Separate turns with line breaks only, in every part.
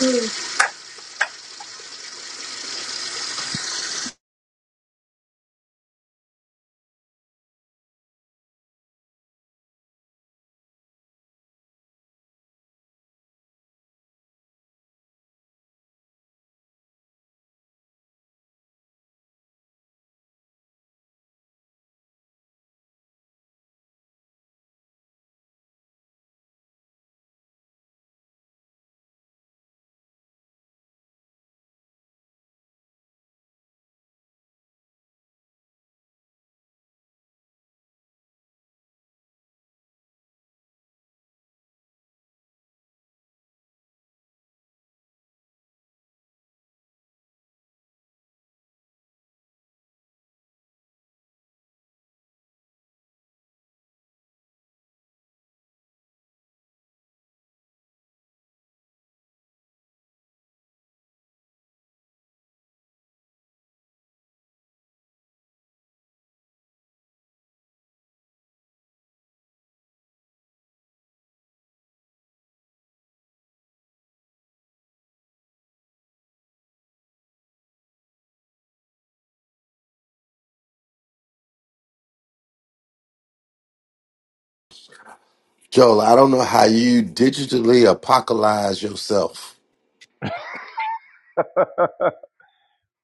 What
Joel, I don't know how you digitally apocalypse yourself.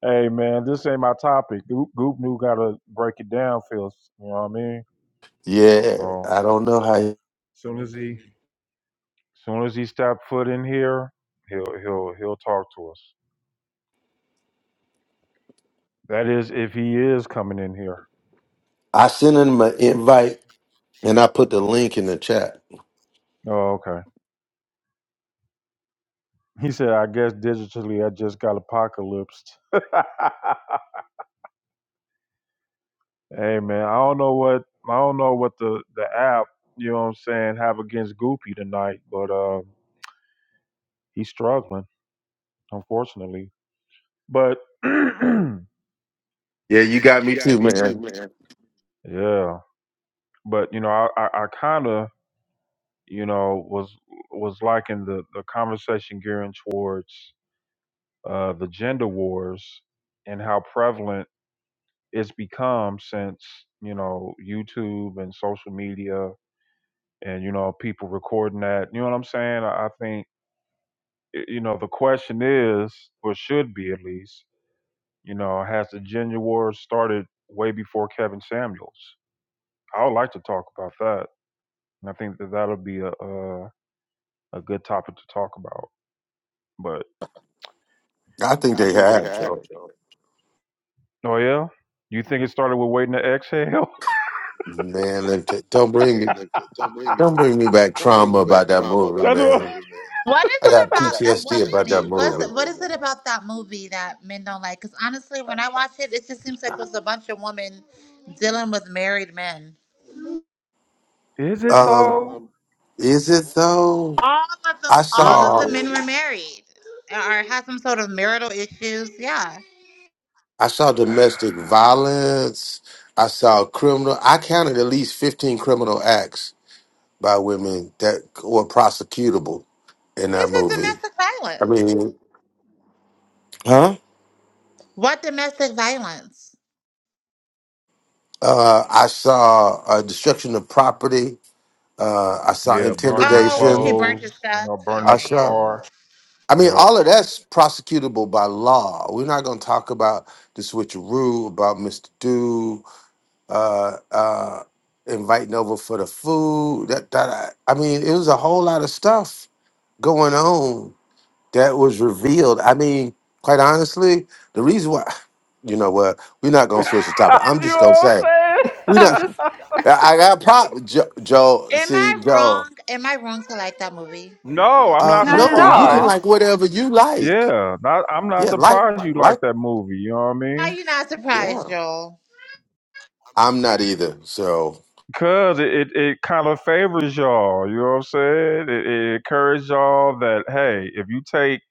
Hey man, this ain't my topic. Goop, Goop knew gotta break it down, feels. You know what I mean?
Yeah,
So
I don't know how. You,
soon as he soon as he step foot in here, he'll he'll he'll talk to us. That is, if he is coming in here.
I sent him an invite and I put the link in the chat.
Oh, okay. He said, I guess digitally, I just got apocalypsed. hey man, I don't know what I don't know what the the app you know what I'm saying have against Goopy tonight, but uh, he's struggling unfortunately. But
Yeah, you
Yeah,
got
you
me
got
too,
me too,
man.
man. Yeah, but you know, I I, I kind of you know was was liking the the conversation gearing towards uh, the gender wars and how prevalent it's become since you know YouTube and social media and you know people recording that. You know what I'm saying? I, I think y- you know the question is, or should be at least, you know, has the gender wars started way before Kevin Samuels? I would like to talk about that. And I think that that'll be a a, a good topic to talk about. But
I think
I
they have Joel.
oh yeah, you think it started with waiting to exhale?
Man, let me t- don't bring me, don't bring me back trauma about that movie,
That's
man.
is
I
it
got
about? That's so
PTSD about
funny.
that
What's
movie.
what is it about that movie that men don't like? Because honestly, when I watch it, it just seems like it was a bunch of women dealing with married men.
Is it
Um,
though?
is it though?
All of them,
I
Is
all
it
of the
saw.
men were
really?
married or had some sort of marital issues. Yeah.
I saw domestic violence. I saw criminal. I counted at least 15 criminal acts by women that were prosecutable in
What is
that
it?
movie.
Domestic
I
violence.
mean, huh?
What domestic violence?
Uh, I saw uh, destruction of property. Uh, I saw
Yeah, burning the
Oh, when she
intimidation.
burnt his
clothes. You
stuff.
know, burning
I
up the
Okay,
saw.
yeah.
car.
I
Yep.
mean, all of that's prosecutable by law. We're not going to talk about the switcheroo, about Mr. Do. uh, uh, inviting over for the food. That, that I, I mean, it was a whole lot of stuff going on that was revealed. I mean, quite honestly, the reason why, you know what, we're not gonna switch the topic. I'm
you know
just gonna
what I'm
say
saying?
we
I'm
don't.
just
I I got a problem, Joe. Joe
Am
see,
I
Joe.
wrong? Am I wrong to like that movie?
No, I'm
Uh,
not
not at
no, you can
surprised.
all.
like whatever you like.
Yeah, not, I'm not
Yeah, like,
surprised you like
like,
that movie. You know what I mean?
Are you not surprised,
yeah.
Joel?
I'm not either. so.
Cause it, it, it kind of favors y'all, you know what I'm saying? It, it encourages y'all that hey, if you take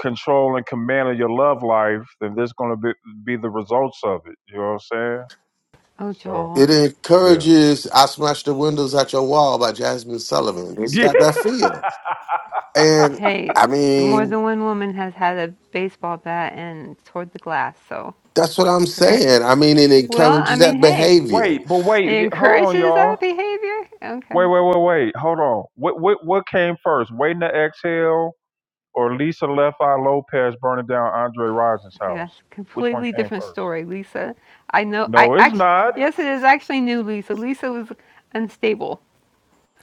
control and command of your love life, then there's gonna be be the results of it. You know what I'm saying?
Oh,
So
Joel.
It
yeah.
encourages I Smash the Windows at Your Wall by Jasmine Sullivan. It's
Yeah.
got that feel. And
Hey,
I
more
mean,
than one woman has had a baseball bat and toward the glass, so
that's what I'm saying. I mean, it
well. I
encourages
mean,
that
hey,
behavior.
wait, but wait,
it
y- hold on,
encourages that
y'all.
behavior. Okay,
Wait, wait, wait, wait. Hold on. What what what came first? Waiting to exhale or Lisa Left Eye Lopez burning down Andre Rison's
okay, that's
house?
a
Which one
completely
came
different
first?
story, Lisa. I know. I
No, it's
actually,
not.
yes, it is actually new, Lisa. Lisa was unstable.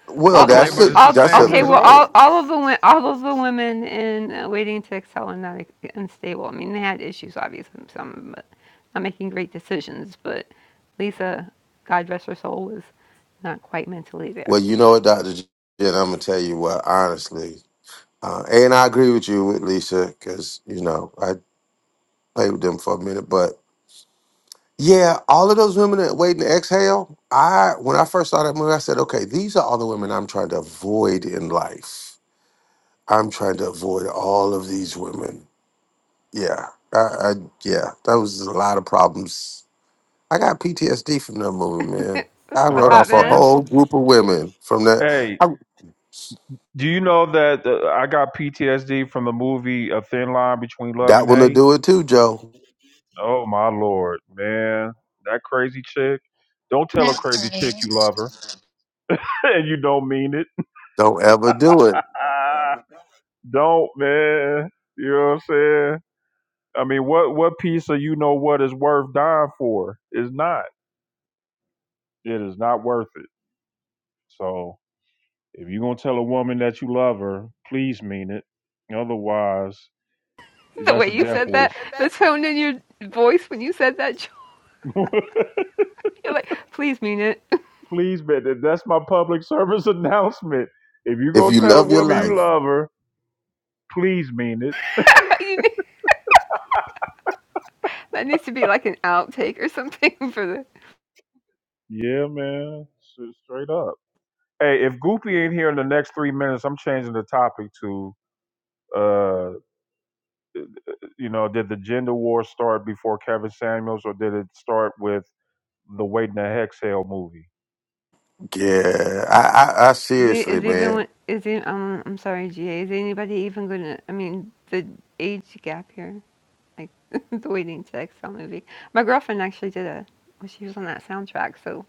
Well,
All the wo-
Okay,
that's
but
a
it's the
all the,
that's
same
a
okay.
ve-
Well,
result.
all all of the all of the women in uh, waiting to excel and not unstable. I mean, they had issues, obviously, some of them, but not making great decisions. But Lisa, God rest her soul, was not quite mentally there.
well, you know what, Dr. Jen, I'm gonna tell you what, honestly. Uh, and I agree with you with Lisa, because you know, I played with them for a minute, but yeah, all of those women that wait and exhale, I when I first saw that movie, I said, okay, these are all the women I'm trying to avoid in life I'm trying to avoid all of these women. Yeah, I, I yeah, that was a lot of problems. I got PTSD from that movie, man.
That's
I
a
I
wrote
hot
off a
mess.
understand.
whole group of women from that.
Hey,
I,
do you know that uh, I got PTSD from the movie A Thin Line Between Love
that
and
one to
Hate?
do it too, Joe.
Oh my lord, man, that crazy chick. Don't tell a
That's
crazy chick
funny.
you love her and you don't mean it.
Don't ever do it
Ah, don't, man. You know what I'm saying? I mean, what what piece of you know what is worth dying for is not. It is not worth it. So if you're gonna tell a woman that you love her, please mean it. Otherwise,
The
that's
way
a
you
death
said that,
wish.
the tone in your voice when you said that, Joel, you're like, please mean it.
please, man, that- that's my public service announcement. If you
if
go
you
tell a
love your
woman you
life.
love her, please mean it.
you need, that needs to be like an outtake or something for the
Yeah, man, S- straight up. Hey, if Goopy ain't here in the next three minutes, I'm changing the topic to, uh, you know, did the gender war start before Kevin Samuels, or did it start with the Waiting to Exhale movie?
Yeah, I, I, I
Is it
seriously,
is even
man.
when- is it um I'm sorry, GA, is anybody even gonna I mean the age gap here, like the waiting to exhale movie. My girlfriend actually did a well, she was on that soundtrack, so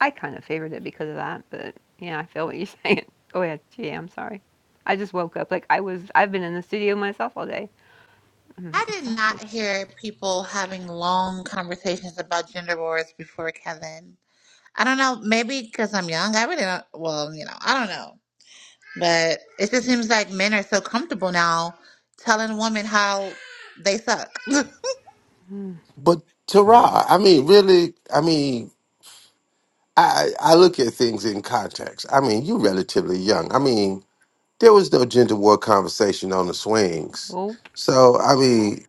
I kind of favored it because of that, but yeah, I feel what you're saying. Oh yeah, GA, I'm sorry. I just woke up like I was I've been in the studio myself all day. I'm
I did
exhausted.
not hear people having long conversations about gender wars before Kevin. I don't know, maybe because I'm young. I really don't, well, you know, I don't know. But it just seems like men are so comfortable now telling women how they suck. I'm
Mm,
But Tara,
Yeah.
I mean, really, I mean, I, I I look at things in context. I mean, you are relatively young. I mean, there was no gender war conversation on the swings.
nope.
So I mean,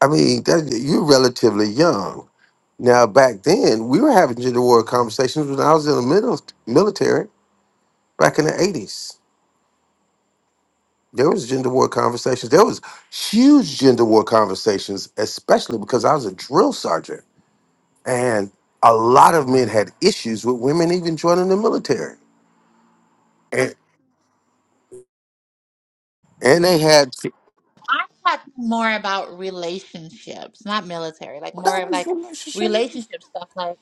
I mean, that, you're relatively young now. Back then, we were having gender war conversations when I was in the middle military back in the '80s. There was gender war conversations. There was huge gender war conversations, especially because I was a drill sergeant, and a lot of men had issues with women even joining the military, and and they had
talking more about relationships, not military, like
well,
more
that
of
was
like
relationships.
relationship stuff. Like,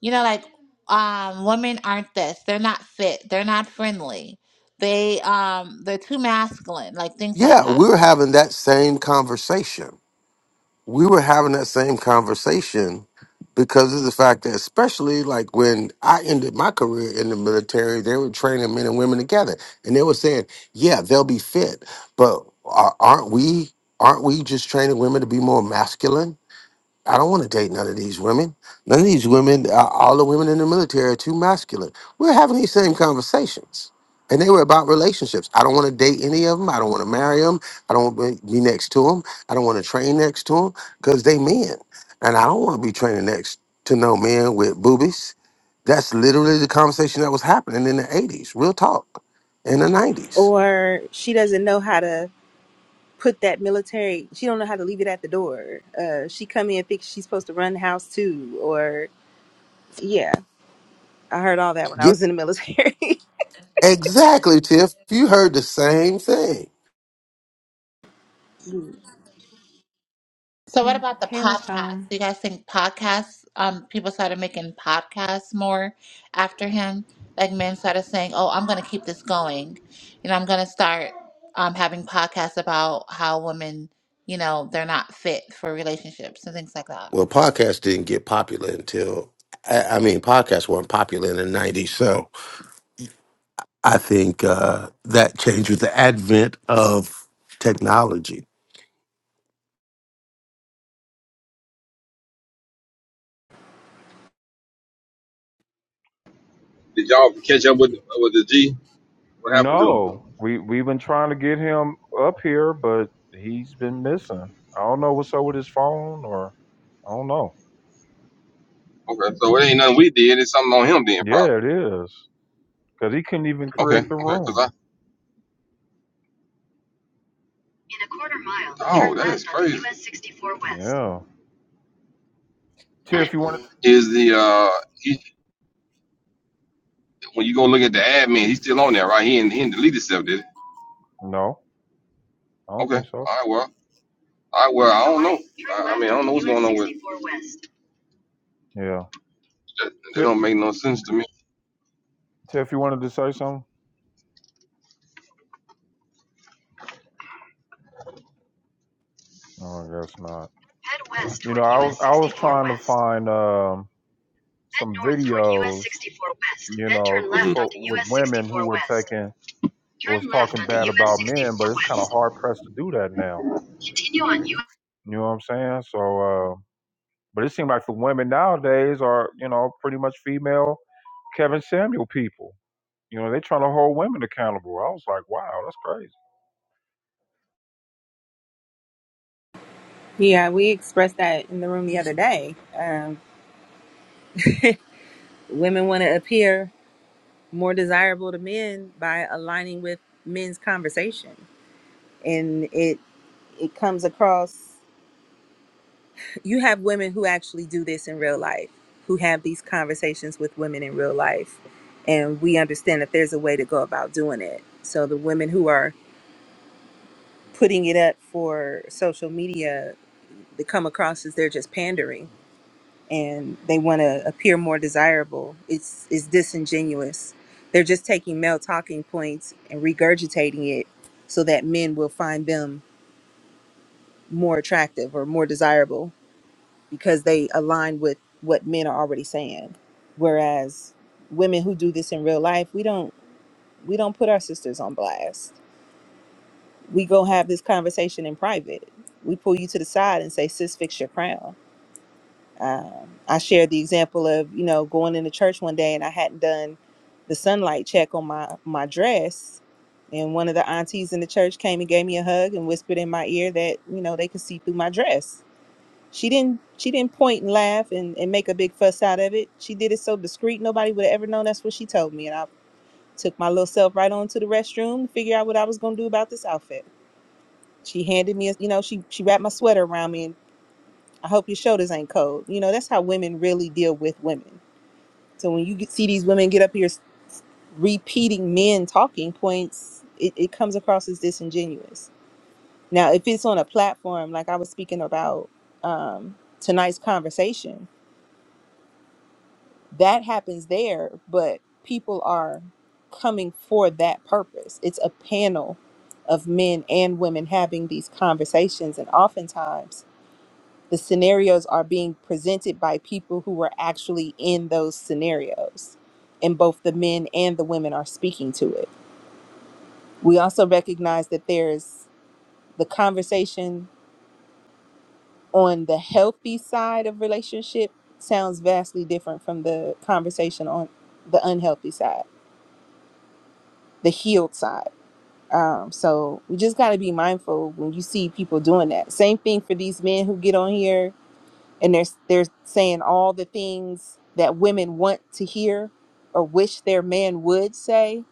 you know, like um, women aren't this, they're not fit, they're not friendly. They um they're too masculine, like things like
Yeah,
that.
we were having that same conversation we were having that same conversation because of the fact that especially like when I ended my career in the military, they were training men and women together, and they were saying, "Yeah, they'll be fit, but a- aren't we? Aren't we just training women to be more masculine?" I don't want to date none of these women. None of these women, uh, all the women in the military are too masculine. We're having these same conversations. And they were about relationships. I don't want to date any of them. I don't want to marry them. I don't want to be next to them. I don't want to train next to them because they men. And I don't want to be training next to no men with boobies. That's literally the conversation that was happening in the 80s, real talk, in the 90s.
or she doesn't know how to put that military she don't know how to leave it at the door uh she come in and thinks she's supposed to run the house too or yeah i heard all that when i
Yeah,
was in the military
exactly, Tiff. You heard the same thing.
So what
Mm,
about the
Taylor's
podcast?
home.
Do you guys think podcasts, um, people started making podcasts more after him? Like men started saying, Oh, I'm gonna keep this going. You know, I'm gonna start um having podcasts about how women, you know, they're not fit for relationships and things like that.
Well, podcasts didn't get popular until I, I mean, podcasts weren't popular in the '90s, so I think uh, that changed with the advent of technology.
Did y'all catch up with with the G? What happened to him?
No, we we've been trying to get him up here, but he's been missing. I don't know what's up with his phone, or I don't know.
Okay, so it ain't nothing we did. It's something on him then,
Yeah,
probably.
it is. Because he couldn't even
Okay,
create the
okay, cause
room.
I. In a quarter mile. Oh, turn that is turn left on crazy. US 64 West.
Yeah. Tiff, you wanted?
Is the uh he when you go look at the admin, he's still on there, right? He ain't he ain't deleted stuff, did
No, I
he?
don't
Okay,
think so.
all right, well, all right, well, I don't know. I, I mean, I don't know what's going on with. sixty-four West.
Yeah.
That, that
Tiff,
don't make no sense to me.
Tiff, you wanted to say something? No, I guess not. You know, I was I was trying to find um,
Head
some
north toward US
videos.
64 West,
You
then
know,
turn
uh,
left Mhm.
for,
onto
with
US
women
64
who were
West.
taking was talking bad about men, but it's kind of hard pressed to do that now. You know what I'm saying? So, uh, but it seemed like the women nowadays are you know pretty much female Kevin Samuel people. You know, they are trying to hold women accountable. I was like, wow, that's crazy.
yeah we expressed that in the room the other day um women want to appear more desirable to men by aligning with men's conversation and it it comes across you have women who actually do this in real life, who have these conversations with women in real life. And we understand that there's a way to go about doing it. So the women who are putting it up for social media, they come across as they're just pandering and they want to appear more desirable. It's, it's disingenuous. They're just taking male talking points and regurgitating it so that men will find them more attractive or more desirable because they align with what men are already saying. Whereas women who do this in real life, we don't we don't put our sisters on blast. We go have this conversation in private. We pull you to the side and say, "Sis, fix your crown." Um, I shared the example of you know going into church one day and I hadn't done the sunlight check on my my dress, and one of the aunties in the church came and gave me a hug and whispered in my ear that you know they could see through my dress she didn't she didn't point and laugh and, and make a big fuss out of it. She did it so discreet nobody would have ever known that's what she told me. And I took my little self right on to the restroom to figure out what I was gonna do about this outfit. She handed me a you know, she she wrapped my sweater around me and I hope your shoulders ain't cold. You know, that's how women really deal with women. So when you get, see these women get up here s- repeating men talking points, it, it comes across as disingenuous. Now if it's on a platform like I was speaking about um tonight's conversation that happens there, but people are coming for that purpose. It's a panel of men and women having these conversations, and oftentimes the scenarios are being presented by people who were actually in those scenarios, and both the men and the women are speaking to it. We also recognize that there's the conversation on the healthy side of relationship sounds vastly different from the conversation on the unhealthy side the healed side. Um, so we just got to be mindful when you see people doing that. Same thing for these men who get on here and they're they're saying all the things that women want to hear or wish their man would say.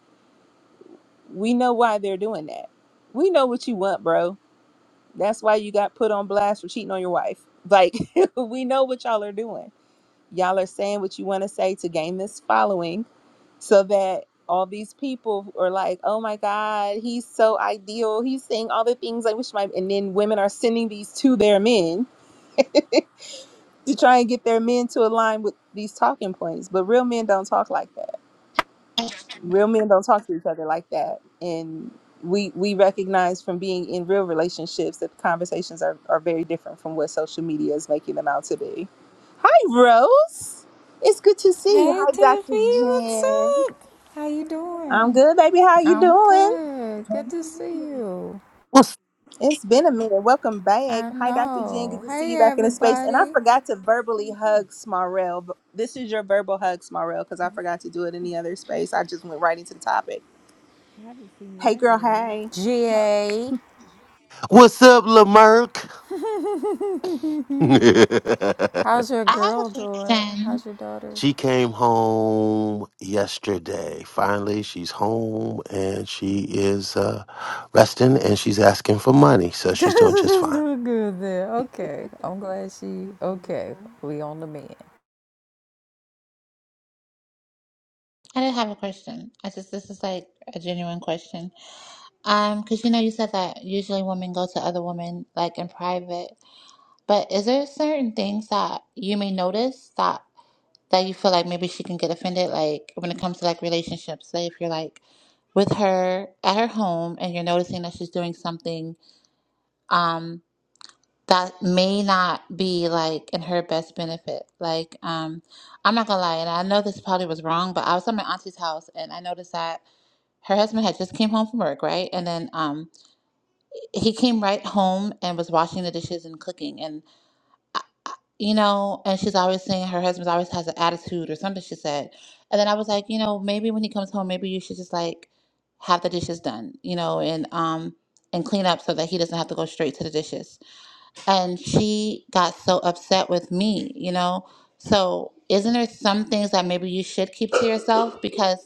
We know why they're doing that. We know what you want, bro. That's why you got put on blast for cheating on your wife. Like we know what y'all are doing. Y'all are saying what you want to say to gain this following so that all these people are like, oh my God, he's so ideal. He's saying all the things I wish my and then women are sending these to their men to try and get their men to align with these talking points. But real men don't talk like that. Real men don't talk to each other like that. And we we recognize from being in real relationships that the conversations are, are very different from what social media is making them out to be. Hi Rose. It's good to see you.
Hey
Hi Dr.
Tiffy, what's
Jen.
up? How you doing?
I'm good, baby. How you
I'm
doing?
good. Good to see you.
What's
It's been a minute. Welcome back.
I
Hi, Dr. Jen. Good
know.
to see
Hey
you back in the space. And I
everybody.
forgot to
Good to see
verbally
you too.
hug Smarell. but This is your verbal hug, Smarell, because I forgot to do it in the other space. I just went right into the topic.
I haven't seen you
Hey,
either,
girl,
Rose.
hey.
GA.
What's up, Lamerck?
How's your
I have
girl
a
doing?
question.
How's your daughter?
she came home yesterday. Finally, she's home and she is uh, resting, and she's asking for money, so she's doing just
She's
fine.
doing good there. Okay. I'm glad she
That's
okay.
wonderful.
We on the mend.
I didn't have a question. I just this is like a genuine question. Um, because you know you said that usually women go to other women like in private, but is there certain things that you may notice that that you feel like maybe she can get offended like when it comes to like relationships say if you're like with her at her home and you're noticing that she's doing something um that may not be like in her best benefit like um i'm not gonna lie and i know this probably was wrong but i was at my auntie's house and i noticed that her husband had just came home from work right and then um he came right home and was washing the dishes and cooking and you know, and she's always saying her husband's always has an attitude or something she said. And then I was like, you know, maybe when he comes home, maybe you should just like have the dishes done, you know, and um and clean up so that he doesn't have to go straight to the dishes and she got so upset with me, you know? So, isn't there some things that maybe you should keep to yourself? Because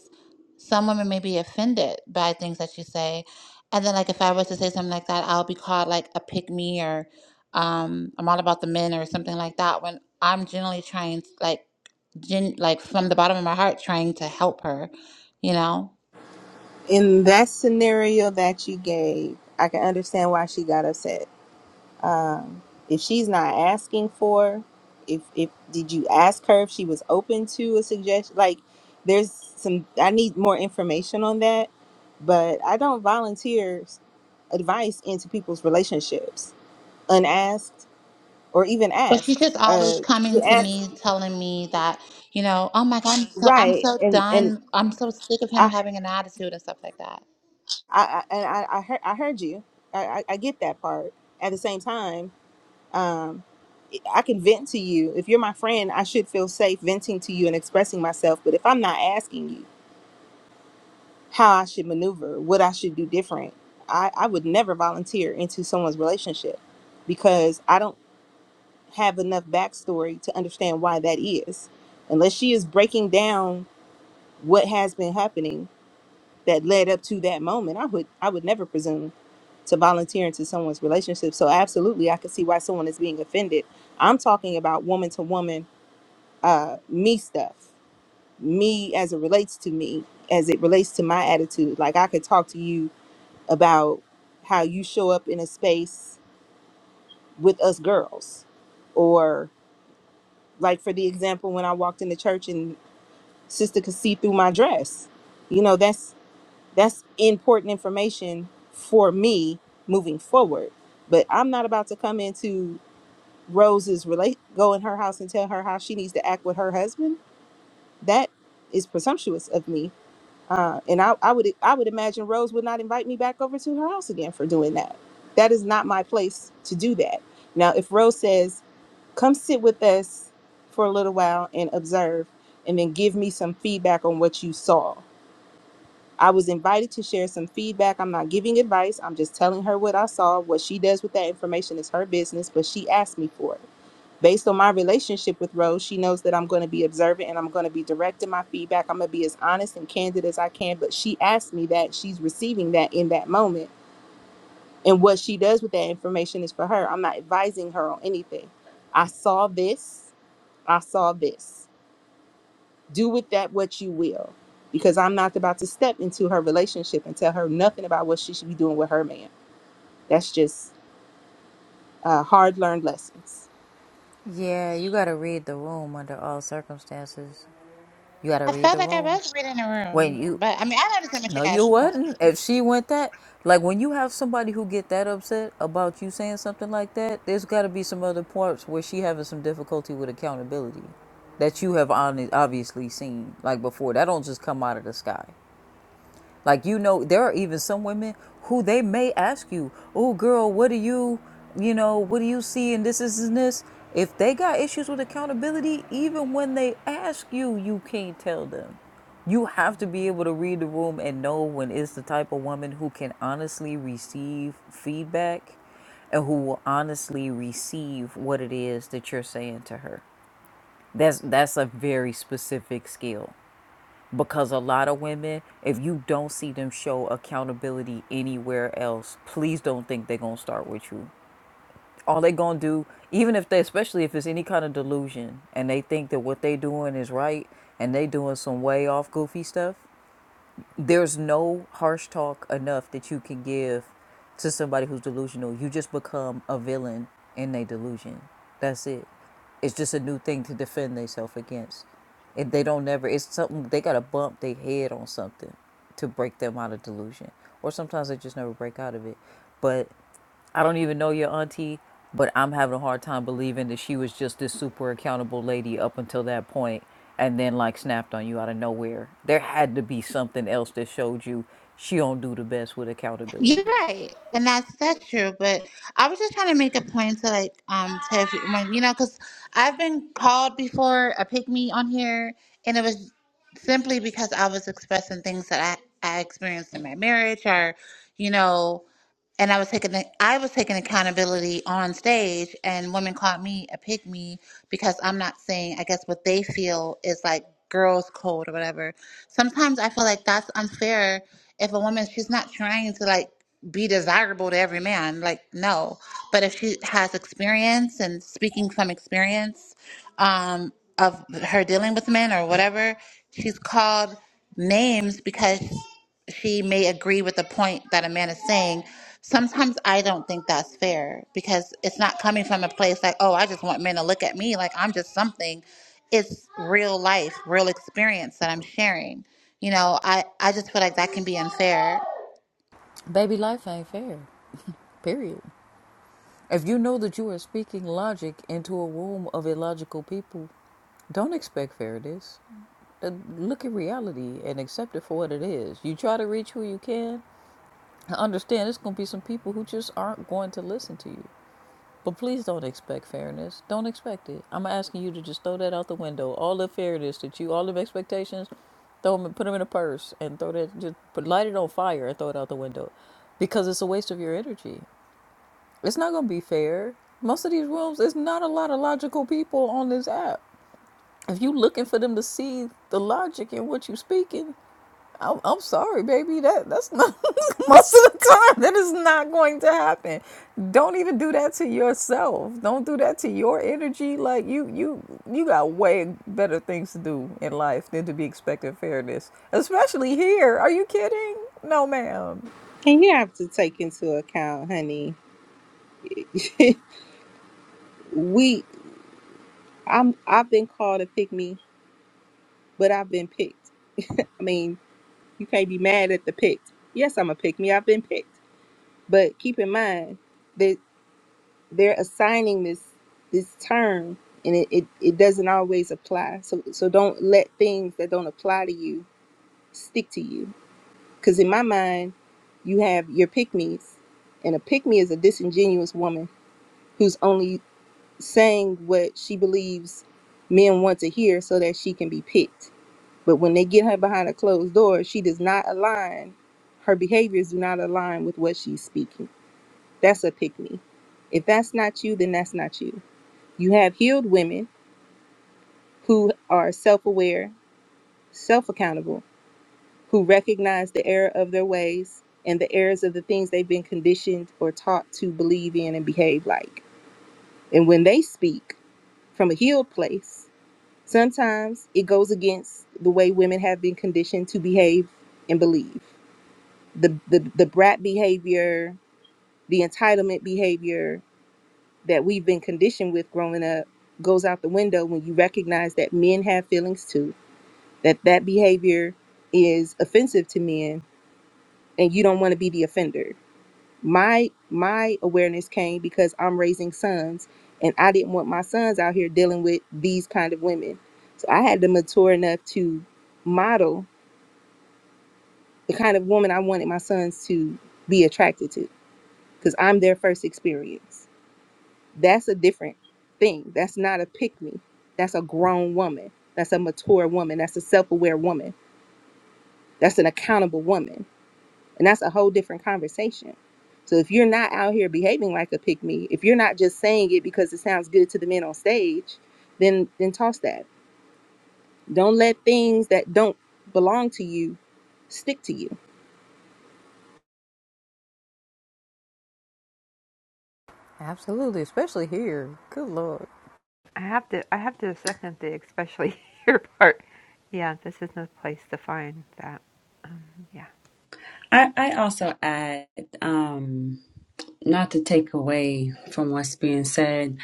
some women may be offended by things that you say. And then, like, if I was to say something like that, I'll be called like a pick me or um, I'm all about the men or something like that when I'm generally trying, like, gen- like from the bottom of my heart, trying to help her, you know?
In that scenario that you gave, I can understand why she got upset. Um, if she's not asking for, if if did you ask her if she was open to a suggestion? Like, there's some. I need more information on that but I don't volunteer advice into people's relationships unasked or even
But she's
asked.
just
Uh,
always coming to me, telling me that, you know, oh my God, I'm so,
right.
I'm so done. I'm so sick of him
I,
having an attitude and stuff like that.
I, I and I, I heard, I heard you. I, I, I get that part. At the same time, um, I can vent to you. If you're my friend, I should feel safe venting to you and expressing myself. But if I'm not asking you how I should maneuver, what I should do different, I, I would never volunteer into someone's relationship because I don't. have enough backstory to understand why that is. Unless she is breaking down what has been happening that led up to that moment, I would I would never presume to volunteer into someone's relationship. So absolutely, I could see why someone is being offended. I'm talking about woman to woman, uh, me stuff, me as it relates to me, as it relates to my attitude. Like I could talk to you about how you show up in a space with us girls, or like for the example when I walked into church sister could see through my dress. You know, that's that's important information for me moving forward. But I'm not about to come into Rose's relate go in her house and tell her how she needs to act with her husband. That is presumptuous of me. Uh, and I, I would I would imagine Rose would not invite me back over to her house again for doing that. That is not my place to do that. Now, if Rose says, "Come sit with us for a little while and observe," and then give me some feedback on what you saw. I was invited to share some feedback. I'm not giving advice. I'm just telling her what I saw. What she does with that information is her business, but she asked me for it. Based on my relationship with Rose, she knows that I'm going to be observant and I'm going to be direct in my feedback. I'm going to be as honest and candid as I can, but she asked me that. She's receiving that in that moment. And what she does with that information is for her. I'm not advising her on anything. I saw this. I saw this do with that what you will because i'm not about to step into her relationship and tell her nothing about what she should be doing with her man that's just uh, hard learned lessons
Yeah, you gotta read the room under all circumstances. You gotta
I
read
felt
the
like I
room.
was reading the
When
room,
you
but I mean, I understand what you
No, you
guys are saying.
wouldn't. If she went that, like when you have somebody who get that upset about you saying something like that, there's got to be some other parts where she having some difficulty with accountability that you have honest, obviously seen like before. That don't just come out of the sky. Like you know, there are even some women who they may ask you, "Oh, girl, what do you, you know, what do you see?" in this is and this. If they got issues with accountability, even when they ask you, you can't tell them. You have to be able to read the room and know when it's the type of woman who can honestly receive feedback and who will honestly receive what it is that you're saying to her. That's that's a very specific skill because a lot of women if you don't see them show accountability anywhere else please don't think they're going to start with you all they going to do even if they especially if it's any kind of delusion and they think that what they doing is right and they doing some way off goofy stuff there's no harsh talk enough that you can give to somebody who's delusional. You just become a villain in their delusion. That's it. It's just a new thing to defend themselves against. And they don't never, it's something, they got to bump their head on something to break them out of delusion. Or sometimes they just never break out of it. But I don't even know your auntie, but I'm having a hard time believing that she was just this super accountable lady up until that point and then like snapped on you out of nowhere. There had to be something else that showed you she don't do the best with accountability.
You're right, and that's that's true. But I was just trying to make a point to like, um, to if, when you know, because I've been called before a pick me on here, and it was simply because I was expressing things that I I experienced in my marriage, or you know. and I was taking I was taking accountability on stage, and women called me a pygmy because I'm not saying I guess what they feel is like girls' code or whatever. Sometimes I feel like that's unfair if a woman she's not trying to like be desirable to every man, like no, but if she has experience and speaking from experience um, of her dealing with men or whatever, she's called names because she may agree with the point that a man is saying. Sometimes I don't think that's fair because it's not coming from a place like, oh, I just want men to look at me like I'm just something. It's real life, real experience that I'm sharing. You know, I, I just feel like that can be unfair.
Baby, life ain't fair. Period. If you know that you are speaking logic into a room of illogical people, don't expect fairness. Uh, Look at reality and accept it for what it is. You try to reach who you can. I understand there's going to be some people who just aren't going to listen to you. But please don't expect fairness. Don't expect it. I'm asking you to just throw that out the window. All the fairness that you, all the expectations, throw them, put them in a purse and throw that, just put, light it on fire and throw it out the window because it's a waste of your energy. It's not going to be fair. Most of these rooms, there's not a lot of logical people on this app. If you looking for them to see the logic in what you speaking, I'm, I'm sorry, baby. That that's not most of the time. That is not going to happen. Don't even do that to yourself. Don't do that to your energy. Like you, you, you got way better things to do in life than to be expecting fairness, especially here. Are you kidding? No, ma'am.
and you have to take into account honey we i'm i've been called a pick me but i've been picked i mean you can't be mad at the picked yes i'm a pick me i've been picked but keep in mind that they're assigning this this term and it, it, it doesn't always apply so so don't let things that don't apply to you stick to you. Because in my mind, you have your pick me's, and a pick me is a disingenuous woman who's only saying what she believes men want to hear so that she can be picked. But when they get her behind a closed door, she does not align, her behaviors do not align with what she's speaking. That's a pick me. If that's not you, then that's not you. You have healed women who are self aware, self accountable, who recognize the error of their ways and the errors of the things they've been conditioned or taught to believe in and behave like. And when they speak from a healed place, sometimes it goes against the way women have been conditioned to behave and believe. The, the, the brat behavior, the entitlement behavior that we've been conditioned with growing up goes out the window when you recognize that men have feelings too, that that behavior is offensive to men and you don't want to be the offender my my awareness came because i'm raising sons and i didn't want my sons out here dealing with these kind of women so i had to mature enough to model the kind of woman i wanted my sons to be attracted to because i'm their first experience that's a different thing that's not a pick me that's a grown woman that's a mature woman that's a self-aware woman that's an accountable woman And that's a whole different conversation. So if you're not out here behaving like a pick me, if you're not just saying it because it sounds good to the men on stage, then then toss that. Don't let things that don't belong to you stick to you.
Absolutely, especially here. Good lord.
I have to I have to second the especially here part. Yeah, this is no place to find that. Um, yeah.
I, I also add, um, not to take away from what's being said,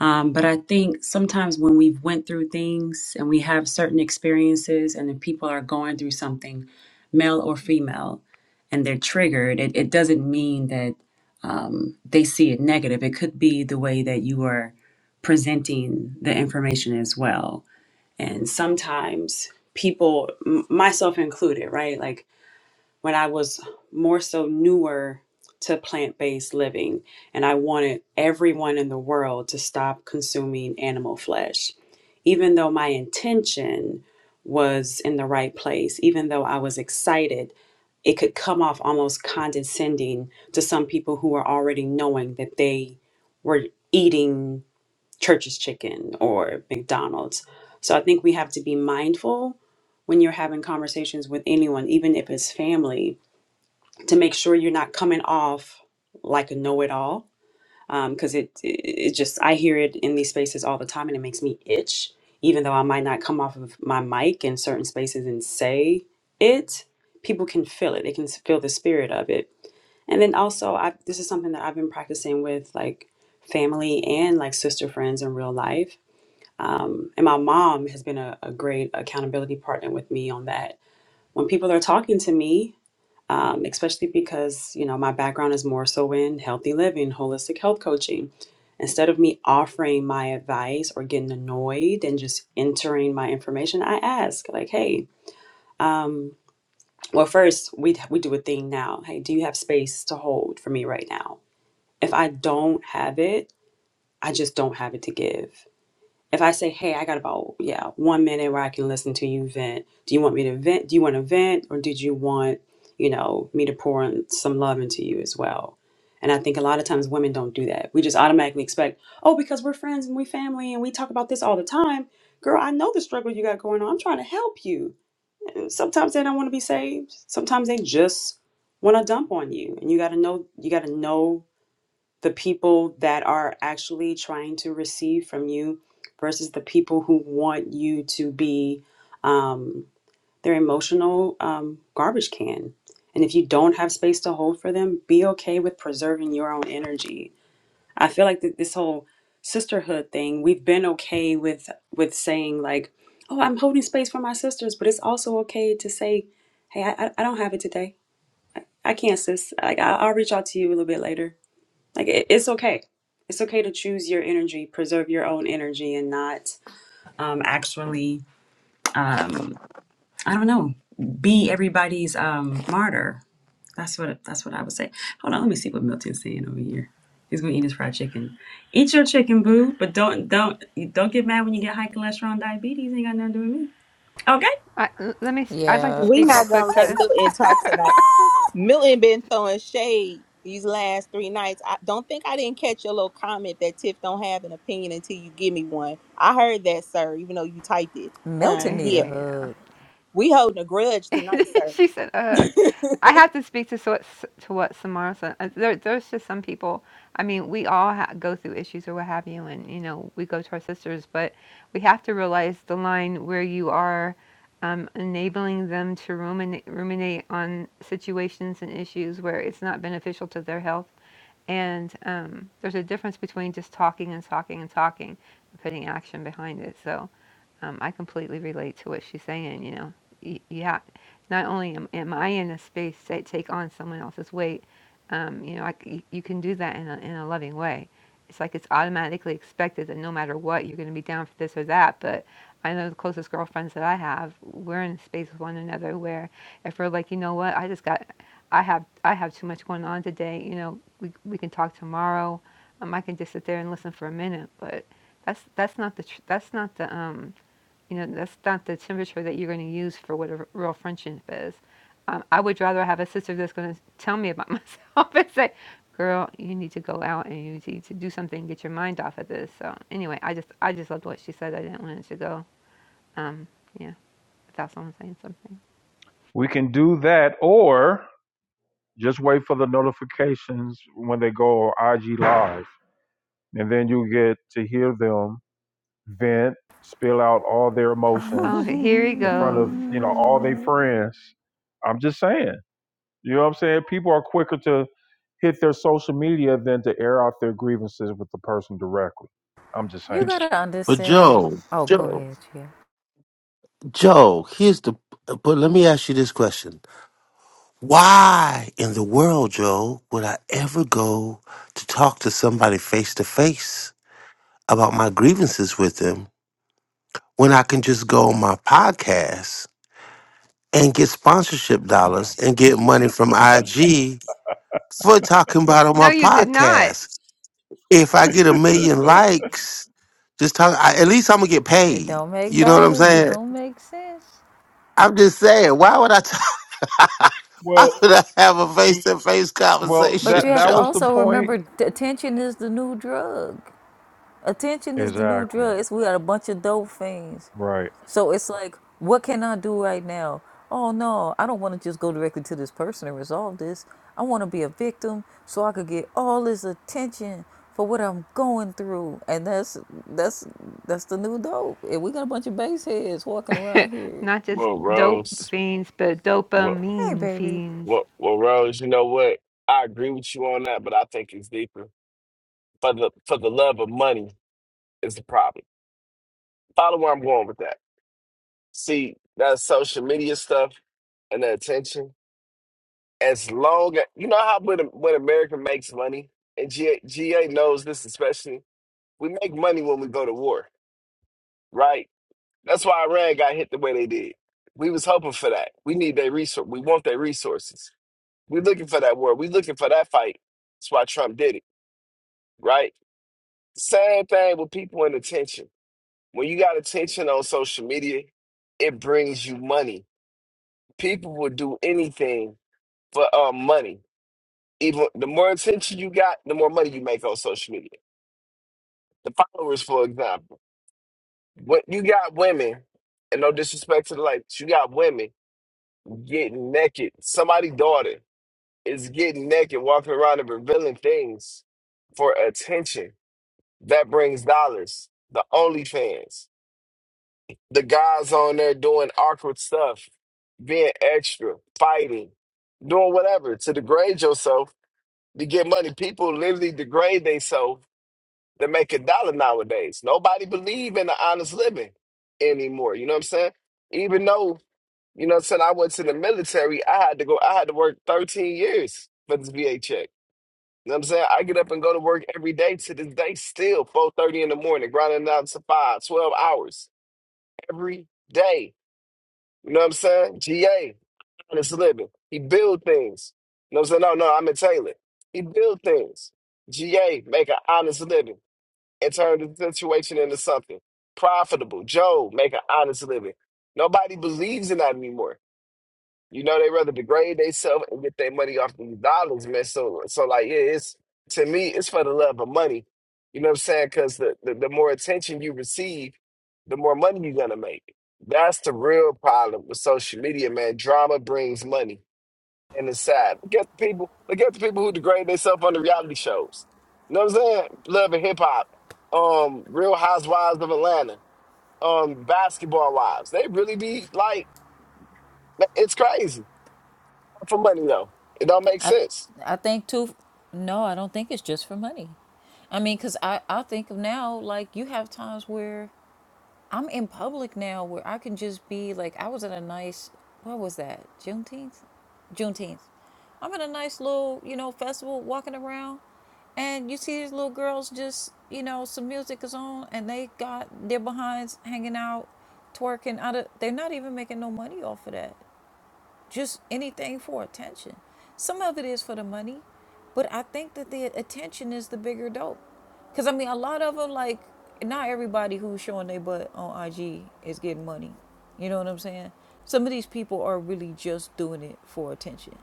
um, but I think sometimes when we've went through things and we have certain experiences and if people are going through something, male or female, and they're triggered, it, it doesn't mean that um, they see it negative. It could be the way that you are presenting the information as well. And sometimes people, m- myself included, right? Like when I was more so newer to plant based living, and I wanted everyone in the world to stop consuming animal flesh. Even though my intention was in the right place, even though I was excited, it could come off almost condescending to some people who are already knowing that they were eating church's chicken or McDonald's. So I think we have to be mindful when you're having conversations with anyone, even if it's family, to make sure you're not coming off like a know-it-all because it, it it just i hear it in these spaces all the time and it makes me itch even though i might not come off of my mic in certain spaces and say it people can feel it they can feel the spirit of it and then also i this is something that i've been practicing with like family and like sister friends in real life um, and my mom has been a, a great accountability partner with me on that when people are talking to me um, especially because you know my background is more so in healthy living holistic health coaching instead of me offering my advice or getting annoyed and just entering my information i ask like hey um, well first we we do a thing now hey do you have space to hold for me right now if i don't have it i just don't have it to give if I say, hey, I got about, yeah, one minute where I can listen to you vent, do you want me to vent? Do you want to vent? Or did you want, you know, me to pour in some love into you as well? And I think a lot of times women don't do that. We just automatically expect, oh, because we're friends and we family and we talk about this all the time. Girl, I know the struggle you got going on. I'm trying to help you. And sometimes they don't want to be saved. Sometimes they just want to dump on you. And you got to know, you got to know the people that are actually trying to receive from you versus the people who want you to be um, their emotional um, garbage can. And if you don't have space to hold for them, be okay with preserving your own energy. I feel like that this whole sisterhood thing, we've been okay with with saying like, "Oh, I'm holding space for my sisters," but it's also okay to say, "Hey, I, I I don't have it today. I can't, sis. Like, I- I'll reach out to you a little bit later." Like it, it's okay. It's okay to choose your energy, preserve your own energy, and not um, actually, um, I don't know, be everybody's um, martyr. That's what that's what I would say. Hold on, let me see what Milton's saying over here. He's gonna eat his fried chicken. Eat your chicken, boo, but don't don't don't get mad when you get high cholesterol and diabetes. Ain't got nothing to do with me. Okay.
I, l- let me. i I'd like to
Yeah,
We
speak real
not
quick
gonna let
to.
Milton talk tonight. Milton been throwing shade these last three nights. I don't think I didn't catch your little comment that Tiff don't have an opinion until you give me one. I heard that, sir, even though you typed it. Uh,
Milton need a
yeah,
Uh,
hug.
we holding a grudge tonight, sir.
she said, "Ugh, I have to speak to so what to what Samara said. Uh, There, there's just some people. I mean, we all ha- go through issues or what have you, and you know, we go to our sisters, but we have to realize the line where you are." Um, enabling them to ruminate, ruminate on situations and issues where it's not beneficial to their health. And um, there's a difference between just talking and talking and talking and putting action behind it. So, um, I completely relate to what she's saying. You know, Y- you not only am, am I in a space to take on someone else's weight, um, you know, I c you can do that in a, in a loving way. It's like it's automatically expected that no matter what, you're going to be down for this or that. But I know the closest girlfriends that I have, we're in a space with one another where if we're like, you know what, I just got, I have, I have too much going on today. You know, we we can talk tomorrow. Um, I can just sit there and listen for a minute, but that's that's not the tr- that's not the um you know, that's not the temperature that you're going to use for what a real friendship is. Um, I would rather have a sister that's going to tell me about myself and say, "Girl, you need to go out and you need to do something, get your mind off of this." So anyway, I just I just loved what she said. I didn't want it to go. Um, yeah, without someone saying something.
We can do that or just wait for the notifications when they go IG live. And then you get to hear them vent, spill out all their
Oh,
emotions
here he
in front
goes.
of, you know, all their friends. I'm just saying. You know what I'm saying? People are quicker to hit their social media than to air out their grievances with the person directly. I'm just
You
saying.
gotta
But
understand.
Joe,
Oh, go
Joe,
ahead, yeah.
Joe, here's the. But let me ask you this question Why in the world, Joe, would I ever go to talk to somebody face to face about my grievances with them when I can just go on my podcast and get sponsorship dollars and get money from IG for talking about it on
No,
my
you did not.
podcast? If I get a million likes, just talk, I, at least I'm gonna get
It
paid.
don't make
You know what I'm
dollars. It
saying?
don't make sense.
I'm just saying, why would I? T- why
Well,
would I have a face to face
well,
conversation,
But you
that
have
that
to
Joe?
was the
also
point
remember t- attention is the new drug. Attention is the new
Exactly.
drug. It's, we got a bunch of dope fiends.
Right.
So it's like, what can I do right now? Oh no, I don't want to just go directly to this person and resolve this. I want to be a victim so I could get all this attention for what I'm going through. And that's that's that's the new dope. And we got a bunch of base heads walking around here.
Not just
Well,
dope
Rose,
fiends, but
well,
Hey
dopamine
baby.
fiends.
well, well, Rose, you know what? I agree with you on that, but I think it's deeper. For the for the love of money is the problem. Follow where I'm going with that. See that social media stuff and the attention. As long as you know how when when America makes money, and GA, knows this especially, we make money when we go to war, right? That's why Iran got hit the way they did. We was hoping for that. We need their resource. We want their resources We're looking for that war. We're looking for that fight. That's why Trump did it, right? Same thing with people in attention. When you got attention on social media, it brings you money. People will do anything for um, money. Even the more attention you got, the more money you make on social media. The followers, for example, when you got women, and no disrespect to the ladies, you got women getting naked. Somebody's daughter is getting naked, walking around and revealing things for attention that brings dollars. The OnlyFans, the guys on there doing awkward stuff, being extra, fighting, doing whatever to degrade yourself to get money. People literally degrade themselves to make a dollar nowadays. Nobody believe in the honest living anymore. You know what I'm saying? Even though you know, what I'm saying I went to the military, I had to go. I had to work 13 years for this VA check. You know what I'm saying? I get up and go to work every day to this day still, 4.30 in the morning, grinding out to 5, 12 hours every day. You know what I'm saying? GA, honest living. He build things. You know what I'm saying? No, no, I'm in Taylor. He build things. GA, make an honest living and turn the situation into something profitable. Joe, make an honest living. Nobody believes in that anymore. You know, they rather degrade themselves and get their money off these dollars, man. So, so like, yeah, it's to me, it's for the love of money. You know what I'm saying? Because the, the the more attention you receive, the more money you're gonna make. That's the real problem with social media, man. Drama brings money. And it's sad. Look at the people. Look at the people who degrade themselves on the reality shows. You know what I'm saying? Love and hip hop, um, Real Housewives of Atlanta, um, Basketball Wives. They really be like, it's crazy for money though. It don't make
I
sense.
I think too. No, I don't think it's just for money. I mean, cause I I think of now like you have times where I'm in public now where I can just be like I was at a nice what was that Juneteenth, Juneteenth. I'm at a nice little you know festival walking around, and you see these little girls just you know some music is on and they got their behinds hanging out, twerking out of they're not even making no money off of that just anything for attention. Some of it is for the money, but I think that the attention is the bigger dope. Cause I mean, a lot of them like not everybody who's showing their butt on IG is getting money. You know what I'm saying? Some of these people are really just doing it for attention.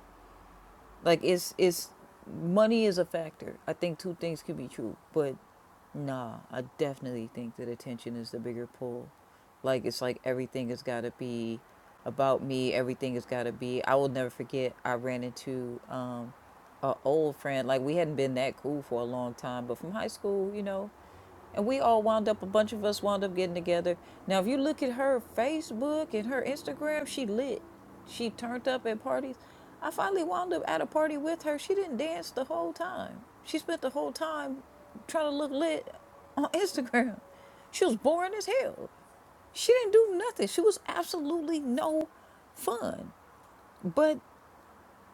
Like it's it's money is a factor. I think two things could be true, but nah, I definitely think that attention is the bigger pull. Like it's like everything has got to be about me. Everything has got to be. I will never forget. I ran into um, a old friend. Like we hadn't been that cool for a long time, but from high school, you know, and we all wound up, a bunch of us wound up getting together. Now, if you look at her Facebook and her Instagram, she lit. She turned up at parties. I finally wound up at a party with her. She didn't dance the whole time. She spent the whole time trying to look lit on Instagram. She was boring as hell. She didn't do nothing. She was absolutely no fun. But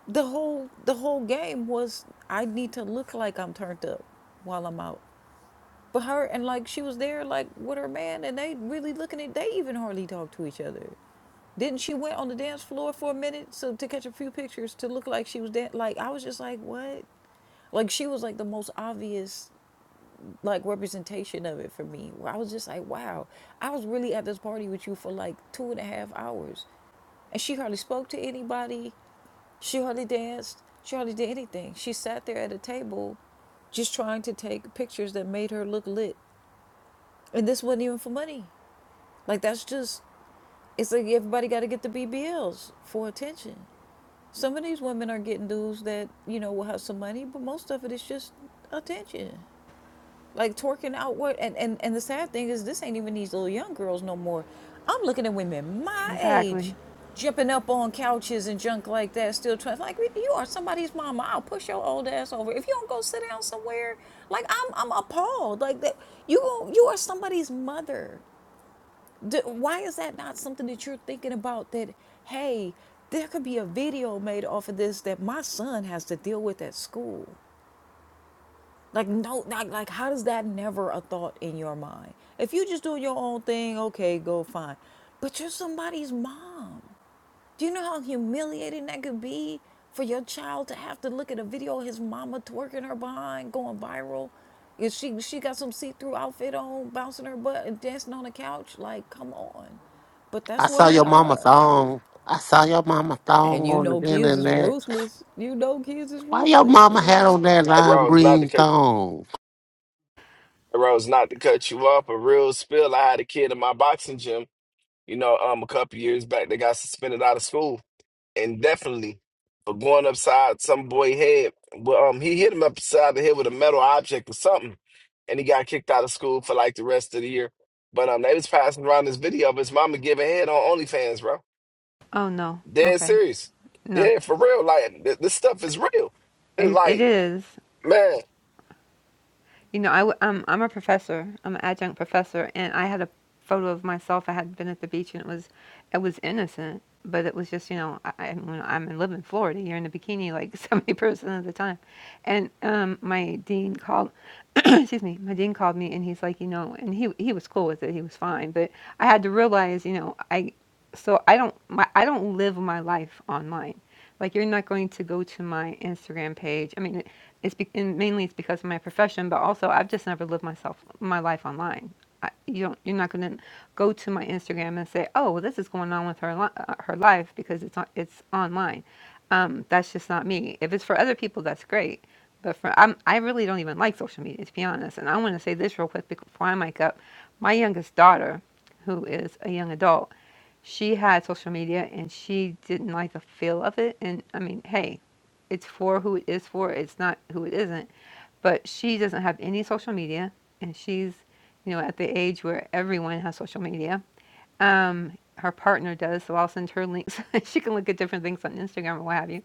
the whole the whole game was I need to look like I'm turned up while I'm out. But her and like she was there like with her man and they really looking at they even hardly talk to each other. Didn't she went on the dance floor for a minute so to catch a few pictures to look like she was dan- like I was just like what? Like she was like the most obvious like representation of it for me. Where I was just like wow, I was really at this party with you for like two and a half hours, and she hardly spoke to anybody. She hardly danced. She hardly did anything. She sat there at a table just trying to take pictures that made her look lit and this wasn't even for money. Like that's just it's like everybody got to get the BBLs for attention. Some of these women are getting dudes that you know will have some money, but most of it is just attention, like twerking outward. And and and the sad thing is, this ain't even these little young girls no more. I'm looking at women my age,
Exactly.
jumping up on couches and junk like that, still trying. Like you are somebody's mama. I'll push your old ass over if you don't go sit down somewhere. Like I'm I'm appalled. Like that you you are somebody's mother. Do, why is that not something that you're thinking about that, hey, there could be a video made off of this that my son has to deal with at school? Like, no, like, like how does that never a thought in your mind? If you just doing your own thing, okay, go fine. But you're somebody's mom. Do you know how humiliating that could be for your child to have to look at a video of his mama twerking her behind, going viral? If she she got some see-through outfit on, bouncing her butt and dancing on the couch, like come on. But that's
I
where
saw
we
your mama
are.
thong. I saw your mama
And
thong
you
on the
know kids is
internet.
ruthless. You know kids is
Why your
ruthless,
mama
yeah.
had on that
And
lime
Rose, not to
green
cut
thong?
and Rose, not to cut you up. A real spill. I had a kid in my boxing gym, you know, um, a couple years back that got suspended out of school indefinitely for going upside some boy head. Well, um, he hit him upside the head with a metal object or something, and he got kicked out of school for like the rest of the year. But um, they was passing around this video of his mama giving head on OnlyFans, bro.
Oh no.
Dead
Okay.
serious.
No.
Yeah, for real. Like th- this stuff is real. It's
It, it
like,
is.
man.
You know, I, w- I'm, I'm a professor. I'm an adjunct professor, and I had a photo of myself. I had been at the beach, and it was, it was innocent, but it was just, you know, I, I'm, when I'm in living Florida. You're in a bikini like 70 percent of the time, and um, my dean called. excuse me. My dean called me, and he's like, you know, and he he was cool with it. He was fine, but I had to realize, you know, I, so I don't my I don't live my life online. Like you're not going to go to my Instagram page. I mean, it's be- and mainly it's because of my profession, but also I've just never lived myself my life online. I, you don't, you're not going to go to my Instagram and say, "Oh, well, this is going on with her li- uh, her life because it's on, it's online." Um, that's just not me. If it's for other people, that's great. But for I'm, I really don't even like social media to be honest. And I want to say this real quick bec- before I mic up. My youngest daughter, who is a young adult, she had social media and she didn't like the feel of it. And I mean, hey, it's for who it is for. It's not who it isn't. But she doesn't have any social media, and she's, you know, at the age where everyone has social media. Um, her partner does, so I'll send her links. she can look at different things on Instagram or what have you.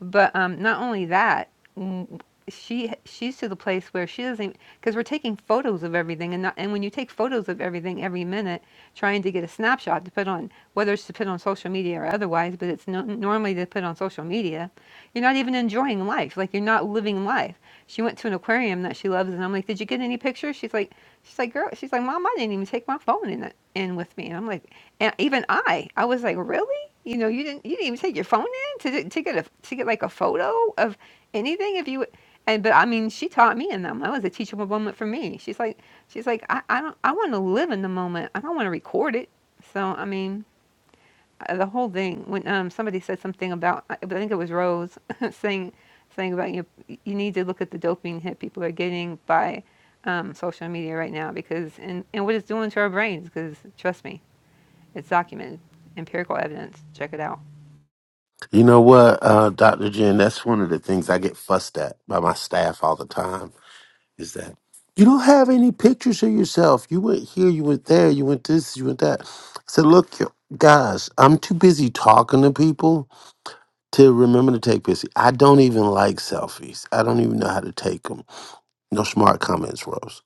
But um, not only that, mm, she she's to the place where she doesn't because we're taking photos of everything, and not, and when you take photos of everything every minute, trying to get a snapshot to put on, whether it's to put on social media or otherwise, but it's no, normally to put on social media, you're not even enjoying life. Like you're not living life. She went to an aquarium that she loves, and I'm like, did you get any pictures? She's like, she's like, girl, she's like, mom, I didn't even take my phone in it in with me, and I'm like, and even I, I was like, really? You know, you didn't you didn't even take your phone in to to get a to get like a photo of anything if you and but I mean she taught me and that was a teachable moment for me. She's like she's like I, I don't I want to live in the moment. I don't want to record it. So I mean uh, the whole thing when um somebody said something about I I think it was Rose saying saying about you you need to look at the dopamine hit people are getting by um, social media right now because and and what it's doing to our brains because trust me it's documented empirical evidence check it out.
You know what, uh, Dr. Jen, that's one of the things I get fussed at by my staff all the time is that you don't have any pictures of yourself. You went here, you went there, you went this, you went that. I said, look, you- guys, I'm too busy talking to people to remember to take pictures. I don't even like selfies. I don't even know how to take them. No smart comments, Rose.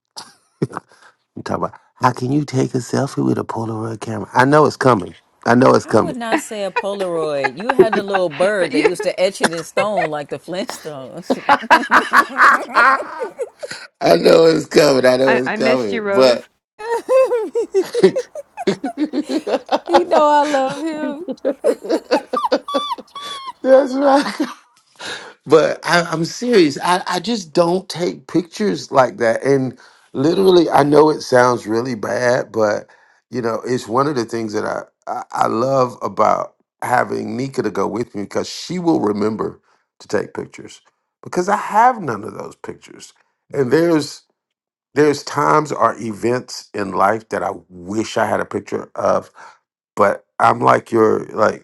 I'm about how can you take a selfie with a Polaroid camera? I know it's coming. I know it's
I
coming.
would not say a Polaroid. You had the little
But
bird that
you,
used to etch it in stone like the Flintstones.
I know it's coming. I know
I,
it's
I missed you,
coming.
Rose.
But
You know I love him.
that's right. But I, I'm serious. I, I just don't take pictures like that. And literally, I know it sounds really bad, but you know, it's one of the things that I, I, I love about having Nika to go with me because she will remember to take pictures because I have none of those pictures. And there's there's times or events in life that I wish I had a picture of, but I'm like your like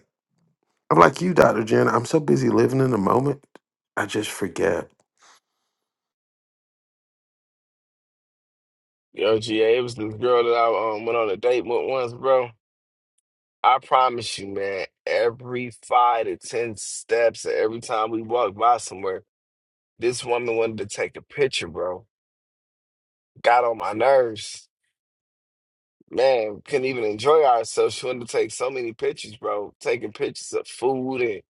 I'm like you, Dr. Jen. I'm so busy living in the moment, I just forget.
Yo, GA, it was this girl that I um, went on a date with once, bro. I promise you, man, every five to ten steps, every time we walked by somewhere, this woman wanted to take a picture, bro. Got on my nerves. Man, couldn't even enjoy ourselves. She wanted to take so many pictures, bro. Taking pictures of food and,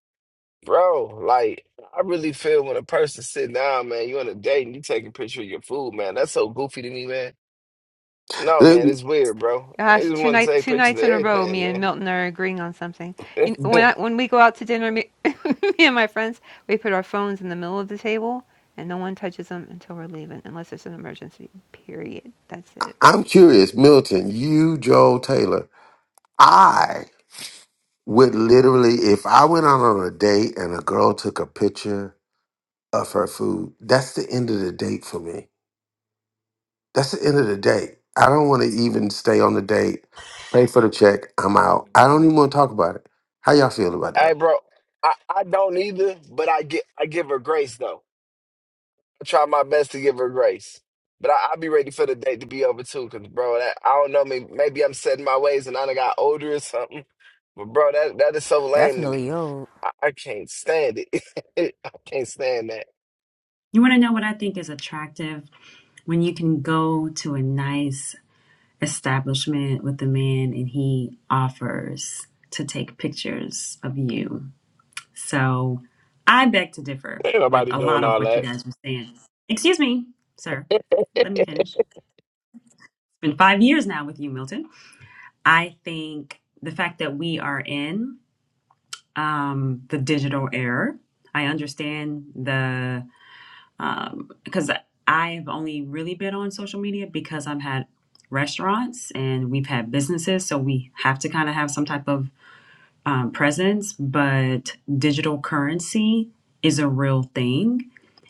bro, like, I really feel when a person sit down, man, you on a date and you take a picture of your food, man. That's so goofy to me, man. No,
Uh,
man, it's weird, bro. They
Gosh,
just
two
want to
night,
take
two
pictures of
nights in a row,
everything,
me and
man.
Milton are agreeing on something. You know, when I, when we go out to dinner, me, me and my friends, we put our phones in the middle of the table, and no one touches them until we're leaving, unless there's an emergency. Period. That's it.
I'm curious, Milton, you, Joel Taylor. I would literally, if I went out on a date and a girl took a picture of her food, that's the end of the date for me. That's the end of the date. I don't want to even stay on the date, pay for the check, I'm out. I don't even want to talk about it. How y'all feel about
Hey,
that?
bro, I, I don't either, but I get I give her grace though. I try my best to give her grace, but I, I'll be ready for the date to be over too. Cause bro, that I don't know, maybe, maybe I'm setting my ways and I done got older or something. But bro, that that is so lame to
Definitely,
me.
yo.
I, I can't stand it. I can't stand that.
You want to know what I think is attractive when you can go to a nice establishment with the man and he offers to take pictures of you. So I beg to differ
Ain't
with
nobody
a
doing
lot of
all
what you
that.
guys were saying. Excuse me, sir. Let me finish. It's been five years now with you, Milton. I think the fact that we are in um, the digital era, I understand the. Um, because I have only really been on social media because I've had restaurants and we've had businesses, so we have to kind of have some type of um, presence. But digital currency is a real thing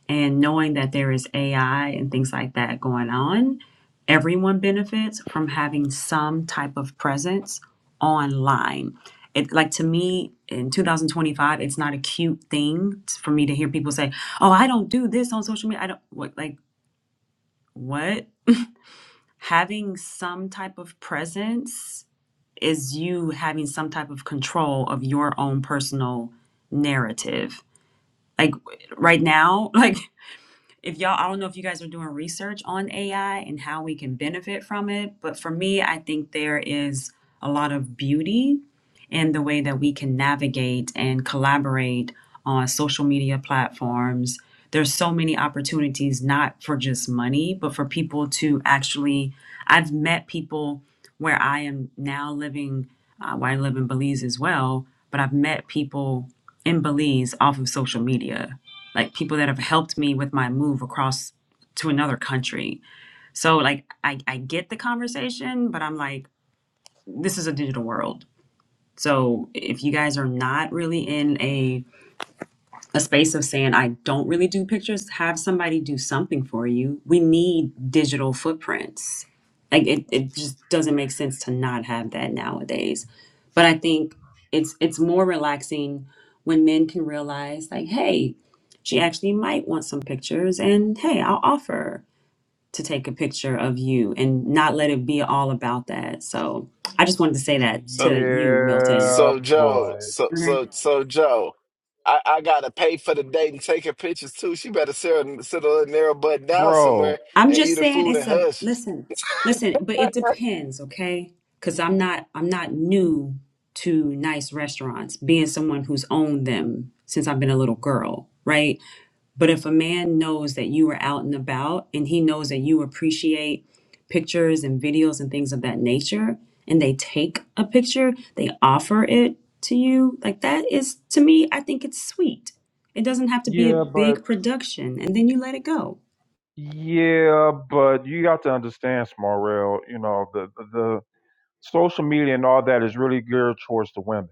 and knowing that there is AI and things like that going on, everyone benefits from having some type of presence online. It like to me in 2025, it's not a cute thing t- for me to hear people say, "Oh, I don't do this on social media. I don't what like what having some type of presence is you having some type of control of your own personal narrative. Like right now, like if y'all i don't know if you guys are doing research on ai and how we can benefit from it but for me i think there is a lot of beauty in the way that we can navigate and collaborate on social media platforms there's so many opportunities not for just money but for people to actually i've met people where i am now living uh, where i live in belize as well but i've met people in belize off of social media like people that have helped me with my move across to another country. So like I, I get the conversation, but I'm like, this is a digital world. So if you guys are not really in a a space of saying, I don't really do pictures, have somebody do something for you. We need digital footprints. Like it, it just doesn't make sense to not have that nowadays. But I think it's it's more relaxing when men can realize like, hey, she actually might want some pictures and hey, I'll offer to take a picture of you and not let it be all about that. So I just wanted to say that
So.
to you, Milton.
Yeah,
So Joe,
but
so so so Joe, I, I gotta pay for the date and take her pictures too. She better sit her, sit her little narrow butt down
bro.
somewhere
I'm
and eat
just
her
saying
food and
it's a
hush.
listen, listen, but it depends, okay? Cuz I'm not I'm not new to nice restaurants, being someone who's owned them since I've been a little girl, right? But if a man knows that you were out and about and he knows that you appreciate pictures and videos and things of that nature and they take a picture, they offer it to you, like that is to me, I think it's sweet. It doesn't have to be a
Yeah, but
big production and then you let it go.
yeah, but you got to understand, Small Rail. You know the, the the social media and all that is really geared towards the women.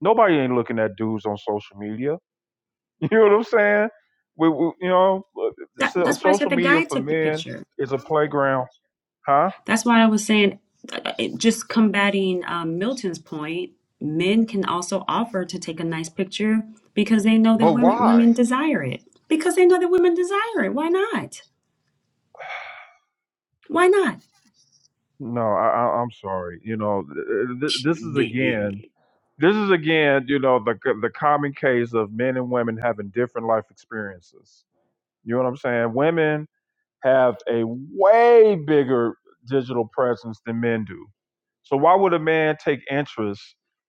Nobody ain't looking at dudes on social media. You know what I'm saying? We, we you know, uh,
That,
so,
that's why I said
social
the
media
guy
for
took the
men
picture.
is a playground, huh?
That's why I was saying, uh, it, just combating um, Milton's point, men can also offer to take a nice picture because they know that
But
women,
why?
women desire it. Because they know that women desire it. Why not? Why not?
No, I, I, I'm sorry. You know, th- th- this is
It,
again. This is again, you know, the the common case of men and women having different life experiences. You know what I'm saying? Women have a way bigger digital presence than men do. So why would a man take interest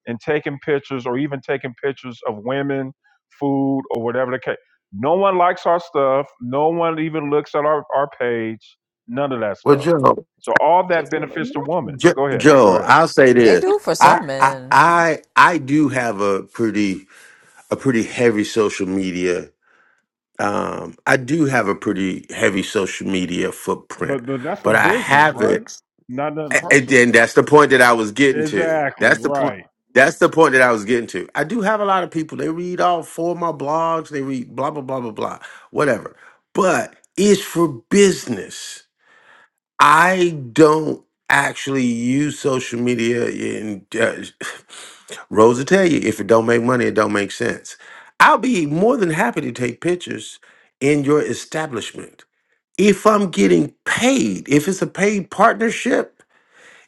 in taking pictures or even taking pictures of women, food, or whatever the case? No one likes our stuff. No one even looks at our, our page. None of that
Well,
stuff.
Joe,
So all that benefits the woman.
Jo
Go ahead. Go
Joe,
ahead.
I'll say
They
this.
do for
I,
some
I
men.
I I do have a pretty a pretty heavy social media. Um, I do have a pretty heavy social media footprint,
But but that's a
but I
business,
have
right?
it,
Not nothing
a- and
personal.
then that's the point that I was getting to.
Exactly
That's the point.
right.
That's the point that I was getting to. I do have a lot of people. They read all four of my blogs. They read blah blah blah blah blah, whatever. But it's for business. I don't actually use social media. And uh, Rosa tell you, if it don't make money, it don't make sense. I'll be more than happy to take pictures in your establishment if I'm getting paid. If it's a paid partnership,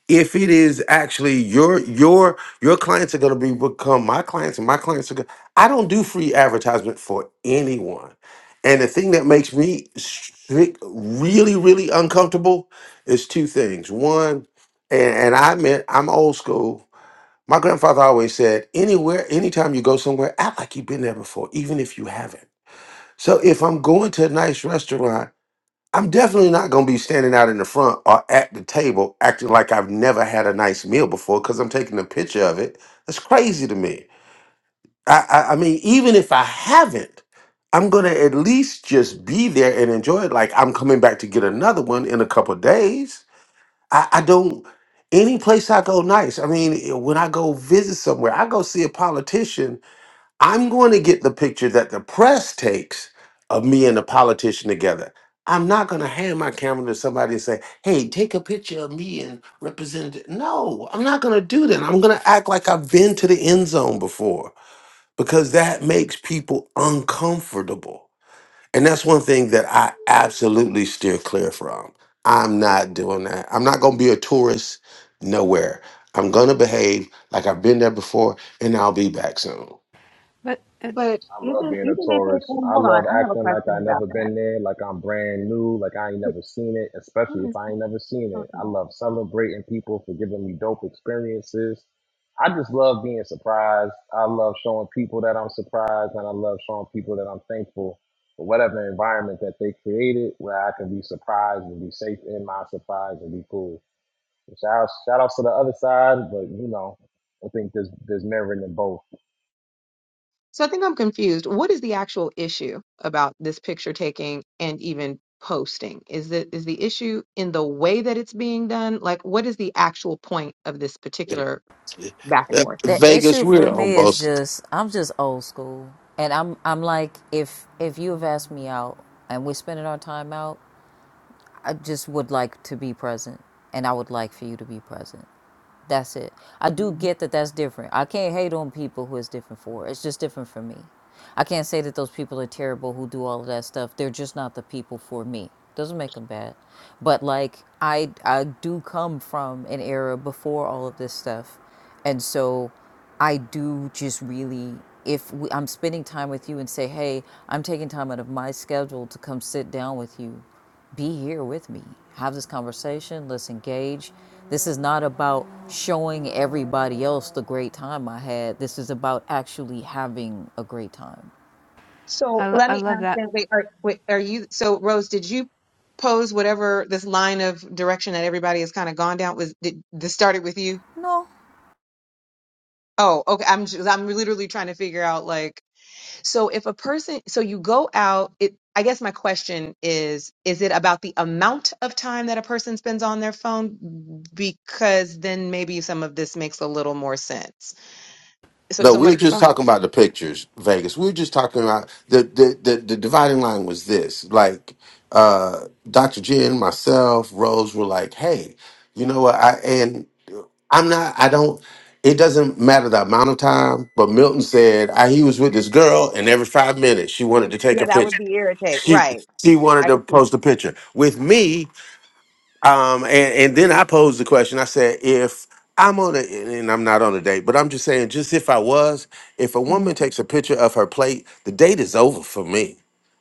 if it is actually your your your clients are going to be become my clients and my clients are going to, i don't do free advertisement for anyone and the thing that makes me strict, really really uncomfortable is two things one and, and i meant i'm old school my grandfather always said anywhere anytime you go somewhere act like you've been there before even if you haven't so if i'm going to a nice restaurant I'm definitely not going to be standing out in the front or at the table acting like I've never had a nice meal before because I'm taking a picture of it. That's crazy to me. I, I, I mean, even if I haven't, I'm going to at least just be there and enjoy it. Like I'm coming back to get another one in a couple of days. I, I don't, any place I go nice. I mean, when I go visit somewhere, I go see a politician I'm going to get the picture that the press takes of me and the politician together. I'm not going to hand my camera to somebody and say, hey, take a picture of me and representative. No, I'm not going to do that. I'm going to act like I've been to the end zone before because that makes people uncomfortable. And that's one thing that I absolutely steer clear from. I'm not doing that. I'm not going to be a tourist nowhere. I'm going to behave like I've been there before and I'll be back soon.
But uh,
But
I love
isn't
being a
even if it's
tourist.
oh,
I
hold
love
on, I have a
acting like I
question
never
about that.
been there, like I'm brand new, like I ain't
It-
never seen it, especially
who
if
is
I ain't
this
never seen it. I
talking?
love celebrating people for giving me dope experiences. I just love being surprised. I love showing people that I'm surprised and I love showing people that I'm thankful for whatever environment that they created where I can be surprised and be safe in my surprise and be cool. Shout out, shout outs to the other side, but you know, I think there's there's merit in both.
So I think I'm confused. What is the actual issue about this picture taking and even posting? Is it is the issue in the way that it's being done? Like what is the actual point of this particular back and
Uh,
forth?
The
Vegas,
issue
we're
for me is
almost
just I'm just old school, and I'm I'm like if if you have asked me out and we're spending our time out, I just would like to be present, and I would like for you to be present. That's it. I do get that that's different. I can't hate on people who it's different for. It's just different for me. I can't say that those people are terrible who do all of that stuff. They're just not the people for me. Doesn't make them bad, but like I I do come from an era before all of this stuff and so I do just really, if we, I'm spending time with you and say, hey, I'm taking time out of my schedule to come sit down with you, be here with me, have this conversation, let's engage. This is not about showing everybody else the great time I had. This is about actually having a great time.
I,
So let
I
me
love
ask
that.
them, wait, are wait, are you so Rose, did you pose whatever this line of direction that everybody has kind of gone down was did this started with you?
No.
Oh, okay. I'm just, I'm literally trying to figure out like so if a person so you go out it I guess my question is is it about the amount of time that a person spends on their phone because then maybe some of this makes a little more sense. So if
no. We were
somebody could
just
just
From
talking about the pictures, Vegas. We were just talking about the the the, the dividing line was this. Like uh Dr. Jen, myself, Rose were like, hey, you know what? I and I'm not. I don't. It doesn't matter the amount of time, but Milton said I, he was with this girl, and every five minutes she wanted to take a
yeah, that would
picture.
be irritating.
She
Right.
she wanted
I
to
could see.
post a picture with me. Um, and, and then I posed the question. I said, if I'm on a, and I'm not on a date, but I'm just saying, just if I was, if a
Mhm.
woman takes a picture of her plate, the date is over for me.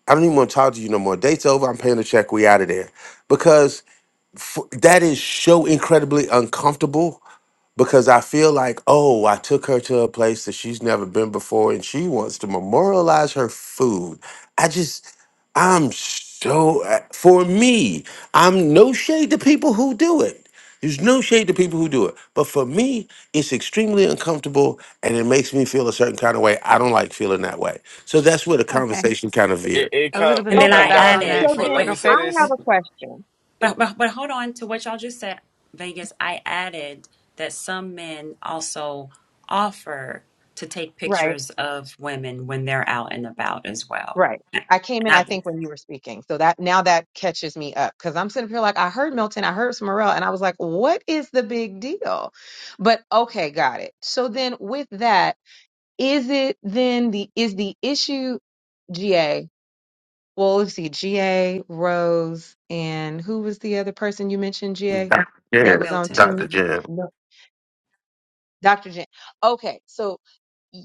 I don't even want to talk to you no more. Date's over. I'm paying the check. We out of there. Because f- that is so incredibly uncomfortable because I feel like, oh, I took her to a place that she's never been before and she wants to memorialize her food. I just, I'm so, uh, for me, I'm no shade to people who do it. There's no shade to people who do it. But for me, it's extremely uncomfortable and it makes me feel a certain kind of way. I don't like feeling that way. So that's where the
okay,
conversation kind of veered.
it
a
come
little bit
And
of
it
then
come
I
Okay.
pushback
down for
on
added,
me
that,
So
for
wait,
then
let
wait,
me
real
say
quick.
I have
wait
this.
a question.
but, but, but hold on to what y'all just said, Vegas. I added that some men also offer to take
Right.
pictures of women when they're out and about as well.
Right.
And
I came in, I
I
think, when you were speaking. So that now that catches me up because I'm sitting up here like, I heard Milton, I heard Smarell, and I was like, what is the big deal? But okay, got it. So then with that, is it then the is the issue GA? Well, let's see, GA, Rose, and who was the other person you mentioned, GA,
Dr.
that
Jan,
was on
Milton.
Dr.
team?
Jan.
No. Dr. Jen. Okay, so y-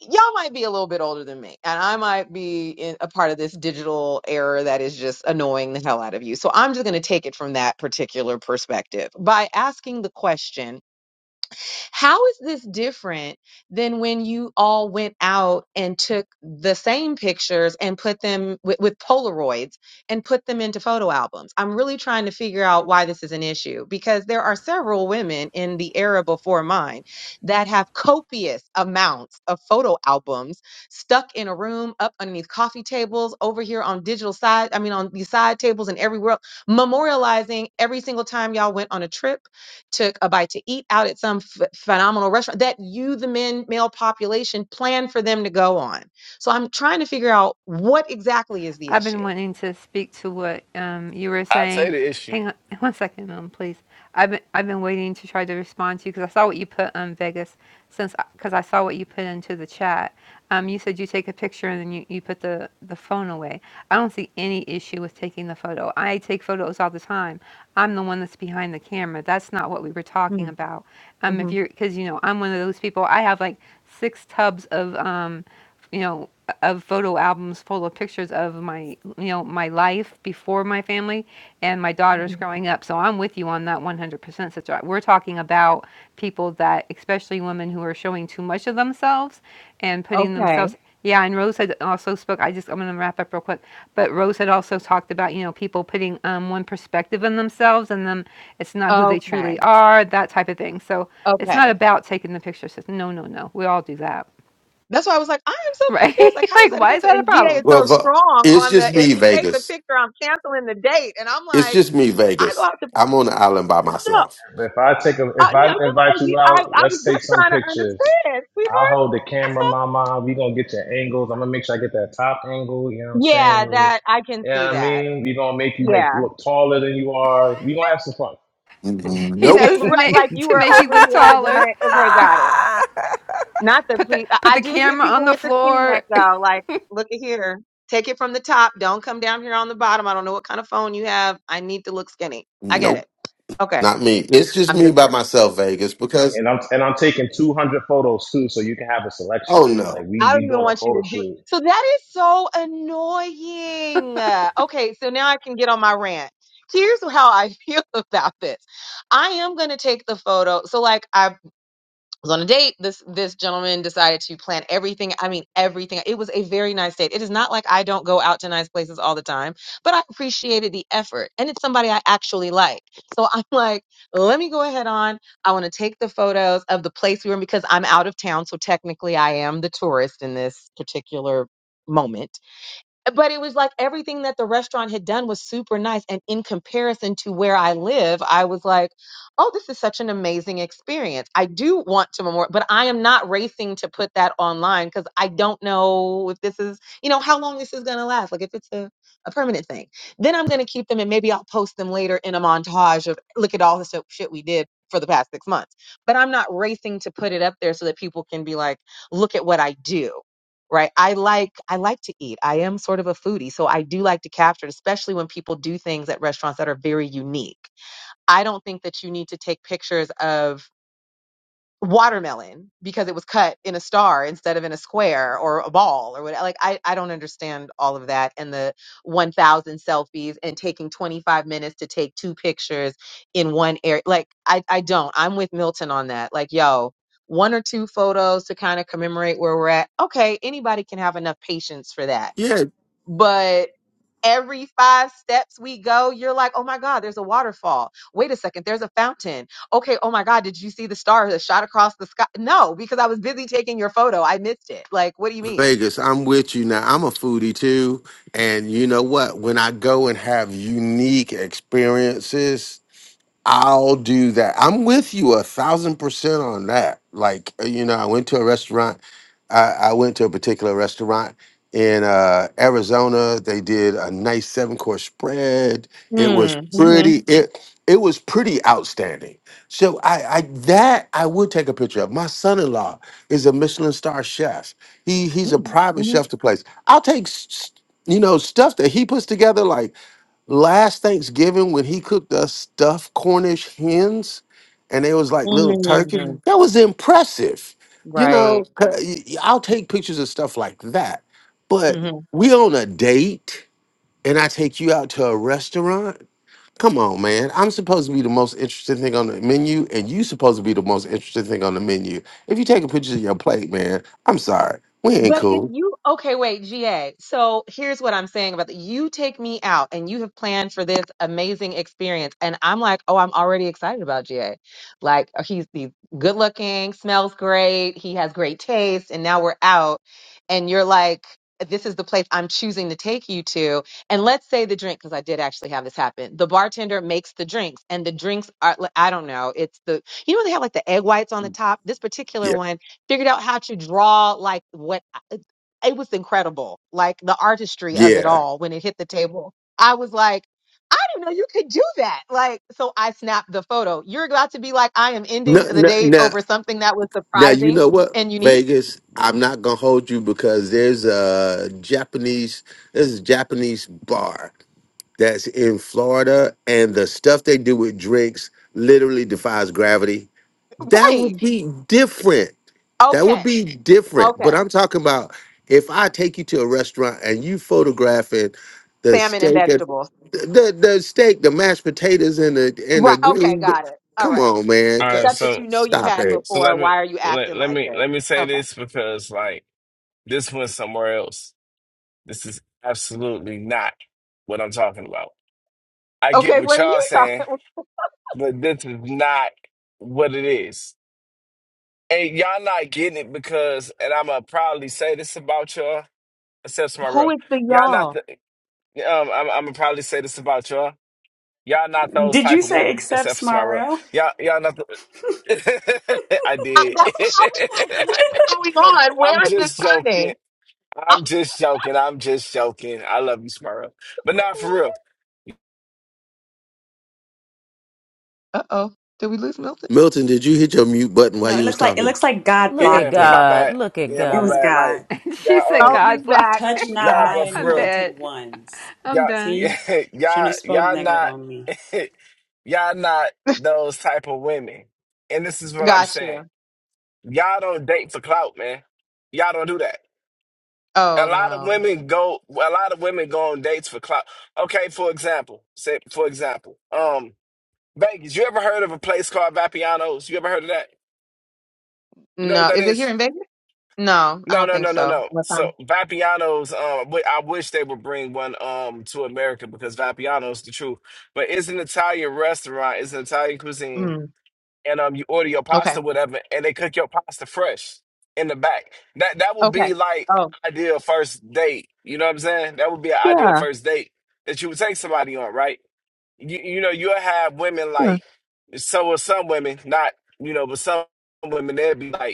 y'all might be a little bit older than me, and I might be in a part of this digital era that is just annoying the hell out of you. So I'm just going to take it from that particular perspective by asking the question how is this different than when you all went out and took the same pictures and put them with, with Polaroids and put them into photo albums? I'm really trying to figure out why this is an issue because there are several women in the era before mine that have copious amounts of photo albums stuck in a room up underneath coffee tables over here on digital side, I mean, on these side tables and everywhere, memorializing every single time y'all went on a trip took a bite to eat out at some ph phenomenal restaurant that you, the men, male population, plan for them to go on. So I'm trying to figure out what exactly is the
I've been
issue.
wanting to speak to what um, you were
I say
saying.
the issue.
Hang on one second, um, please. I've been I've been waiting to try to respond to you because I saw what you put on Vegas since because I saw what you put into the chat. Um, you said you take a picture and then you, you put the, the phone away. I don't see any issue with taking the photo. I take photos all the time. I'm the one that's behind the camera. That's not what we were talking about. Um, if
Mm-hmm.
you're because you know I'm one of those people. I have like six tubs of um, you know of photo albums full of pictures of my you know my life before my family and my daughters growing up so i'm with you on that 100% sister we're talking about people that especially women who are showing too much of themselves and putting
Okay.
themselves yeah and rose had also spoke i just i'm going to wrap up real quick but rose had also talked about you know people putting um, one perspective on themselves and them it's not who they
Okay.
truly are that type of thing so it's not
Okay.
about taking the picture sis. no no no we all do that
That's why I was like, I am so
right
confused. Like, how is
like
that
why is
offensive?
that a
And VA
problem
is so
Well, but
strong
it's
on the
just
if
me,
he takes a
Vegas.
picture, I'm canceling the date. And I'm
It's
like,
just me,
I go
Vegas.
out to
I'm on the island by
No,
myself.
If I take a,
uh,
if
no, no.
I
I,
invite you
you- I
out,
I was
let's take
just
some
trying to
pictures.
understand,
I'll
sweetheart.
hold the
that's
camera,
all.
mama. We gonna get your angles. I'm gonna make sure I get that top angle. You know what I'm saying?
Yeah,
When we,
that I can see
yeah, I
that.
mean, we gonna make you make
Yeah.
look taller than you are. We gonna have some fun.
Mm-hmm.
He
like
Nope.
knows the
right,
name
like you
to
were
make you
over
look
here the
taller.
next. Okay, got it. Not the
Put the
please. I
put
I
the
do hit
camera on
people
the
with the skinny
floor.
neck though. Like, look at here. Take it from the top. Don't come down here on the bottom. I don't know what kind of phone you have. I need to look skinny. I get
Nope.
it. Okay,
Not me. It's just
I'm
me
just
by
kidding.
myself, Vegas, because,
And I'm and I'm taking 200 photos too, so you can have a
oh
selection. Like
no.
we
I don't
we
even
doing a
want you
photo
to do.
shoot.
So that is so annoying. Uh, Okay, so now I can get on my rant. Here's how I feel about this. I am going to take the photo. So like I. was on a date. This this gentleman decided to plan everything. I mean, everything. It was a very nice date. It is not like I don't go out to nice places all the time, but I appreciated the effort, and it's somebody I actually like. So I'm like, let me go ahead on. I want to take the photos of the place we were in because I'm out of town, so technically I am the tourist in this particular moment but it was like everything that the restaurant had done was super nice and in comparison to where i live i was like oh this is such an amazing experience i do want to memorial but i am not racing to put that online because i don't know if this is you know how long this is going to last like if it's a, a permanent thing then i'm going to keep them and maybe i'll post them later in a montage of look at all the shit shit we did for the past six months but i'm not racing to put it up there so that people can be like look at what i do right i like i like to eat i am sort of a foodie so i do like to capture it especially when people do things at restaurants that are very unique i don't think that you need to take pictures of watermelon because it was cut in a star instead of in a square or a ball or whatever. Like I, I don't understand all of that and the 1000 selfies and taking 25 minutes to take two pictures in one area. Like I, I don't, I'm with Milton on that. Like, yo, one or two photos to kind of commemorate where we're at. Okay. Anybody can have enough patience for that.
Yeah,
but. Every five steps we go, you're like, oh my God, there's a waterfall. Wait a second, there's a fountain. Okay, oh my God, did you see the star that shot across the sky? No, because I was busy taking your photo. I missed it. Like, what do you mean?
Vegas, I'm with you now. I'm a foodie too. And you know what? When I go and have unique experiences, I'll do that. I'm with you a thousand percent on that. Like, uh, you know, I went to a restaurant. I, I went to a particular restaurant in uh, Arizona. They did a nice seven course spread. It was
Mm,
pretty.
mm-hmm,
It it was pretty outstanding. So I, I that I would take a picture of. My son in law is a Michelin star chef. He he's a private
mm,
chef to place. I'll take s- s- you know stuff that he puts together like last Thanksgiving when he cooked us stuffed Cornish hens, and it was like little turkey.
mm-hmm, mm,
Mhm. That was impressive. You know,
right.
'cause y- y- I'll take pictures of stuff like that. But we on a date, and I take you out to a restaurant. Come on, man. I'm supposed to be the most interesting thing on the menu, and you supposed to be the most interesting thing on the menu. If you take a picture of your plate, man, I'm sorry. We ain't
But if
cool.
you, okay, wait, GA. So here's what I'm saying about that. You take me out and you have planned for this amazing experience. And I'm like, oh, I'm already excited about GA. Like, uh, he's, he's good looking, smells great, he has great taste. And now we're out. And you're like, this is the place I'm choosing to take you to. And let's say the drink, because I did actually have this happen. The bartender makes the drinks, and the drinks are, like, I don't know, it's the, you know, they have like the egg whites on the top. This particular
Yeah.
one figured out how to draw like what uh, it was incredible like the artistry of it
Yeah.
all when it hit the table i was like i didn't know you could do that like so i snapped the photo you're about to be like i am ending
No,
the
no,
date
no.
over something that was
Now you
surprising
know what
and unique
Vegas. I'm not gonna hold you because there's a Japanese. There's a Japanese bar that's in Florida, and the stuff they do with drinks literally defies gravity. That
right
would be different. That would
okay
be different.
okay
But I'm talking about if I take you to a restaurant and you photographing the
salmon and
steak, and,
vegetables
the the steak, the mashed potatoes, and the and the
right okay
green. But
got it all
Come
right
on, man,
All right,
stuff that
so
you know you've
stop
had
it.
so let
before
me
why are you
let,
acting
let
like
me
this
let me say
okay
this because like this went somewhere else. This is absolutely not what I'm talking about. I get
okay
what
what are
y'all
you talking
saying, but this is not what it is. And y'all not getting it because, and I'm gonna probably say this about y'all, except for my real.
who is the
Y'all
y'all
not the, um, I'm, I'm gonna probably say this about y'all. Y'all not those type of women, except for my real.
no,
Y'all, y'all not the, I
I,
did.
that's why I was like, what is going on?
I'm
Where is this
just joking.
turning? I
I'm
was
just joking. I'm just joking. I love you, Smurl. But
like,
not for
what?
real.
Uh oh. Did we lose Milton?
Milton, did you hit your mute button while
No, it
you was
looks like it
talking?
looks like God
Look at
Yeah,
blocked it.
my
God.
bad.
Look at
Yeah,
It
my
was
God.
bad. Like,
God.
she
y'all,
said,
Oh,
um,
"God
he's back.
blocked
Touch
it."
He's
not
nah,
back.
my
but for
I'm
real.
dead.
anointed ones.
I'm
y'all,
done.
See? Shouldn't
y'all,
have spoke
y'all
negative
not,
on me.
y'all not those type of women. And this is what I'm
Got
saying.
you.
Y'all don't date for clout, man. Y'all don't do that. A
Oh
lot of
no.
women go. A lot of women go on dates for clout. Okay, for example, say for example, um, Vegas. You ever heard of a place called Vapiano's? You ever heard of that? You know what
No.
that
Is it
is?
here in Vegas? No, I
No,
don't
no,
think
no, no,
so.
no.
Unless
So
I'm
Vapiano's, um, wi- I wish they would bring one um to America because Vapiano's the truth. But it's an Italian restaurant. It's an Italian cuisine,
mm,
and um, you order your
okay.
pasta, whatever, and they cook your pasta fresh in the back. That that would
Okay.
be like
Oh.
an ideal first date. You know what I'm saying? That would be an ideal
Yeah.
first date that you would take somebody on, right? You you know you'll have women
Sure.
like so with some women, not you know, but some women they'd be like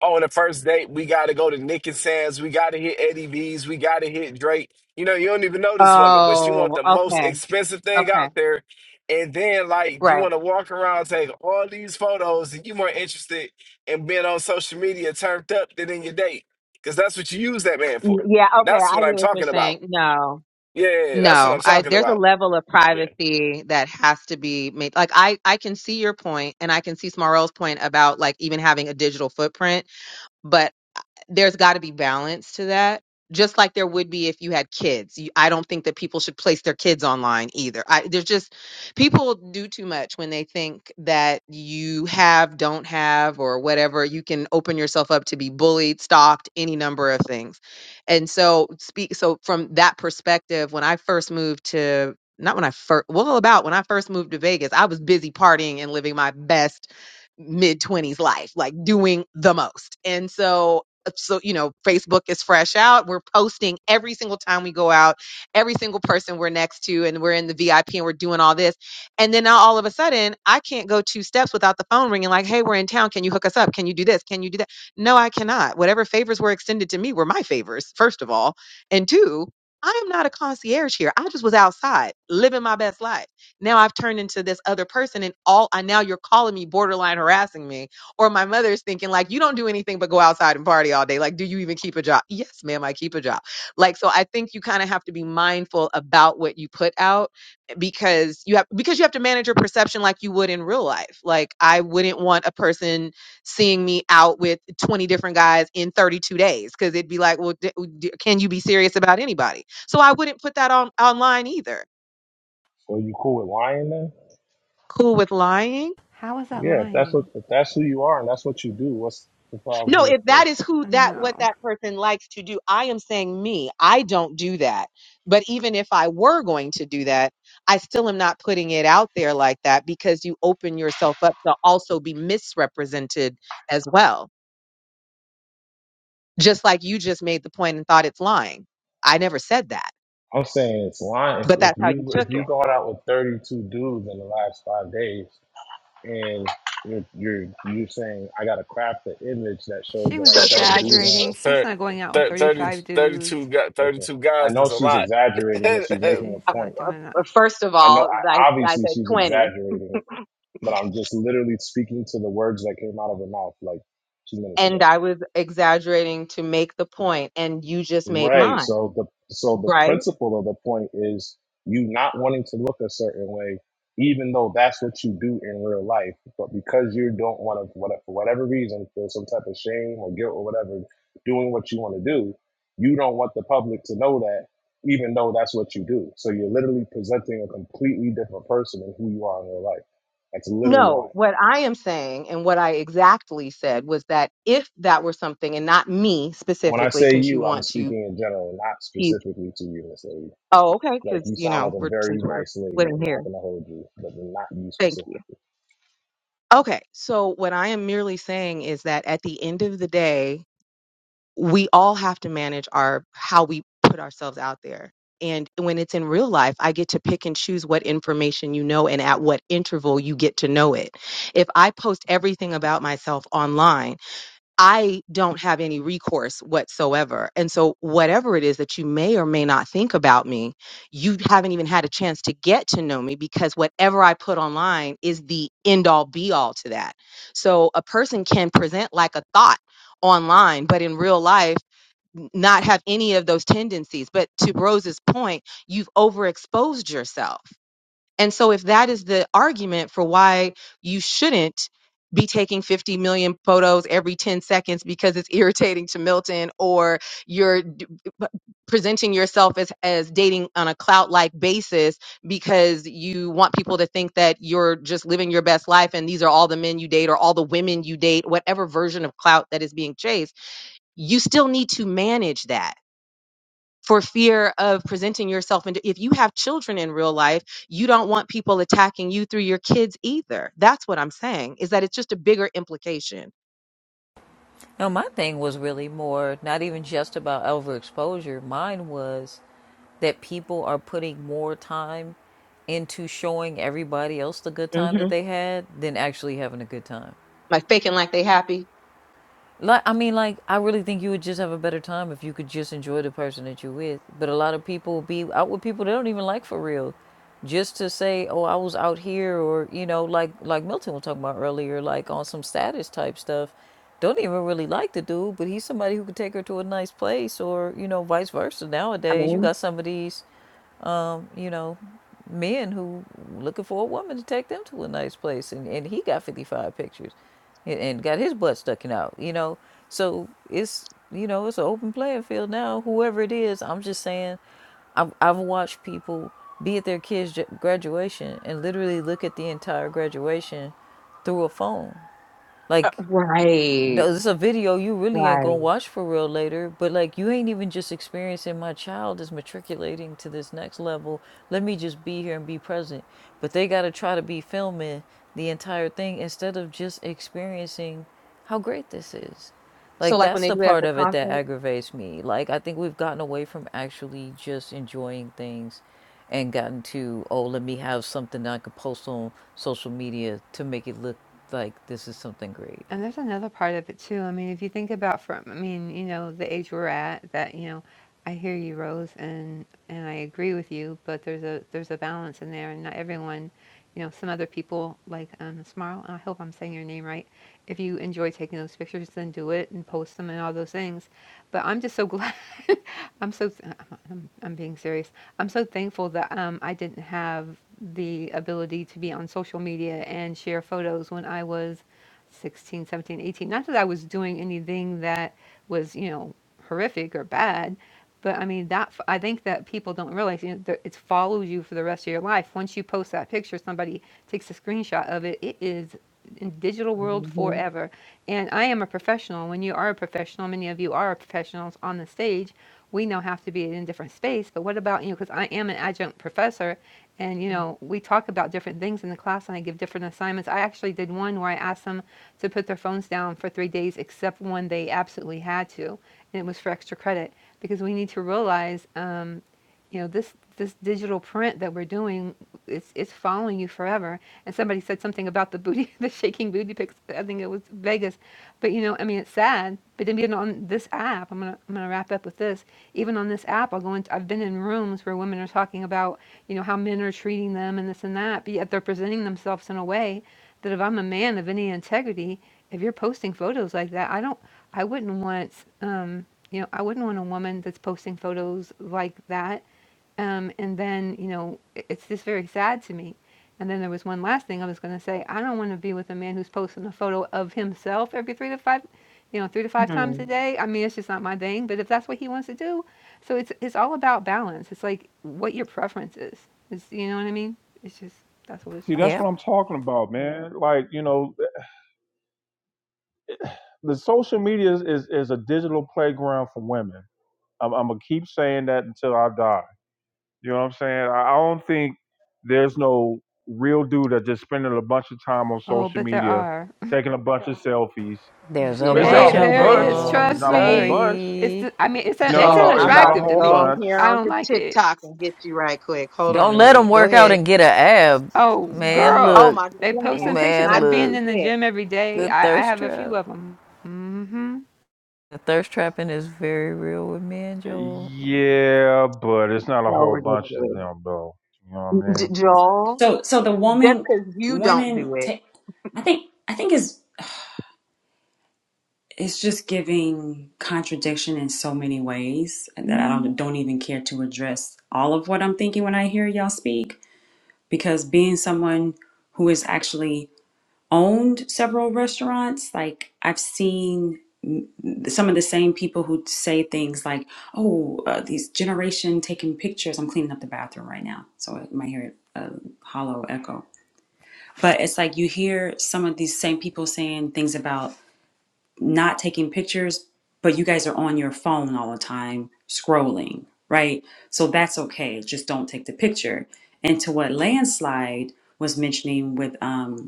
on the first date, we got to go to Nick and Sam's. We got to hit Eddie V's. We got to hit Drake. You know, you don't even know this woman, but she want
Oh,
the most
okay.
expensive thing
Okay.
out there. And then, like, you
Right.
want to walk around, take all these photos, and you more interested in being on social media turned up than in your date. Because that's what you use that man
N-
for.
Yeah, okay.
That's
I
what
get
I'm
what you're
talking about.
saying. No.
Yeah, that's what I'm
No, I
talking
there's a
about.
level of
Yeah.
privacy that has to be made. Like I I can see your point and I can see Smarell's point about like even having a digital footprint, but there's got to be balance to that just like there would be if you had kids You- i don't think that people should place their kids online either I, there's just people do too much when they think that you have don't have or whatever you can open yourself up to be bullied stalked any number of things and so speak so from that perspective when i first moved to not when i first well about when i first moved to vegas i was busy partying and living my best mid 20s life, like doing the most. And so so you know facebook is fresh out we're posting every single time we go out every single person we're next to and we're in the vip and we're doing all this and then now all of a sudden i can't go two steps without the phone ringing like hey we're in town can you hook us up can you do this can you do that no i cannot whatever favors were extended to me were my favors first of all and two I am not a concierge here. I just was outside living my best life. Now I've turned into this other person, and all I now you're calling me borderline harassing me or my mother's thinking like you don't do anything but go outside and party all day like do you even keep a job yes ma'am i keep a job like so i think you kind of have to be mindful about what you put out eh, because you have because you have to manage your perception like you would in real life like i wouldn't want a person seeing me out with 20 different guys in 32 days because it'd be like well d- d- can you be serious about anybody so i wouldn't put that on online either
So you cool with lying then?
cool with lying
How was that
Yeah, if that's what
lying?
if that's who you are and that's what you do, what's the problem
No,
with
if
like?
that is who that what
No,
that person likes to do, I am saying me, I don't do that. But even if I were going to do that, I still am not putting it out there like that because you open yourself up to also be misrepresented as well. Just like you just made the point and thought it's lying. I never said that,
I'm saying it's lying. If,
but
if
that's how you
you if
took
you
it.
going out with 32 dudes in the last five days, and you're you're you're saying I got to craft the image that shows
she
that
was
I don't do that.
exaggerating. She's
Thir-
not going out with
thir- 30,
35
It's,
thirty-two,
dudes.
gu-
okay,
32
I
guys
know
is a
she's
lot.
exaggerating, but she's making a
She's
Uh,
point.
not
uh,
doing that.
uh, First of
I know
all, I,
I,
I
obviously
said
she's
20
exaggerating, but I'm just literally speaking to the words that came out of her mouth like two minutes ago.
and I was exaggerating to make the point and you just made
Right.
mine,
So the so the
right?
principle of the point is you not wanting to look a certain way, even though that's what you do in real life. But because you don't want to, what for whatever reason, feel some type of shame or guilt or whatever, doing what you want to do, you don't want the public to know that, even though that's what you do. So you're literally presenting a completely different person than who you are in real life. That's literally
No,
lying.
what I am saying and what I exactly said was that if that were something, and not me
When I
specifically,
say
since you
you, I'm
want to
speaking in general, not
tease.
specifically to you, Miss Lady.
Oh, okay,
Like
because
you
you
sound like
know
a
we're
very
since we're
nice lady.
living
I'm not
here.
gonna hold you, but not you
Thank you.
specifically.
Okay, so what I am merely saying is that at the end of the day, we all have to manage our how we put ourselves out there. And when it's in real life, I get to pick and choose what information you know and at what interval you get to know it. If I post everything about myself online I don't have any recourse whatsoever. And so, whatever it is that you may or may not think about me, you haven't even had a chance to get to know me because whatever I put online is the end all be all to that. So, a person can present like a thought online, but in real life, n- not have any of those tendencies. But to Rose's point, you've overexposed yourself. And so, if that is the argument for why you shouldn't be taking 50 million photos every 10 seconds because it's irritating to Milton, or you're d- p- presenting yourself as, as dating on a clout like basis because you want people to think that you're just living your best life and these are all the men you date or all the women you date, whatever version of clout that is being chased, you still need to manage that for fear of presenting yourself and if you have children in real life you don't want people attacking you through your kids either that's what i'm saying is that it's just a bigger implication
No, my thing was really more not even just about overexposure. Mine was that people are putting more time into showing everybody else the good time that
hmm
they had than actually having a good time.
like faking like they happy
Like I mean, like I really think you would just have a better time if you could just enjoy the person that you're with. But a lot of people be out with people they don't even like for real, just to say, "Oh, I was out here," or you know, like like Milton was talking about earlier, like on some status type stuff. Don't even really like the dude, but he's somebody who could take her to a nice place, or you know, vice versa.
i
Nowadays, you
mean
got some of these um, you know, men who looking for a woman to take them to a nice place, and, and he got 55 pictures, and, and got his butt sticking out, you know. So it's you know it's an open playing field now. Whoever it is, I'm just saying, I've I've watched people be at their kids' graduation and literally look at the entire graduation through a phone, like
Right,
no, it's a video you really ain't gonna
right.
watch for real later, but like you ain't even just experiencing my child is matriculating to this next level. Let me just be here and be present. But they gotta try to be filming the entire thing instead of just experiencing how great this is.
so
Like
like when
that's
they
the
do it at
part
the
of it that
concert
aggravates me. Like I think we've gotten away from actually just enjoying things and gotten to, oh, let me have something that I could post on social media to make it look like this is something great.
And there's another part of it too. I mean, if you think about from, I mean, you know, the age we're at, that you know, I hear you, Rose, and and I agree with you. But there's a there's a balance in there, and not everyone, you know, some other people like um, Smarl. I hope I'm saying your name right. If you enjoy taking those pictures, then do it and post them and all those things. But I'm just so glad. I'm so I'm, I'm being serious. I'm so thankful that um, I didn't have the ability to be on social media and share photos when I was 16, 17, 18. Not that I was doing anything that was, you know, horrific or bad, but I mean, that I think that people don't realize you know, that it follows you for the rest of your life. Once you post that picture, somebody takes a screenshot of it, it is in digital world
hmm
forever. And I am a professional. When you are a professional, many of you are professionals on the stage. We now have to be in a different space. But what about you? know, Because I am an adjunct professor, and you know, we talk about different things in the class, and I give different assignments. I actually did one where I asked them to put their phones down for three days, except when they absolutely had to, and it was for extra credit because we need to realize. Um, you know this this digital print that we're doing it's it's following you forever and somebody said something about the booty the shaking booty pics i think it was vegas but you know i mean it's sad but then even on this app i'm gonna i'm gonna wrap up with this even on this app i'll go into i've been in rooms where women are talking about you know how men are treating them and this and that but yet they're presenting themselves in a way that if i'm a man of any integrity if you're posting photos like that i don't i wouldn't want um you know i wouldn't want a woman that's posting photos like that um, and then, you know, i- it's just very sad to me. And then there was one last thing I was going to say. I don't want to be with a man who's posting a photo of himself every three to five, you know, three to five times
hmm
a day. I mean, it's just not my thing. But if that's what he wants to do, so it's it's all about balance. It's like what your preference is. Is you know what I mean? It's just that's what it's
See,
about.
that's
Yep.
what I'm talking about, man. Like you know, the social media is is, is a digital playground for women. I'm, I'm gonna keep saying that until I die. You know what I'm saying? I, I don't think there's no real dude that just spending a bunch of time on
Oh,
social
but there
media,
are.
taking a bunch of selfies.
There's a
It's not a
They
bunch
Yeah,
whole
of
there
bunch.
is.
them.
It's
Joel.
Trust
not a whole
me.
bunch.
It's
Sorry.
the, I mean it's an,
No, no,
it's
joel
no.
i'm
It's not
about
a
unattractive
to
to
go
whole
me.
on
bunch.
here
I don't
onto
like it.
tiktok and get you right quick hold on
Don't
a
let them
minute go
work out
ahead
and get a ab.
Oh,
Man,
girl,
oh
look.
my god
they
one
post some
ad
pictures
Man,
not
of being
look.
even
in the
six
gym every day.
The
I, I
thirst
have a
trap.
few of them. Mm-hmm.
The thirst trapping is very real with me and Joel.
Yeah, but it's not a
so
whole bunch of
ridiculous.
them though. You know what I
J-
mean?
Joel,
So so the
just
woman
because you don't
women
do it.
take I think I think is it's just giving contradiction in so many ways and that I don't
Mm,
don't even care to address all of what I'm thinking when I hear y'all speak because being someone who has actually owned several restaurants like I've seen some of the same people who say things like, "Oh, uh, these generation taking pictures." I'm cleaning up the bathroom right now, so I might hear a hollow echo. But it's like you hear some of these same people saying things about not taking pictures, but you guys are on your phone all the time scrolling, right? So that's okay. Just don't take the picture. And to what landslide was mentioning with um,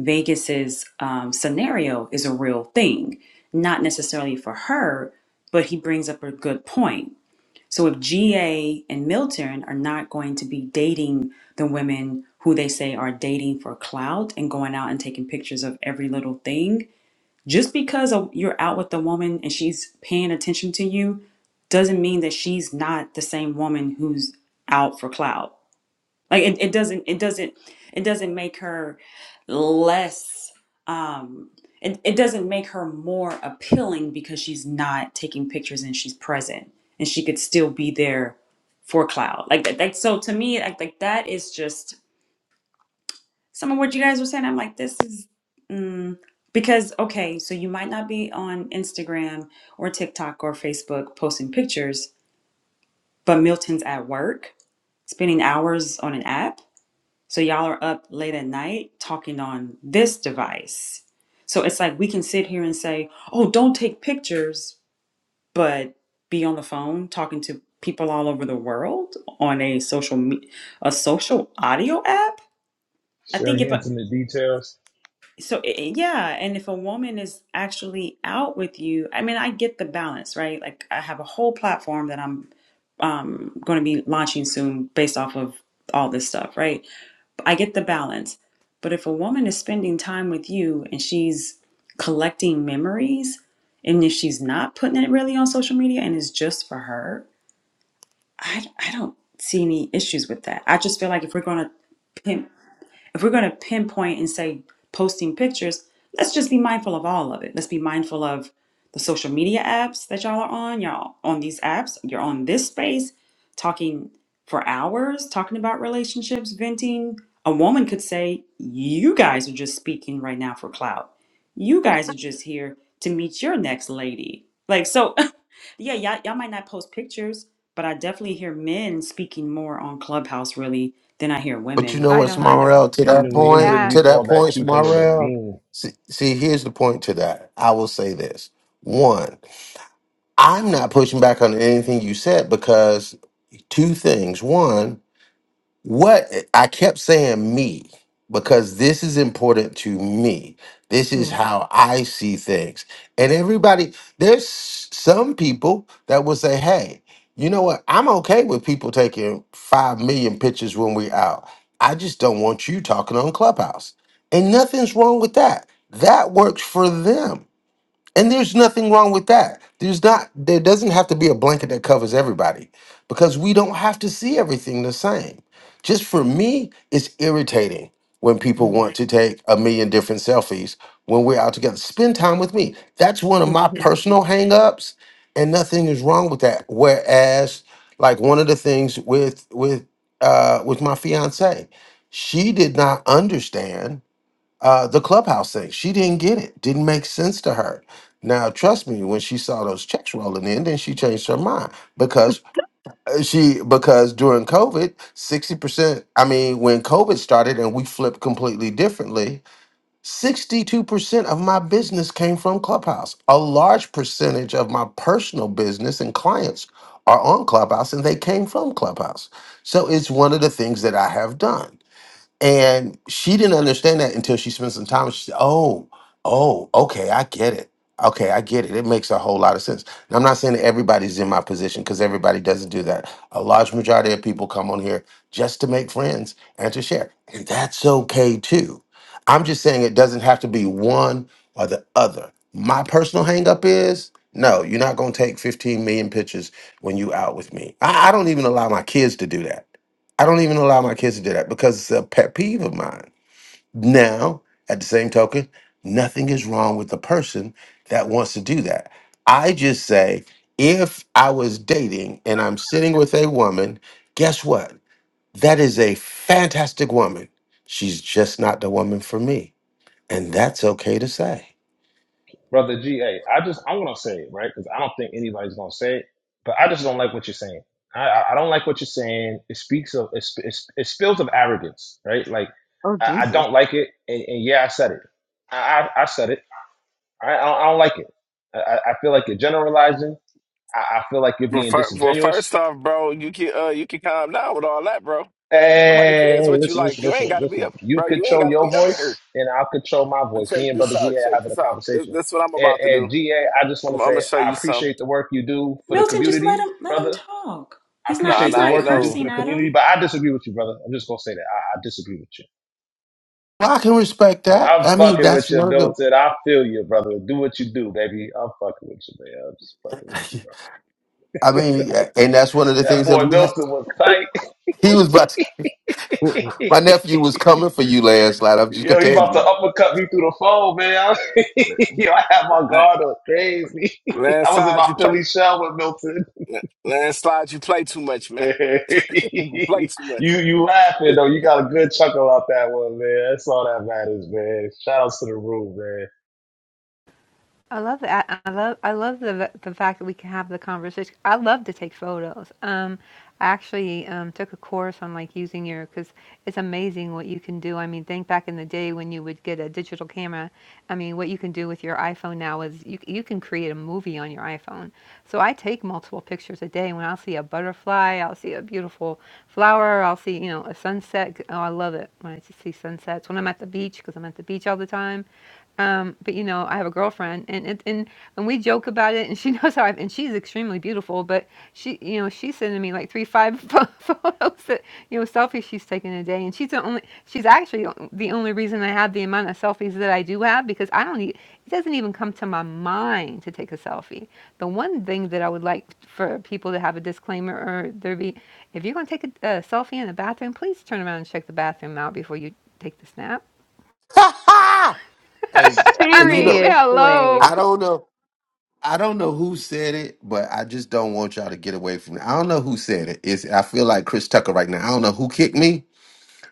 Vegas's um, scenario is a real thing, not necessarily for her, but he brings up a good point. So if GA and Milton are not going to be dating the women who they say are dating for clout and going out and taking pictures of every little thing, just because of, you're out with the woman and she's paying attention to you doesn't mean that she's not the same woman who's out for clout like it, it doesn't it doesn't it doesn't make her less um it, it doesn't make her more appealing because she's not taking pictures and she's present and she could still be there for cloud like that like so to me like, like that is just some of what you guys were saying i'm like this is mm, because okay so you might not be on instagram or tiktok or facebook posting pictures but milton's at work spending hours on an app so y'all are up late at night talking on this device. So it's like we can sit here and say, oh, don't take pictures, but be on the phone talking to people all over the world on a social me- a social audio app. I think
Sharing
if a,
intimate details
so i- i- yeah, and if a woman is actually out with you, I mean, I get the balance, right? Like I have a whole platform that I'm um, going to be launching soon based off of all this stuff, right? I get the balance. But if a woman is spending time with you and she's collecting memories, and if she's not putting it really on social media and it's just for her, I, I don't see any issues with that. I just feel like if we're going to pimp if we're going to pinpoint and say posting pictures, let's just be mindful of all of it. Let's be mindful of the social media apps that y'all are on. Y'all on these apps, you're on this space talking for hours, talking about relationships, venting. A woman could say, You guys are just speaking right now for clout. You guys are just here to meet your next lady. Like, so yeah, y'all, y'all might not post pictures, but I definitely hear men speaking more on Clubhouse really than I hear
But you
women
know
I
what,
don't either.
Smarrell, to
hmm
in
that
New
point,
England, we
That.
to that
call that
point,
keeping it a
Smarrell,
bean,
see, see, here's the point to that. I will say this. One, I'm not pushing back on anything you said because two things. One, what I kept saying me because this is important to me. This is
mm,
how I see things. And everybody, there's some people that will say, hey, you know what? I'm okay with people taking 5 million pictures when we out. I just don't want you talking on Clubhouse. And nothing's wrong with that. That works for them. And there's nothing wrong with that. There's not there doesn't have to be a blanket that covers everybody because we don't have to see everything the same. Just for me, it's irritating when people
mm,
want to take a million different selfies when we're out together. Spend time with me. That's one of my
mhm.
personal hangups and nothing is wrong with that. Whereas like one of the things with with uh with my fiance, she did not understand uh, the clubhouse thing. She didn't get it. Didn't make sense to her. Now, trust me, when she saw those checks rolling in, then she changed her mind because uh, she because during COVID, sixty percent. I mean, when COVID started and we flipped completely differently, sixty-two percent of my business came from Clubhouse. A large percentage of my personal business and clients are on Clubhouse, and they came from Clubhouse. So it's one of the things that I have done. And she didn't understand that until she spent some time. She said, "Oh, oh, okay, I get it. Okay, I get it. It makes a whole lot of sense." Now, I'm not saying that everybody's in my position because everybody doesn't do that. A large majority of people come on here just to make friends and to share, and that's okay too. I'm just saying it doesn't have to be one or the other. My personal hangup is no, you're not going to take 15 million pictures when you out with me. I, I don't even allow my kids to do that. I don't even allow my kids to do that because it's a pet peeve of mine. Now, at the same token, nothing is wrong with the person that wants to do that. I just say, if I was dating and I'm sitting with a woman, guess what? That is a fantastic woman. She's just not the woman for me. And that's okay to say.
brother. G, hey, I just I'm gonna say it right because I don't think anybody's gonna say it, but I just don't like what you're saying. I I I don't like what you're saying. It speaks of it, sp- it, sp- it spills of arrogance, right? Like
Oh,
I, I
Jesus.
don't like it, and, and yeah, I said it. I I, I said it. I, I, don't, I don't like it. I, I I feel like you're generalizing. I, I feel like you're
Well,
being
fir- well,
disingenuous.
first off, bro, you can uh, you can calm down with all that, bro. Nobody cares
Hey,
what you
listen,
like.
listen,
You ain't
listen,
got to be
listen.
up,
You
bro. You ain't
control
got to
your
be up in here.
voice, and I'll control my
But
voice.
check
Me and Brother
this
GA
out.
are
Check
having a
this out. This
conversation.
this what I'm
And,
about to do.
and GA, I just
I'm,
want
I'm
to
gonna
say
show
I
you something.
appreciate the work you do for the
Milton, just let
community,
him let him
brother.
talk.
I
He's not
Nah,
appreciate
he's
the
nah,
not
ain't
work you do
no
for
cursing
the
at him.
community, but I disagree with you, brother. I'm just gonna say that I, I disagree with you.
Well, I can respect that.
I'm
I mean,
fucking
that's
with you,
one of the
Milton. I feel you, brother. Do what you do, baby. I'm fucking with you, man. I'm just fucking with you, bro.
I mean, and that's one of the
That
things that
boy
we have.
Milton was tight.
He was about. To,
Mm-mm.
my nephew was coming for you, landslide. I'm just
Yo,
gonna
you
tell
about
you.
to uppercut me through the phone, man. Yo, I had my
land-
guard up crazy. I was in
landslide.
my
You
Philly
play
shell with Milton.
landslide. You play too much, man. you play
you
too much.
you laughing though. You got a good chuckle out that one, man. That's all that matters, man. Shout outs to the room, man.
I love that. I love I love the the fact that we can have the conversation. I love to take photos. Um, I actually um, took a course on like using your because it's amazing what you can do. I mean, think back in the day when you would get a digital camera. I mean, what you can do with your iPhone now is you you can create a movie on your iPhone. So I take multiple pictures a day. When I'll see a butterfly, I'll see a beautiful flower. I'll see you know a sunset. Oh, I love it when I see sunsets. When I'm at the beach because I'm at the beach all the time. Um, but you know, I have a girlfriend, and it, and and we joke about it, and she knows how I and she's extremely beautiful, but she, you know, she's sending me like three, five pho- photos that you know selfies she's taken a day, and she's the only, she's actually o- the only reason I have the amount of selfies that I do have because I don't, e- it doesn't even come to my mind to take a selfie. The one thing that I would like for people to have a disclaimer or there be, if you're gonna take a, a selfie in the bathroom, please turn around and check the bathroom out before you take the snap.
hey,
I
and you
mean,
know,
Seriously.
hello
I don't know, I don't know who said it, but I just don't want y'all to get away from it. I don't know who said it. It's I feel like Chris Tucker right now. I don't know who kicked me,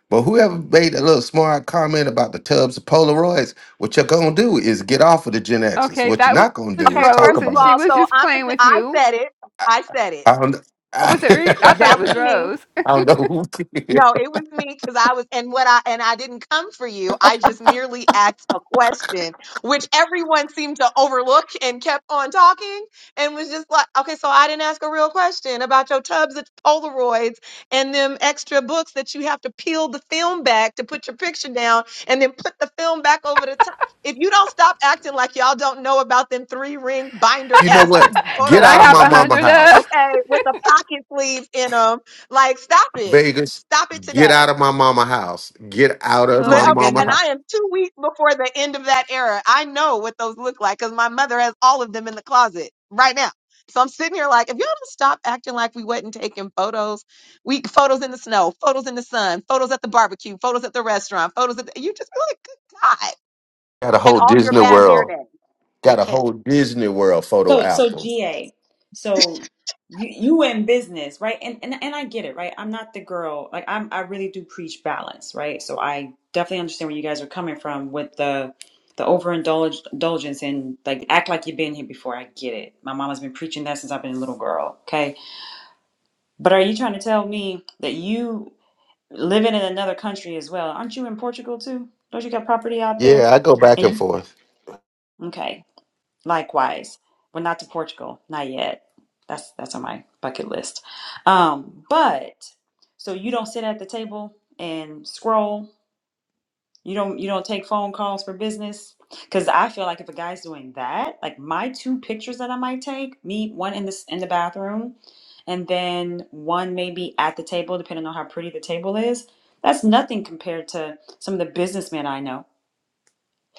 but whoever made a little smart comment about the tubs of Polaroids, what you're gonna do is get off of the Gen X's.
Okay,
What you're
that was
not gonna do
Okay,
is talk
Rose,
first of
and
about
she
all,
us.
was
so
just
I'm,
playing
a-
with
I
you.
said it.
I,
I said it.
I don't.
Or was it? Re- I thought it
That was
was
I,
me.
Rose
don't know who. did.
No, it was me because I was, and what I, and I didn't come for you. I just merely asked a question, which everyone seemed to overlook and kept on talking and was just like, okay, so I didn't ask a real question about your tubs of Polaroids and them extra books that you have to peel the film back to put your picture down and then put the film back over the top. If you don't stop acting like y'all don't know about them three ring binder
you know
esque
what? Get
photo
that I
out of
have
my
a
albums,
mama
hundred of.
house,
okay, with the pocket sleeves in them. Like, stop it.
Vegas.
Stop it
Get
today.
out of my mama house. Get out of
Oh
Li-
my
my
Okay,
mama
and
goodness.
I am two weeks before the end of that era. I know what those look like because my mother has all of them in the closet right now. So I'm sitting here like, if y'all don't stop acting like we wasn't taking photos, we photos in the snow, photos in the sun, photos at the barbecue, photos at the restaurant, photos at the, you just like, good God.
Got a
And
whole
all your
Disney
bad hair
World.
days, they
Got a
can't.
whole Disney World photo
So so
album.
GA. So you you were in business, right? And and and I get it, right? I'm not the girl. Like I'm I really do preach balance, right? So I definitely understand where you guys are coming from with the the overindulgence indulgence and like act like you've been here before. I get it. My mama has been preaching that since I've been a little girl. Okay. But are you trying to tell me that you living in another country as well? Aren't you in Portugal too? Don't you got property out there?
Yeah, I go back and
And
forth.
Okay. Likewise. we're not to Portugal, not yet. That's that's on my bucket list. Um, but so you don't sit at the table and scroll. You don't you don't take phone calls for business because I feel like if a guy's doing that, like my two pictures that I might take, me one in this in the bathroom, and then one maybe at the table, depending on how pretty the table is. That's nothing compared to some of the businessmen I know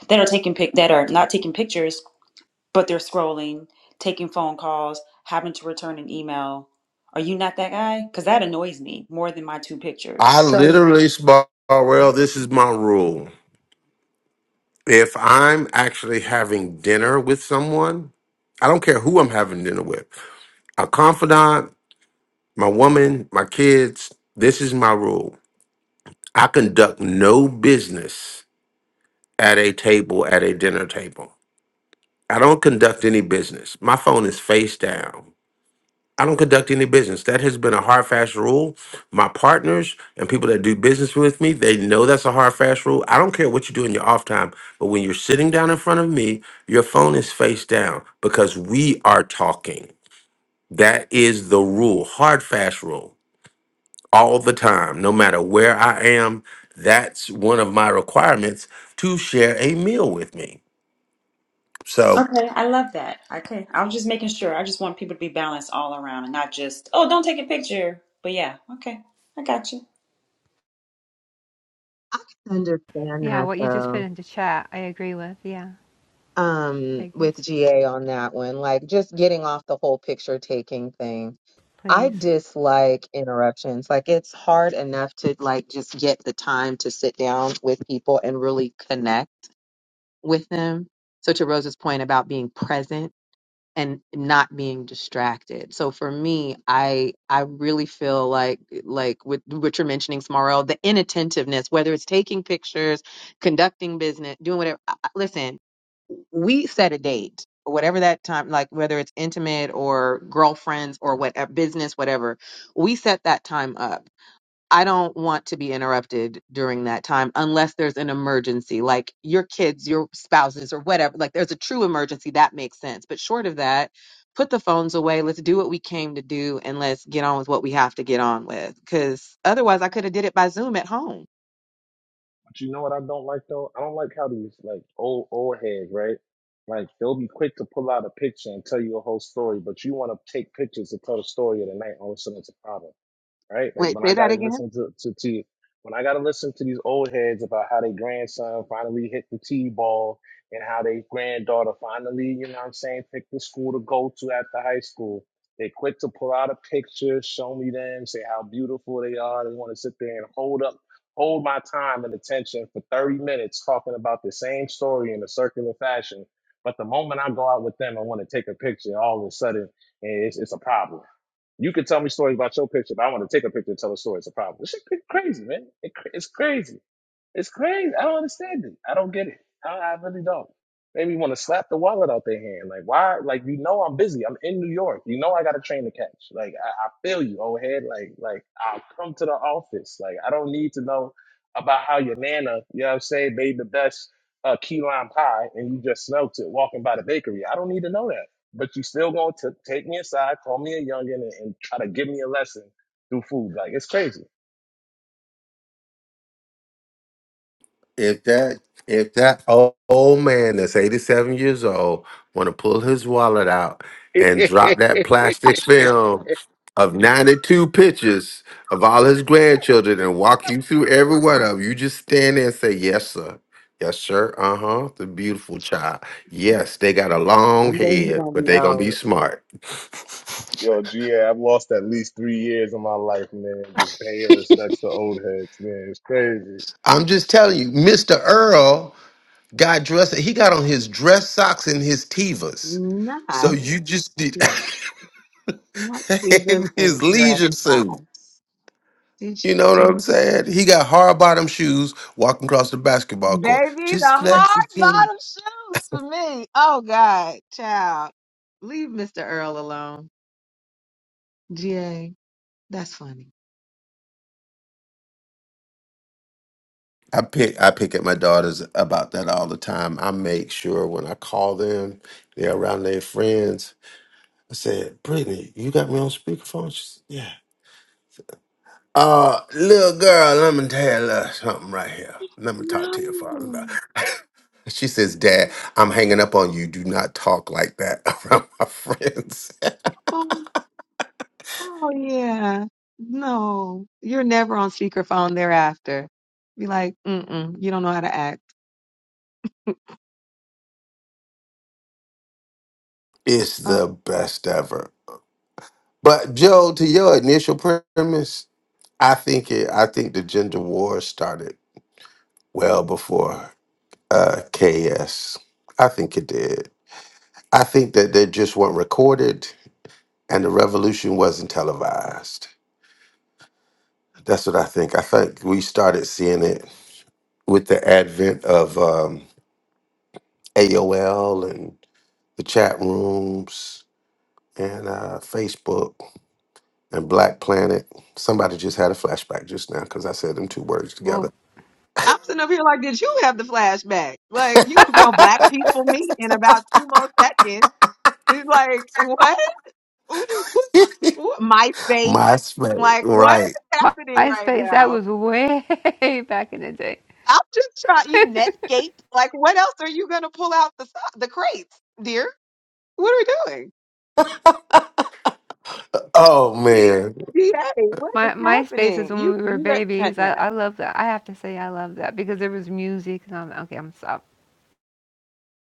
that are taking pic that are not taking pictures but they're scrolling, taking phone calls, having to return an email. Are you not that guy? Because that annoys me more than my two
I
pictures.
So
literally small world. This is my rule. If I'm actually having dinner with someone, I don't care who I'm having dinner with. A confidant, my woman, my kids. This is my rule. I conduct no business at a table at a dinner table. I don't conduct any business. My phone is face down. I don't conduct any business. That has been a hard, fast rule. My partners and people that do business with me, they know that's a hard, fast rule. I don't care what you do in your off time, but when you're sitting down in front of me, your phone is face down because we are talking. That is the rule, hard, fast rule, all the time, no matter where I am. That's one of my requirements to share a meal with me. So.
Okay, I love that. Okay. I'm just making sure. I just want people to be balanced all around and not just, oh, don't take a picture. But yeah, okay, I got you.
understand
Yeah,
that
what you just put
though.
into chat, I agree with. Yeah,
um
Vegas,
with GA on that one. Like just getting off the whole picture taking thing. I
please.
dislike interruptions. Like it's hard enough to like just get the time to sit down with people and really connect with them. So to Rose's point about being present and not being distracted. So for me, I I really feel like like with what you're mentioning, Smarell, the inattentiveness, whether it's taking pictures, conducting business, doing whatever. I- I- Listen, we set a date or whatever that time like whether it's intimate or girlfriends or whatever business whatever we set that time up i don't want to be interrupted during that time unless there's an emergency like your kids your spouses or whatever like there's a true emergency that makes sense but short of that put the phones away let's do what we came to do and let's get on with what we have to get on with because otherwise i could have did it by zoom at home
But you know what I don't like though? I don't like how these like old old heads, right? Like they'll be quick to pull out a picture and tell you a whole story, but you want to take pictures to tell the story of the night. All of a sudden, it's a problem. right? Like
wait
when
say
I got
that
to
again
listen to, to, to when I got to listen to these old heads about how their grandson finally hit the T-ball and how their granddaughter finally, you know what I'm saying, picked the school to go to after high school. They quick to pull out a picture, show me them, say how beautiful they are. They want to sit there and hold up, hold my time and attention for 30 minutes talking about the same story in a circular fashion. But the moment I go out with them, I want to take a picture. All of a sudden, it's, it's a problem you can tell me stories about your picture, but I want to take a picture and tell a story. It's a problem. This shit crazy, man. It, it's crazy. It's crazy. I don't understand it. I don't get it. I, I really don't. Made me want to slap the wallet out their hand. Like, why? Like, you know, I'm busy. I'm in New York. You know, I got a train to catch. Like, I, I feel you, old head. Like, like I'll come to the office. Like, I don't need to know about how your nana, you know what I'm saying, made the best uh, key lime pie and you just smelt it walking by the bakery. I don't need to know that. But you still going to take me aside, call me a youngin, and, and try to give me a lesson through food. Like, it's crazy.
if that if that old, old man that's 87 years old want to pull his wallet out and drop that plastic film of 92 pictures of all his grandchildren and walk you through every one of 'em, you just stand there and say, Yes, sir. Yes, sir. Uh huh. The beautiful child. Yes, they got a long
one day you're
head,
gonna
but
be
they going to be
old
smart.
Yo, G have lost at least three years of my life, man. Just paying respects to old heads, man. It's crazy.
I'm just telling you, Mr. Earl got dressed. He got on his dress socks and his Tevas. So
not
you just did.
Not Jesus
in
and
his
dress
leisure suit.
socks. Did you-
You know what I'm saying? He got hard bottom shoes walking across the basketball court.
Baby, the
Just let the
hard
kid-
bottom shoes for me. Oh God, child. Leave Mr. Earl alone. GA, that's funny.
I pick I pick at my daughters about that all the time. I make sure when I call them, they're around their friends. I said, Brittany, you got me on speakerphone? She said, Yeah. Uh, little girl, let me tell you a little something right here. Let me talk to your father. about
No.
She says, Dad, I'm hanging up on you. Do not talk like that around my friends.
Oh, oh yeah. No. You're never on speakerphone thereafter. Be like, mm-mm, you don't know how to act.
It's
Oh.
the best ever. But Joe, to your initial premise, I think it. I think the gender war started well before uh, KS. I think it did. I think that they just weren't recorded, and the revolution wasn't televised. That's what I think. I think we started seeing it with the advent of um, AOL and the chat rooms and uh, Facebook. and Black Planet. Somebody just had a flashback just now because I said them two words
Well,
together.
I'm sitting up here like, did you have the flashback? Like, you gonna be on Black People Meet in about two more seconds. It's like, what? Who do- who- my face.
MySpace,
Like, what
right?
is
my
happening right
MySpace, that
now?
was way back in the day.
I'm just trying. You Netscape. Like, what else are you gonna pull out the so- the crates, dear? What are we doing?
Oh man,
DA, what
My
is
MySpace is
happening?
when
You
we were
you at
babies. I,
that.
I love that. I have to say I love that because there was music and I'm okay, I'm stop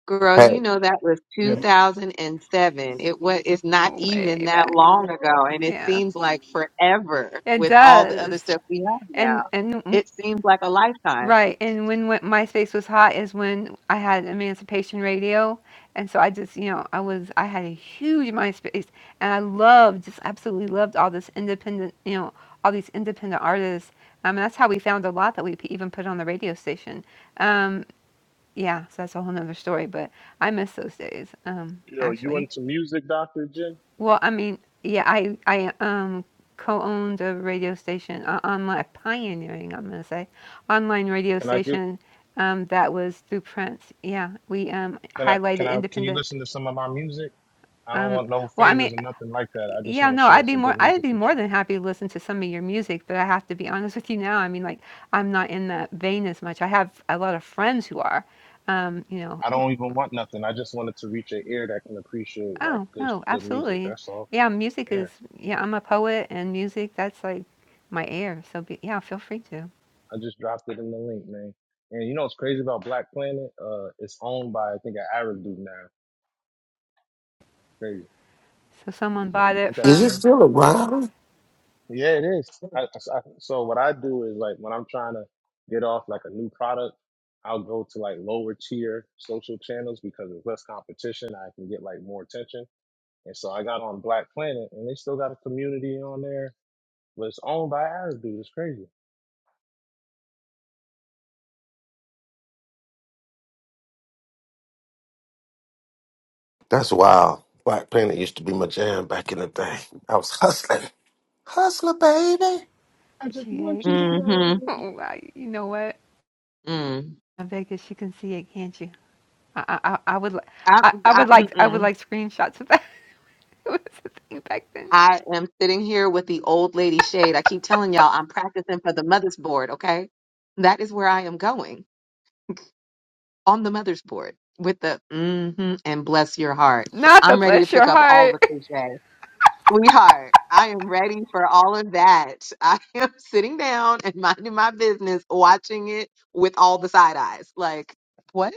Girl,
hey,
you know that was
Yeah,
2007. It was it's not even
way
that
back.
long ago and it
Yeah.
seems like forever
It
with all the
does.
other stuff we have now.
And and
It seems like a lifetime.
Right, and when, when MySpace was hot is when I had Emancipation Radio, and so I just, you know, I was I had a huge MySpace, and I loved, just absolutely loved all this independent, you know, all these independent artists. Um, and that's how we found a lot that we p- even put on the radio station. Um, yeah, so that's a whole nother story, but I miss those days, um,
Yo, you
actually.
into music, Dr. J?
Well, I mean, yeah, I I um co-owned a radio station uh, online pioneering, I'm gonna say, online radio
Can I do?
station um, that was through Prince. Yeah, we um,
Can I? Can
highlighted
I? Can you
independent.
listen to some of my music? I don't
Um,
want no
well, I mean,
favors or nothing like that. I just
yeah,
want to
no,
share
I'd be
some
more
good
I'd
music
be
with
more
you.
than happy to listen to some of your music, but I have to be honest with you now. I mean, like, I'm not in that vein as much. I have a lot of friends who are. Um, you know,
I don't even want nothing. I just wanted to reach an ear that can appreciate like
Oh,
good,
no,
good music.
absolutely.
That's all.
Yeah, music
Yeah,
is yeah, I'm a poet and music, that's like my air. So be, yeah, feel free to.
I just dropped it in the link, man. And you know what's crazy about Black Planet? Uh, it's owned by I think an Arab dude now. Crazy.
So someone bought
Ain't
it
that a
is it
shame?
from
still around?
Yeah, it is. I, I- so what I do is like when I'm trying to get off like a new product, I'll go to like lower tier social channels because there's less competition. I can get like more attention. And so I got on Black Planet and they still got a community on there, but it's owned by Arab dude. It's crazy.
That's wild. Black Planet used to be my jam back in the day. I was hustling, hustler, baby.
I just want
GA.
you to
Mhm.
know.
Oh, wow, you know what?
Mm.
I Vegas, you you can see it, can't you? I I, I I would li-
I,
I, I
I
would like I would
mm-mm.
like screenshots of that. it was a thing back then.
I am sitting here with the old lady shade. I keep telling y'all I'm practicing for the mother's board, okay? That is where I am going on the mother's board with the mm-hmm and bless your heart.
Not the
I'm ready to
bless your
pick up all the
heart.
cliche. Sweetheart, I am ready for all of that. I am sitting down and minding my business, watching it with all the side eyes. Like, what?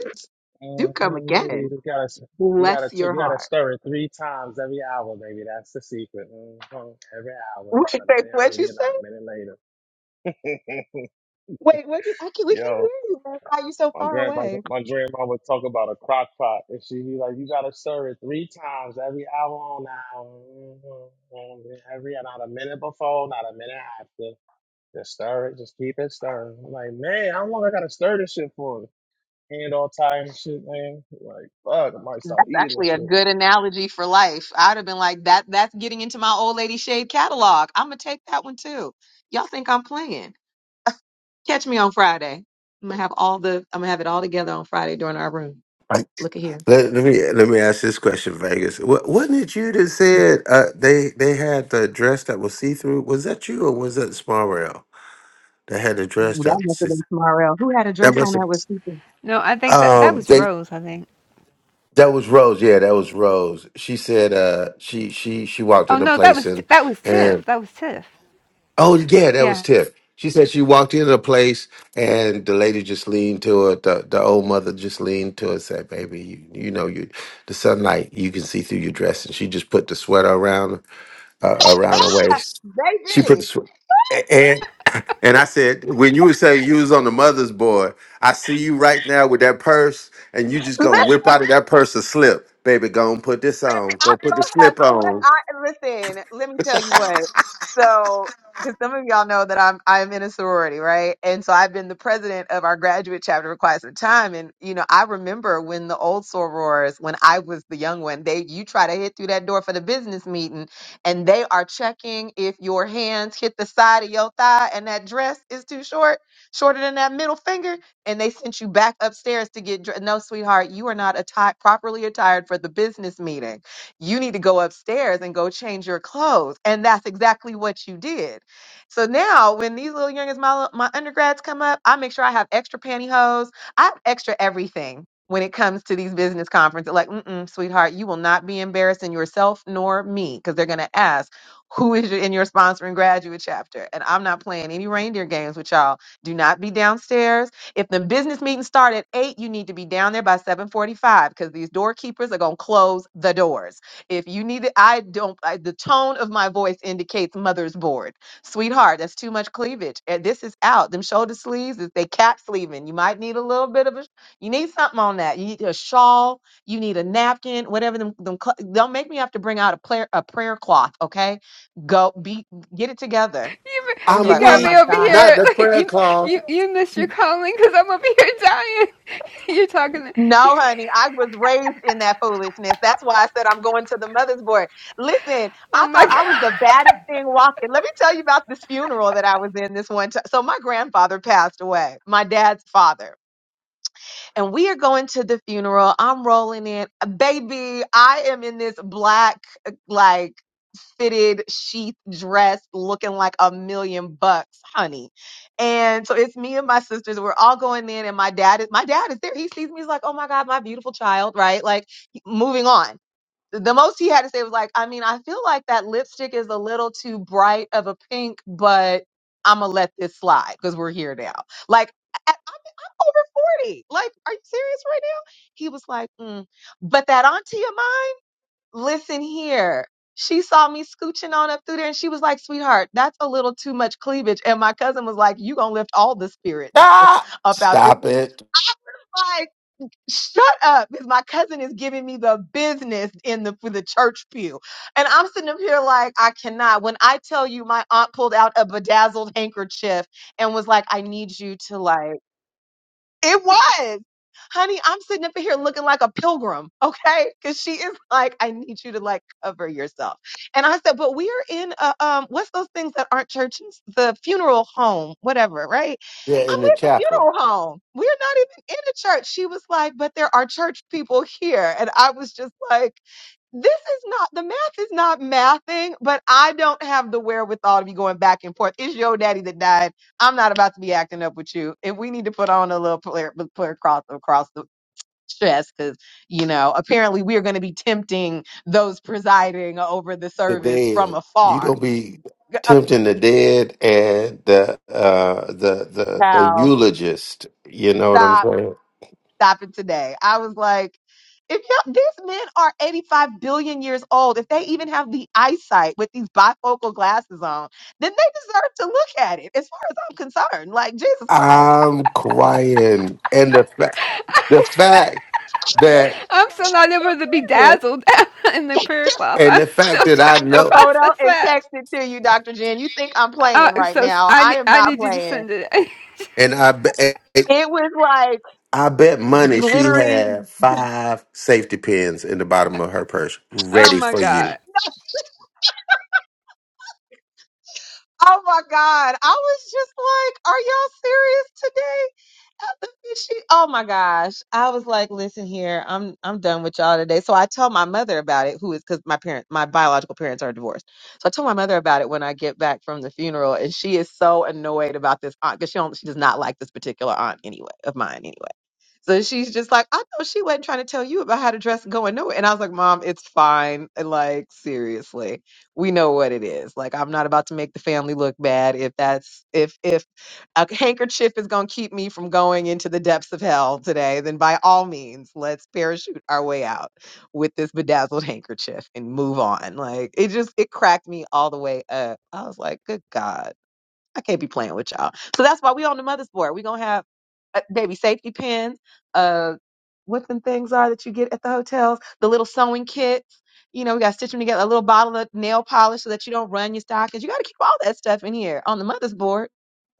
Do come
Uh-huh, maybe
again.
you gotta, s- you gotta,
Bless
t-
your
you gotta
heart.
stir it three times every hour, baby. That's the secret. uh Every hour,
Wait,
not a minute
what'd you
earlier, not
say?
a minute later.
Wait, what? I can't, we can't
Yo.
hear you. man. Why are you so
My
far
grandma,
away?
my my grandma would talk about a crock pot, and she'd be like, "You gotta stir it three times every hour on hour, Mm-hmm. every not a minute before, not a minute after. Just stir it, just keep it stirring." I'm like, man, how long I gotta stir this shit for? Hand all tired and shit, man. Like, fuck, I might start
That's
eating this
actually a
shit.
good analogy for life. I'd have been like, that that's getting into my old lady shade catalog. I'm gonna take that one too. Y'all think I'm playing. Catch me on Friday. I'm gonna have all the I'm gonna have it all together on Friday during our room.
Like,
Look at here.
let, let me let me ask this question, Vegas. Wa- Wasn't it you that said uh, they they had the dress that was see through? Was that you or was that Small Rail that had the dress
Ooh,
that
that
was
must have
see-
been tomorrow. Who had a
that
dress
must
on
have?
that was super?
no, I think that that
Um,
was Rose. I think.
That was Rose. Yeah, that was Rose. She said uh she she she walked
Oh
in a
no, that
place
was T-
and
that was Tiff.
and
That was Tiff.
oh yeah, that
Yeah.
was Tiff. She said she walked into a place and the lady just leaned to her. The, the old mother just leaned to her and said, "Baby, you, you know you the sunlight you can see through your dress." And she just put the sweater around uh, around her waist. She put the
Baby.
sweater. And I said, when you would say you was on the mother's board, I see you right now with that purse, and you just gonna whip out of that purse a slip. Baby, go and put this
Baby,
on.
I
Go put the
don't have
slip
sweat.
on.
I listen. Let me tell you what. So, because some of y'all know that I'm I'm in a sorority, right? And so I've been the president of our graduate chapter for quite some time. And you know, I remember when the old sorors, when I was the young one, they you try to hit through that door for the business meeting, and they are checking if your hands hit the side of your thigh and that dress is too short, shorter than that middle finger and they sent you back upstairs to get dressed. No, sweetheart, you are not atti- properly attired for the business meeting. You need to go upstairs and go change your clothes. And that's exactly what you did. So now, when these little youngins, my, my undergrads come up, I make sure I have extra pantyhose, I have extra everything. When it comes to these business conferences, like, mm-mm, sweetheart, you will not be embarrassing yourself nor me because they're going to ask, who is your- in your sponsoring graduate chapter? And I'm not playing any reindeer games with y'all. Do not be downstairs if the business meetings start at eight, you need to be down there by seven forty-five because these doorkeepers are gonna close the doors. If you need it, I don't. I, the tone of my voice indicates mother's board, sweetheart. That's too much cleavage. And this is out. Them shoulder sleeves is they cap sleeving. You might need a little bit of a. You need something on that. You need a shawl. You need a napkin. Whatever them. them cl- don't make me have to bring out a prayer a prayer cloth. Okay, go be get it together.
You,
They be
you
I'm
like,
got
oh
weak.
my
me over
god.
Not
here.
the prayer
you,
call.
you, you missed your calling because I'm over here dying. You're talking. to-
No, honey, I was raised in that foolishness. That's why I said I'm going to the mother's board. Listen,
oh
I
my
thought I was
God.
the baddest thing walking. Let me tell you about this funeral that I was in this one time. So my grandfather passed away, my dad's father and we are going to the funeral. I'm rolling in. Uh, Baby, I am in this black, uh, like, fitted sheath dress looking like a million bucks, honey. And so it's me and my sisters. We're all going in, and my dad is my dad is there. He sees me, he's like, Oh my God, my beautiful child, right? Like moving on. The most he had to say was like, I mean, I feel like that lipstick is a little too bright of a pink, but I'ma let this slide because we're here now. Like over 40. Like, are you serious right now? He was like, mm. but that auntie of mine, listen here. She saw me scooching on up through there and she was like, sweetheart, that's a little too much cleavage. And my cousin was like, you gonna lift all the spirits
Ah!
up out this.
Stop it.
Like, shut up. Because my cousin is giving me the business in the, for the church pew. And I'm sitting up here like, I cannot. When I tell you my aunt pulled out a bedazzled handkerchief and was like, I need you to like, It was. Honey, I'm sitting up here looking like a pilgrim, okay? Because she is like, I need you to like cover yourself. And I said, but we are in a, um, what's those things that aren't churches? The funeral home, whatever, right?
We're
I'm
in the
at the
chapel.
funeral home. We're not even in a church. She was like, but there are church people here. And I was just like, this is not the math is not mathing, but I don't have the wherewithal to be going back and forth. It's your daddy that died. I'm not about to be acting up with you. And we need to put on a little player, player cross across the chest because you know apparently we are going to be tempting those presiding over the
The
service from
dead. You
afar.
gonna be
Up,
tempting the dead and the uh the the, the
pal.
eulogist. You know what I'm
Stop
saying?
stop it today. I was like, if y'all, these men are 85 billion years old, if they even have the eyesight with these bifocal glasses on, then they deserve to look at it. As far as I'm concerned, like Jesus Christ,
I'm crying, and the fact the fact that
I'm still not able to be
I'm serious.
dazzled in the prayer cloth.
and
I'm
the fact
still
I'll
that I
trying
find
to
a
know
photo
process
and
that.
text it to you, Dr. Jen. You think I'm
Uh,
playing right
so
now.
I
I
ne-
am
I
not
need you to
playing.
send it.
and I bet
It was like
I bet money she
glittery
had five safety pins in the bottom of her purse
oh
ready
my
for
God.
you.
Oh my God. I was just like, are y'all serious today? After she, oh my gosh. I was like, listen here, I'm I'm done with y'all today. So I tell my mother about it, who is because my parents, my biological parents are divorced. So I tell my mother about it when I get back from the funeral, and she is so annoyed about this aunt because she don't, she does not like this particular aunt anyway, of mine anyway. So she's just like, I know she wasn't trying to tell you about how to dress going nowhere. And I was like, Mom, it's fine. Like, seriously we know what it is. Like I'm not about to make the family look bad. If that's if if a handkerchief is going to keep me from going into the depths of hell today, then by all means, let's parachute our way out with this bedazzled handkerchief and move on. Like it just it cracked me all the way up. I was like, good God I can't be playing with y'all. So that's why we on the mother's board. We're gonna have uh, baby safety pins, uh what them things are that you get at the hotels, the little sewing kits. You know, we gotta stitch them together, a little bottle of nail polish so that you don't run your stockings. You gotta keep all that stuff in here on the mother's board.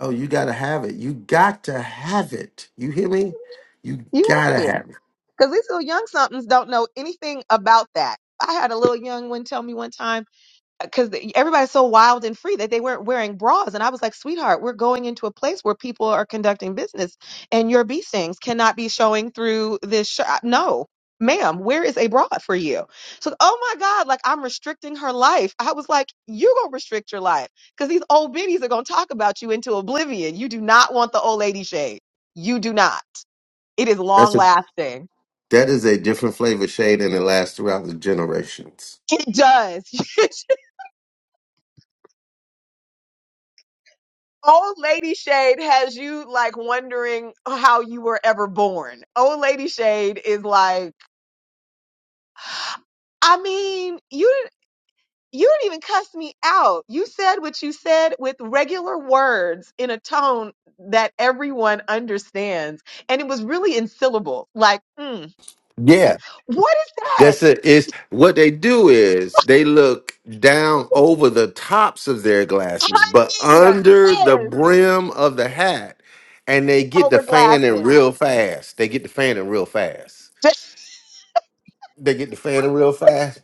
Oh, you gotta have it. You got to have it. You hear me? You
You
gotta
have to.
have it.
Because these little young somethings don't know anything about that. I had a little young one tell me one time because everybody's so wild and free that they weren't wearing bras. And I was like, sweetheart, we're going into a place where people are conducting business and your bee stings cannot be showing through this shirt. No, ma'am, where is a bra for you? So, oh my God, like I'm restricting her life. I was like, you're going to restrict your life because these old biddies are going to talk about you into oblivion. You do not want the old lady shade. You do not. It is
That's
long
a
lasting.
that is a different flavor shade and it lasts throughout the generations.
It does. Old Lady Shade has you like wondering how you were ever born. Old Lady Shade is like, I mean, you didn't. You didn't even cuss me out. You said what you said with regular words in a tone that everyone understands. And it was really in syllables. Like, mm, what is that?
That's it. Is what they do is they look down over the tops of their glasses, but
Honey,
under the
yes,
brim of the hat, and they get the
over
fanning
glasses.
real fast. They get the fanning real fast. They get the fanning real fast,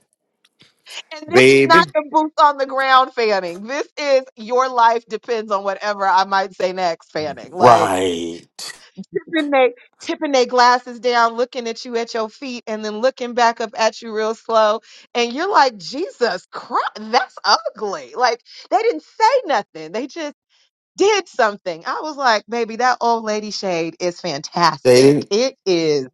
And this is not
baby.
the boots on the ground fanning. This is your life depends on whatever I might say next fanning. Like
Right.
tipping they tipping they glasses down, looking at you at your feet, and then looking back up at you real slow. And you're like, Jesus Christ, that's ugly. Like they didn't say nothing. They just did something. I was like, baby, that old lady shade is
They
fantastic.
didn't.
It is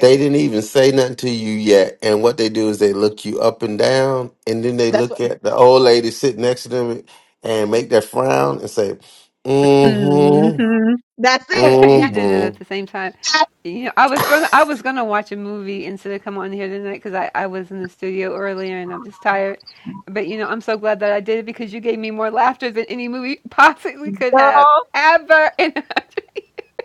They didn't even say nothing to you yet. And what they do is they look you up and down, and then they
That's
look
what.
at the old lady sitting next to them and make that frown and say, "Mm-hmm."
hmm That's it.
you
That,
did it at the
Mm-hmm.
same time.
that
You know, I was gonna I was gonna watch a movie instead of come on here tonight because I I was in the studio earlier and I'm just tired. But you know, I'm so glad that I did it because you gave me more laughter than any movie possibly could have
girl.
ever. And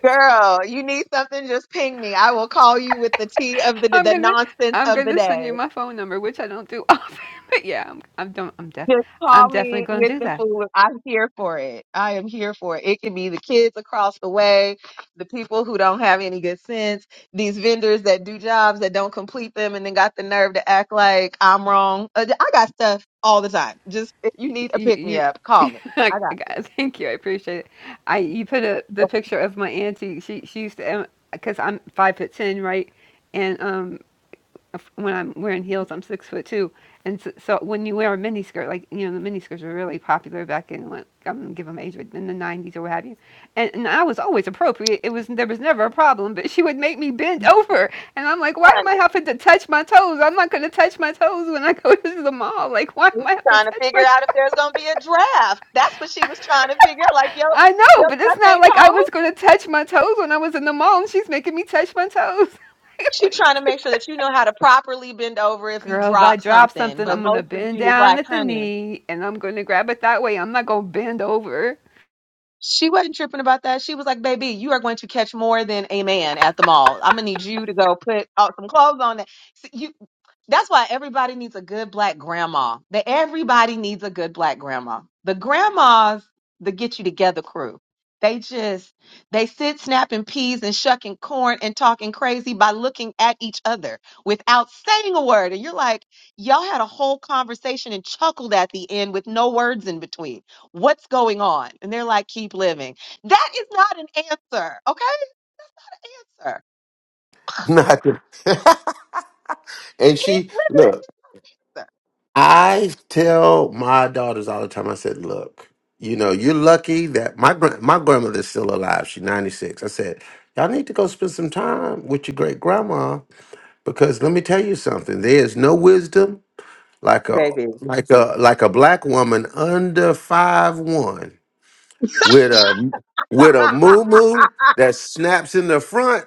Girl, you need something? Just ping me. I will call you with the tea of the
I'm
the
gonna
nonsense
I'm
of the
gonna send
day.
you my phone number, which I don't do often. But yeah, I'm I'm don't, I'm def
Just
I'm
call
definitely
me
gonna
with
do
the
that.
food. I'm here for it. I am here for it. It can be the kids across the way, the people who don't have any good sense, these vendors that do jobs that don't complete them and then got the nerve to act like I'm wrong. Uh, I got stuff all the time. Just if you
You,
need a pick me
you,
up, call
you
me.
I
I got
got- thank you. I appreciate it. I you put a, the picture of my auntie. She she used to because I'm five foot ten, right? And um, if- when I'm wearing heels, I'm six foot two. And so, so when you wear a mini skirt, like you know, the mini skirts were really popular back in when I'm gonna give them age, but in the '90s or what have you. And, and I was always appropriate. It was there was never a problem. But she would make me bend over, and I'm like, why
you.
am I having to touch my toes? I'm not gonna touch my toes when I go to the mall. Like, why
She's
am I have to
trying to
touch
figure
my
out if there's gonna be a draft. That's what she was trying to figure out. Like, yo,
I know,
yo,
but it's
that
not
thing
like I
cold.
was gonna touch my toes when I was in the mall and she's making me touch my toes. Like,
She
what do you
trying to
do?
make sure that you know how to properly bend over if you
Girl, if I
drop
drop
something.
something,
But
I'm gonna
mostly
bend
she was
down
like,
at the
honey,
knee and I'm gonna grab it that way. I'm not gonna bend over.
She wasn't tripping about that. She was like, baby, you are going to catch more than a man at the mall. I'm gonna need you to go put out some clothes on that. See, you that's why everybody needs a good black grandma. That everybody needs a good black grandma. The grandmas, the get you together crew. They just they sit snapping peas and shucking corn and talking crazy by looking at each other without saying a word. And you're like, y'all had a whole conversation and chuckled at the end with no words in between What's going on? And they're like, keep living. That is not an answer. Okay? An answer.
Not the- and
It
she
is
look.
living,
I tell my daughters all the time. I said, "Look, you know, you're lucky that my gran- my grandmother's still alive. She's 96." I said, "Y'all need to go spend some time with your great grandma because let me tell you something. There is no wisdom like a
Baby.
like a like a black woman under five one with a with a moo moo that snaps in the front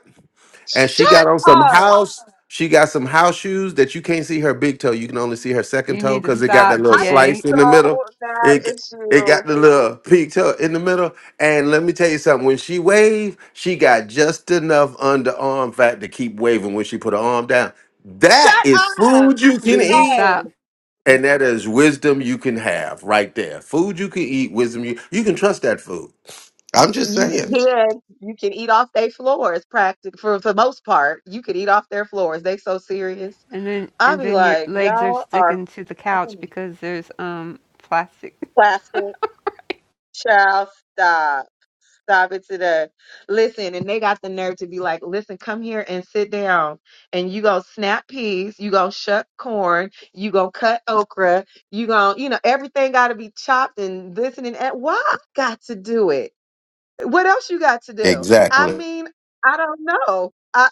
and she
Shut
got on some
up.
house. She got some house shoes that you can't see her big toe. You can only see her second
You
toe
need to
because it got that
stop,
little
I'm
GA.
slice in the middle.
so mad
It
at
it got
you.
the little peak toe in the middle. And let me tell you something. When she waved, she got just enough underarm fat to keep waving when she put her arm down. That
Shut
is
up.
food you
You
can
need to
eat.
GA.
stop.
And that is wisdom you can have right there. Food you can eat, wisdom you you can trust that food. I'm just
you
saying.
can you can eat off their floors practic for for the most part. You can eat off their floors. They so serious.
And then
I
and
be
then your
like,
legs are
y'all are
sticking to the couch
fucking
because there's um plastic.
plastic. Child, stop. Stop it today. Listen, and they got the nerve to be like, listen, come here and sit down. And you go snap peas, you go shuck corn, you go cut okra, you go, you know, everything got to be chopped and this and that. Why I got to do it? What else you got to do? I
Exactly.
mean, I don't know. I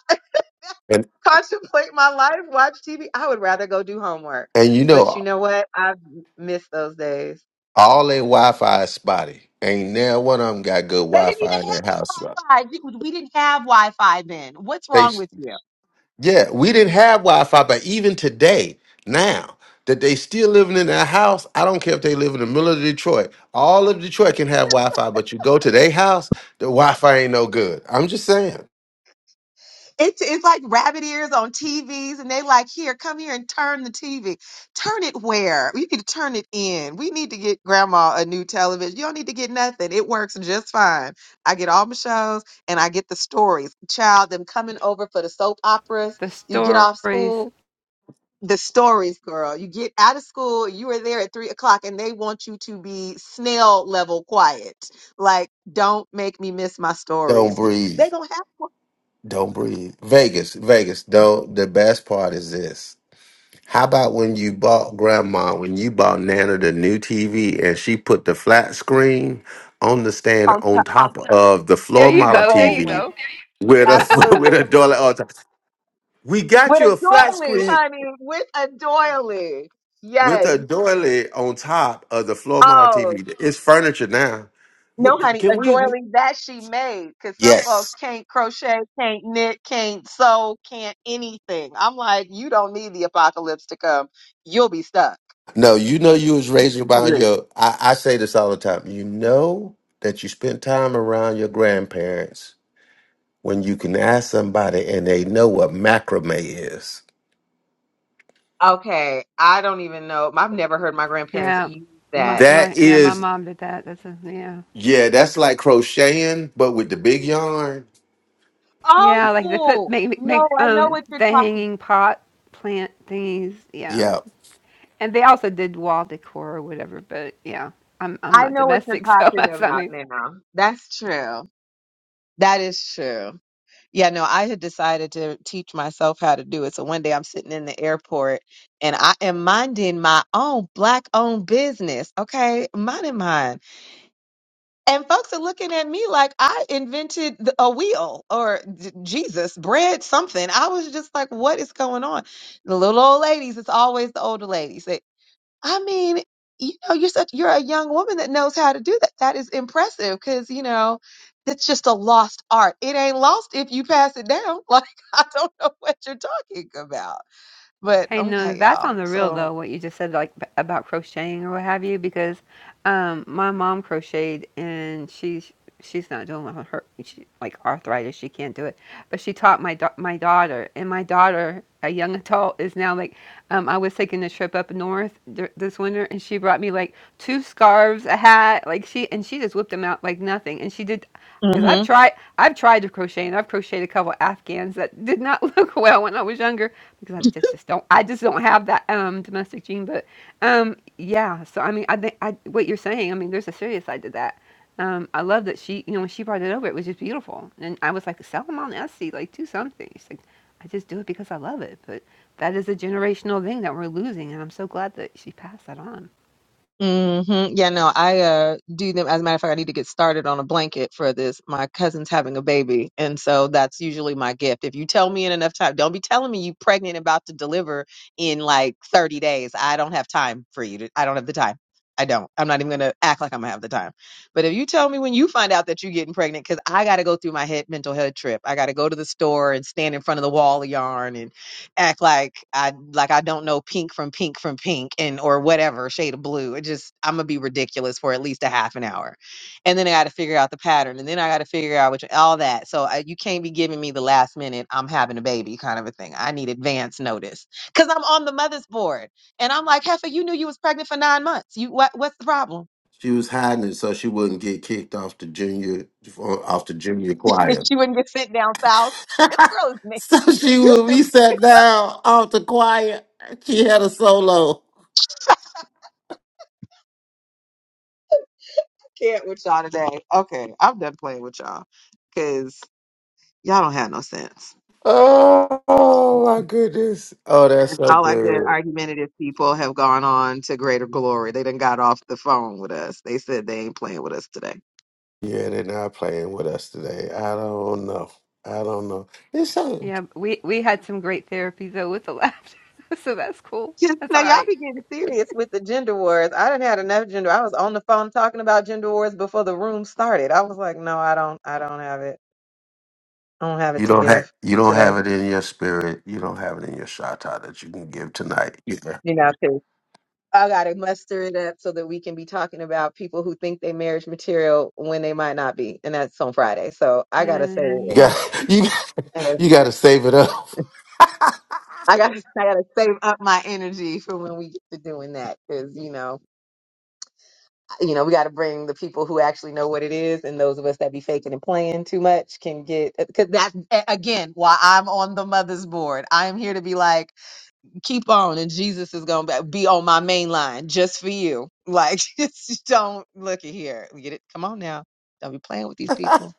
And
contemplate my life, watch TV. I would rather go do homework.
and you know
But you know what? I've missed those days.
All their Wi-Fi is spotty. Ain't now one of them got good
They didn't
Wi-Fi in
even
their house.
have Wi-Fi. We we didn't have Wi-Fi then. What's
They
wrong with you?
yeah, we didn't have Wi-Fi, but even today, now that they still living in their house, I don't care if they live in the middle of Detroit. All of Detroit can have Wi-Fi, but you go to their house, the Wi-Fi ain't no good. I'm just saying.
It's, it's like rabbit ears on TVs, and they like, here, come here and turn the TV. Turn it where? You need to turn it in. We need to get grandma a new television. You don't need to get nothing. It works just fine. I get all my shows and I get the stories. Child, them coming over for the soap operas.
The
You get off
stories.
school, the stories, girl. You get out of school, you are there at three o'clock, and they want you to be snail level quiet. Like, don't make me miss my
Don't
stories.
breathe.
They don't have one
Don't breathe. Vegas, Vegas. Don't. The best part is this. How about when you bought grandma, when you bought Nana the new TV and she put the flat screen on the stand
on
on
top
top of the
There
floor
you
model
the
go, there you
old
TV
one.
go.
with a with a
Absolutely.
doily on top. We got
With
you
a
a flat
doily,
screen
honey. With a doily.
with
Yes.
a doily on top of the floor model
Oh,
TV. It's furniture now.
no,
What,
honey.
can
A
we
doily that she made. Because some folks
Yes.
can't crochet, can't knit, can't sew, can't anything. I'm like, you don't need the apocalypse to come. You'll be stuck.
No, you know you was raised around
Right.
your I, I say this all the time. You know that you spent time around your grandparents when you can ask somebody and they know what macrame is.
Okay. I don't even know. I've never heard my grandparents
Yeah.
use
My
that.
my
That
yeah, my
is,
mom did that. That's a yeah.
yeah, that's like crocheting, but with the big yarn.
Yeah, like they put
Oh,
make
no,
make
I know
um
what you're
the
talking.
hanging pot plant thingies. Yeah,
Yep.
and they also did wall decor or whatever. But yeah, I'm I'm
I
not
know what you're
domestic, so
talking
that's not
about
me.
now. That's true. That is true. Yeah, no, I had decided to teach myself how to do it. So one day I'm sitting in the airport and I am minding my own black owned business. Okay, minding mine. And folks are looking at me like I invented the- a wheel or j- Jesus, bread, something. I was just like, what is going on? The little old ladies, it's always the older ladies. I mean, you know, you're such you're a young woman that knows how to do that. That is impressive because you know that's just a lost art. It ain't lost if you pass it down. Like I don't know what you're talking about, but
Hey, no,
okay,
that's on
y'all.
the real
So.
though, what you just said, like b- about crocheting or what have you, because um, my mom crocheted and she's she's not doing well. Her she, like arthritis, she can't do it. But she taught my da- my daughter, and my daughter, a young adult, is now like, um, I was taking a trip up north dur- this winter, and she brought me like two scarves, a hat, like she and she just whipped them out like nothing, and she did because I've tried I've tried to crochet and I've crocheted a couple Afghans that did not look well when I was younger because I just, just don't I just don't have that um domestic gene but um yeah so I mean I think I what you're saying I mean there's a serious side to that um I love that she you know when she brought it over it was just beautiful and I was like sell them on Etsy like do something she's like I just do it because I love it but that is a generational thing that we're losing and I'm so glad that she passed that on
Mm-hmm. Yeah, no, I uh do them. As a matter of fact, I need to get started on a blanket for this. My cousin's having a baby, and so that's usually my gift. If you tell me in enough time, don't be telling me you pregnant and about to deliver in like 30 days. I don't have time for you. To, I don't have the time. I don't. I'm not even gonna act like I'm gonna have the time. But if you tell me when you find out that you're getting pregnant, because I gotta go through my head mental head trip. I gotta go to the store and stand in front of the wall of yarn act like I like I don't know pink from pink from pink and or whatever shade of blue. It just I'm gonna be ridiculous for at least a half an hour, and then I got to figure out the pattern, and then I got to figure out which all that. So I, you can't be giving me the last minute I'm having a baby kind of a thing. I need advance notice because I'm on the mother's board, and I'm like, Heifer, you knew you was pregnant for nine months. You what? What's the problem?
She was hiding it so she wouldn't get kicked off the junior off the junior
And
choir.
she wouldn't get sent down south. This girl is me.
so she
You
would
still
be sat down off the choir. She had a solo.
can't with y'all today. Okay, I'm done playing with y'all because y'all don't have no sense.
Oh, oh my goodness. Oh, that's
And
so
all our good
good.
argumentative people have gone on to greater glory. They done got off the phone with us. They said they ain't playing with us today.
Yeah, they're not playing with us today. I don't know. I don't know. It's so
yeah we we had some great therapy though with the laughter so that's cool
Yes,
that's
now
all
y'all
right
be getting serious with the gender wars. I didn't had enough gender. I was on the phone talking about gender wars before the room started. I was like, no, I don't, I don't have it. I don't have it
You
to
don't have
give
you don't have
today.
it in your spirit. You don't have it in your shata that you can give tonight. Yeah.
You know, 'cause I gotta muster it up so that we can be talking about people who think they marriage material when they might not be, and that's on Friday. So I gotta say
and
You
yeah
got you
it.
you got to save it up.
I gotta, I gotta save up my energy for when we get to doing that, because you know, you know, we gotta bring the people who actually know what it is, and those of us that be faking and playing too much can get, because that's a- again why I'm on the mother's board. I am here to be like, keep on, and Jesus is gonna be be on my main line just for you. Like, just don't look at here. Get it? Come on now, don't be playing with these people.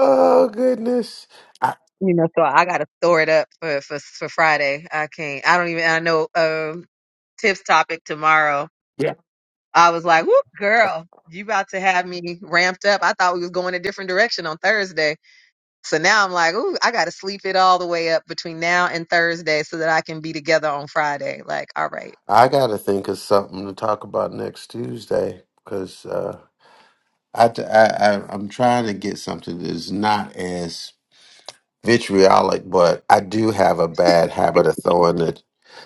Oh goodness. I,
You know, so I gotta store it up for for for Friday. I can't. I don't even. I know. Um, Tips topic tomorrow
yeah.
I was like, whoop, girl, you about to have me ramped up. I thought we was going a different direction on Thursday. So now I'm like, ooh, I got to sleep it all the way up between now and Thursday so that I can be together on Friday. Like, all right.
I got to think of something to talk about next Tuesday because uh, I, t- I I I'm trying to get something that's not as vitriolic, but I do have a bad habit of throwing the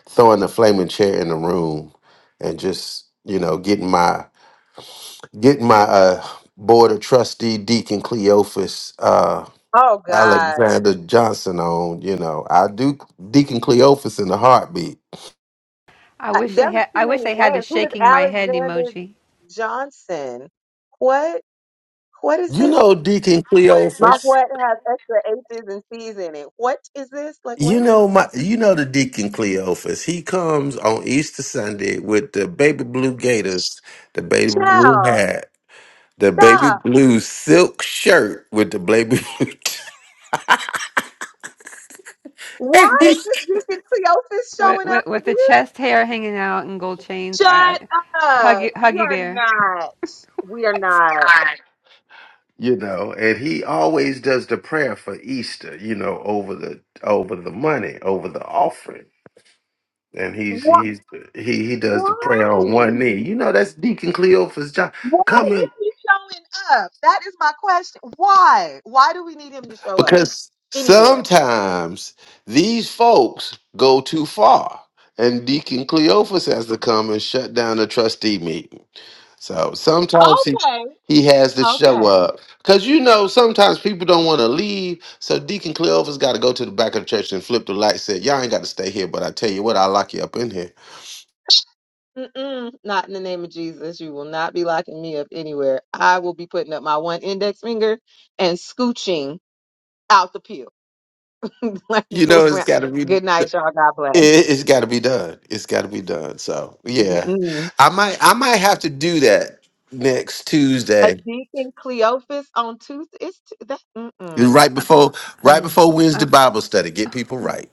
throwing the flaming chair in the room and just you know getting my getting my uh, board of trustee Deacon Cleophas uh,
Oh God,
Alexander Johnson on. You know, I do Deacon Cleophas in a heartbeat.
I
Uh,
wish
there
they
was
had
too
I wish
many
they had a
names. Who is
shaking my head
Alexander
emoji
Johnson? What? What is
You
this?
know Deacon
My
Cleophas.
what has extra H's and C's in it. What is this? Like what?
You know my. You know the Deacon Cleophas. He comes on Easter Sunday with the baby blue gaiters, the baby blue
Child,
hat, the baby
stop.
blue silk shirt with the baby blue.
Why is Deacon Cleophas
With,
showing up
with, with the
again?
chest hair hanging out and gold chains.
Shut
I,
up.
Huggy,
We
Huggy
are
Bear.
not. We are not.
you know and he always does the prayer for easter you know over the over the money over the offering and he's
What?
he's he he does the prayer on
Why?
one knee you know that's deacon cleophas job
Why
come
is
in
he showing up? That is my question. Why? Why do we need him to show up
because
anywhere?
sometimes these folks go too far and deacon cleophas has to come and shut down the trustee meeting So sometimes he
Okay.
he has to
Okay.
show up because you know sometimes people don't want to leave. So Deacon Cleover's got to go to the back of the church and flip the light. Said y'all ain't got to stay here, but I tell you what, I will lock you up in here.
Mm-mm. Not in the name of Jesus. You will not be locking me up anywhere. I will be putting up my one index finger and scooching out the pill. like,
You
fool
know it's
around.
got to be.
Good
It,
night, y'all. God bless.
it's got to be done. It's got to be done. So yeah,
Mm-mm.
I might I might have to do that next
a
Tuesday,
deacon Cleophas on Tuesday. It's t- that. Mm-mm,
right before right
mm.
before Wednesday Bible study. Get people right.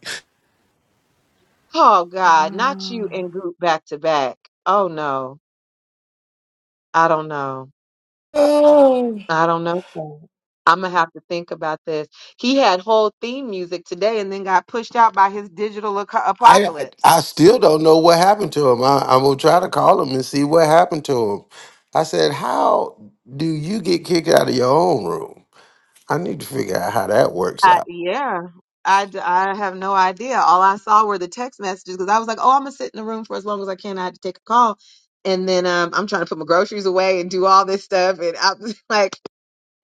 Oh God, not you and Goop back to back. Oh no, I don't know. I don't know. I'm gonna have to think about this. He had whole theme music today, and then got pushed out by his digital aco-
I I
apocalypse.
I still don't know what happened to him. I, I'm gonna try to call him and see what happened to him. I said, "How do you get kicked out of your own room?" I need to figure out how that works
I,
out.
yeah, I, d- I have no idea. All I saw were the text messages because I was like, oh, I'm gonna sit in the room for as long as I can. I had to take a call, and then um, I'm trying to put my groceries away and do all this stuff, and I'm like.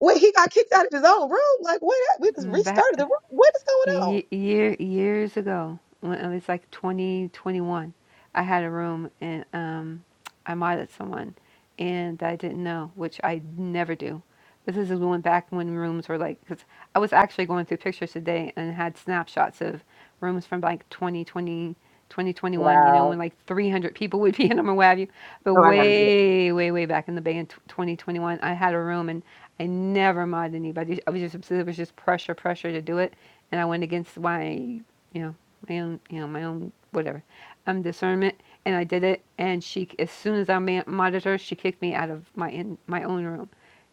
Wait, he got kicked out of his own room. Like, what? hap- We just
Mm, that.
restarted the room. What is going on?
Ye- year years ago when it was like 2021 i had a room and um i modded someone and i didn't know which i never do but this is when back when rooms were like because i was actually going through pictures today and had snapshots of rooms from like 2020 twenty twenty one. you know when
Wow.
like 300 people would be in them or what have you but
Oh, I gotta do it.
way way way back in the bay in tw 2021 i had a room and i never modded anybody i was just it was just pressure pressure to do it and I went against my, you know, my own, you know, my own whatever, um, discernment, and I did it. And she, as soon as I ma- modded her, she kicked me out of my in my own room.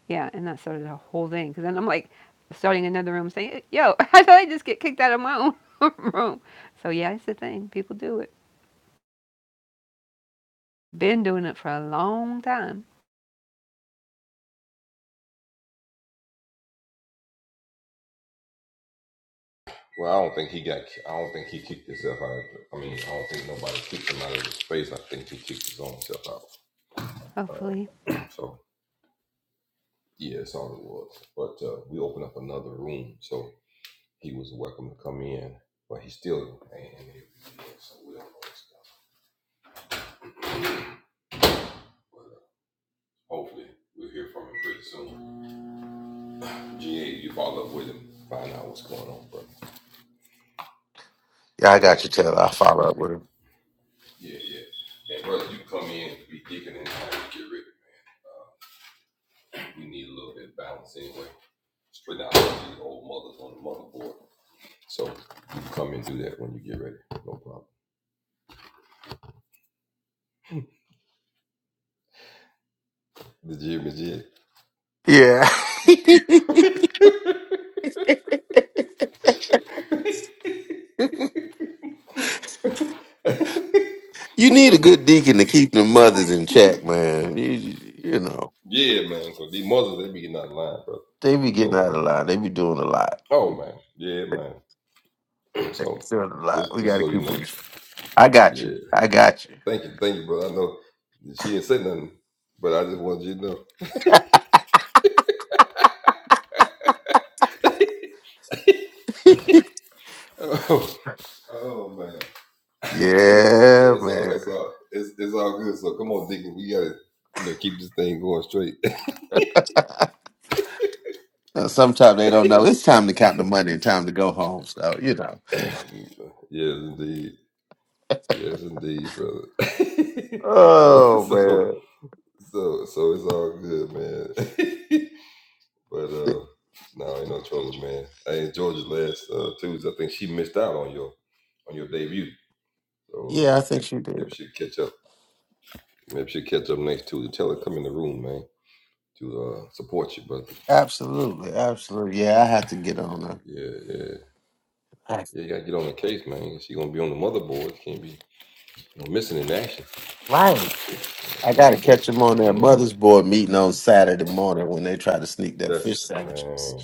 Yeah, and that started a whole thing. Because then I'm like, starting another room, saying, "Yo, how did I just get kicked out of my own room?" So yeah, it's the thing. People do it. Been doing it for a long time. Hopefully,
Yeah, I got you, Taylor. I'll follow up with him. Yeah, you need a good deacon to keep the mothers in check, man. You you know they be getting out of line. They be doing a lot. They be feeling a lot. We gotta keep it. I got you. I got you. Yeah, man. Now, Sometimes they don't know. It's time to count the money and time to go home. So you know. Oh man. Th- Yeah, I think she did. Absolutely, absolutely. Yeah, I have to get on her. That's Right. I gotta catch them on their mother's board meeting on Saturday morning when they try to sneak their fish sandwiches.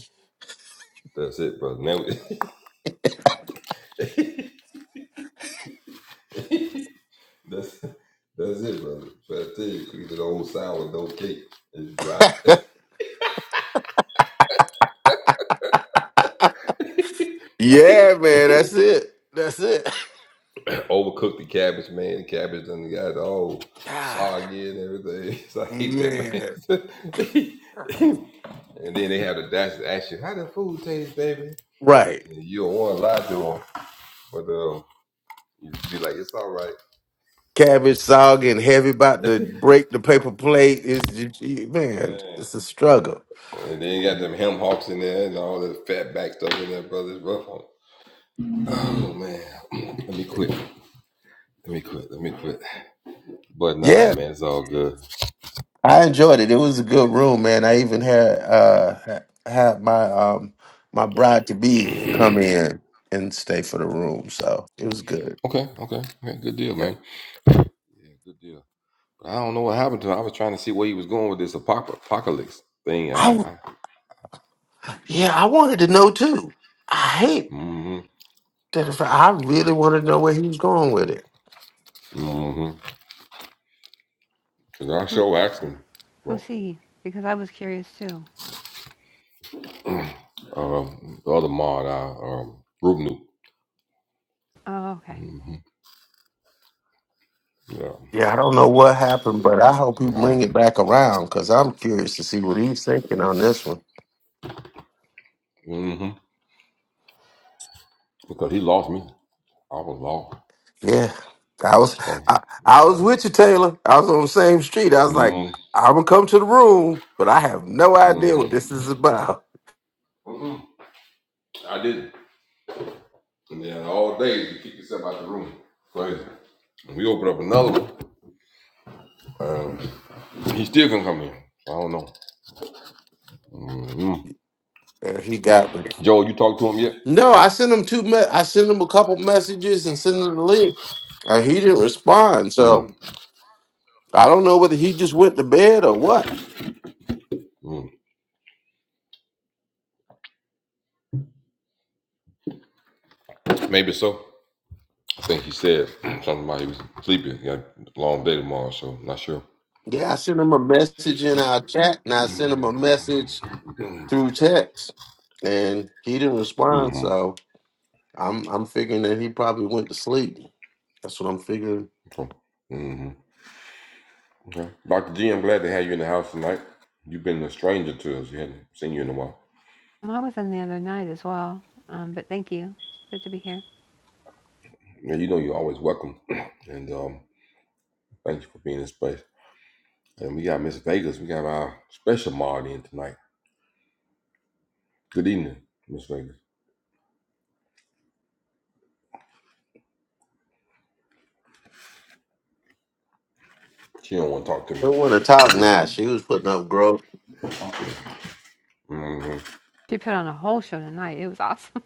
yeah, man. That's it. That's it. God, man. Right. cabbage saw getting heavy about to break the paper plate. It's just- man, it's a struggle. Yeah, I enjoyed it. It was a good room, man. I even had uh ha- had my um my bride to be come in and stay for the room, so it was good. Yeah. I yeah, I wanted to know too. I hate that. If I really wanted to know where he was going with it.
who who see? Because I was curious too. Oh, okay.
Yeah, I don't know what happened, but I hope he bring it back around because I'm curious to see what he's thinking on this one. Yeah, I was I, I was with you, Taylor. I was on the same street. I was like, I'm gonna come to the room, but I have no idea what this is about. And he got me. No, I sent him two. Me- I sent him a couple messages and sent him the link, and he didn't respond. So I don't know whether he just went to bed or what. Yeah, I sent him a message in our chat, and I sent him a message through text, and he didn't respond. So. I'm I'm figuring that he probably went to sleep. That's what I'm figuring.
Well, I was in the other night as well. Um, but thank you. It's good to be here.
Don't want to talk now? She was putting up growth.
She put on a whole show tonight. It was awesome.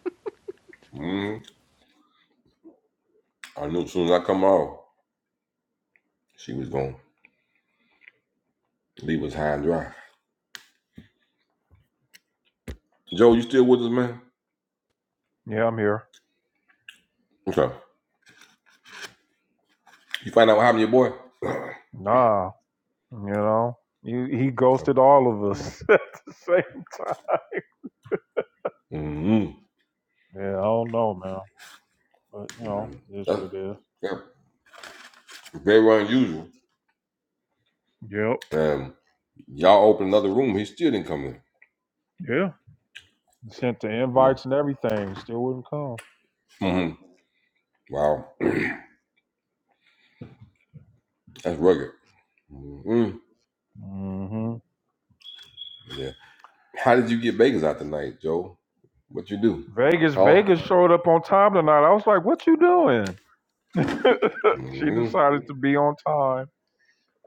yeah, I'm here. Nah, you know, he, he ghosted all of us at the same time. Yeah, I don't know, man, but you know, it is what it is. Yep. Yeah. Sent the invites and everything, still wouldn't come. hmm Vegas, Vegas showed up on time tonight. I was like, "What you doing?" she decided to be on time.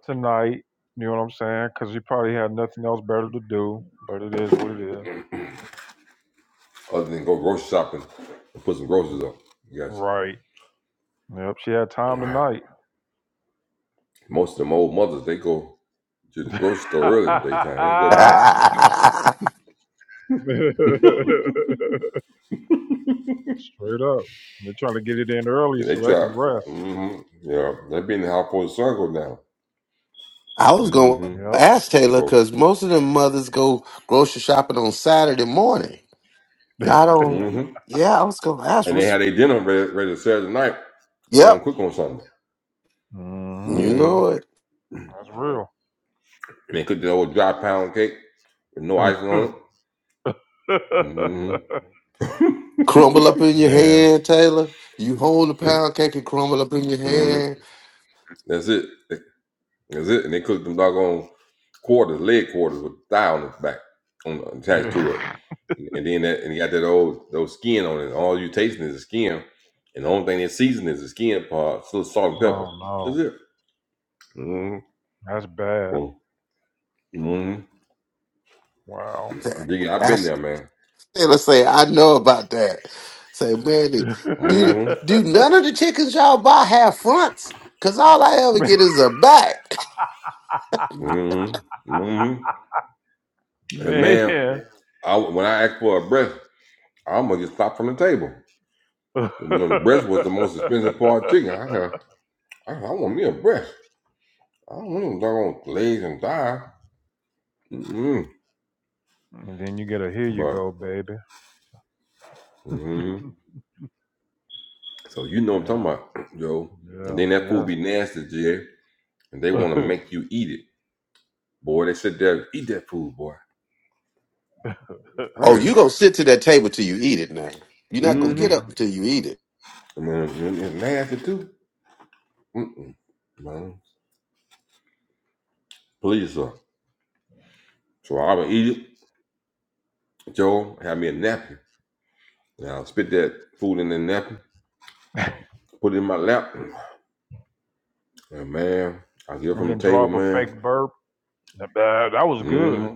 tonight. You know what I'm saying? Because you probably had nothing else better to do. But it is what it is. Right. Yep. She had time tonight.
I
Straight up. They're trying to get it in early so they can rest.
was gonna
Yep.
ask Taylor because most of them mothers go grocery shopping on Saturday morning. Not on. Yeah, I was gonna ask. What's? Yep,
hmm
you know it.
That's real.
Crumble up in your
Man.
hand, Taylor. You hold the pound cake and crumble up in your hand.
oh no. That's bad. Wow.
That's Taylor say, I know about that. Say, man, do do none of the chickens y'all buy have fronts? Cause all I ever get is a back.
Man. and then you get a here you go, baby. Yeah, yeah, yeah.
Oh, you gonna sit to that table till you eat it now. You're not gonna get up
Mhm.
until you eat it.
And then draw up a fake burp. Nah, That, that was good.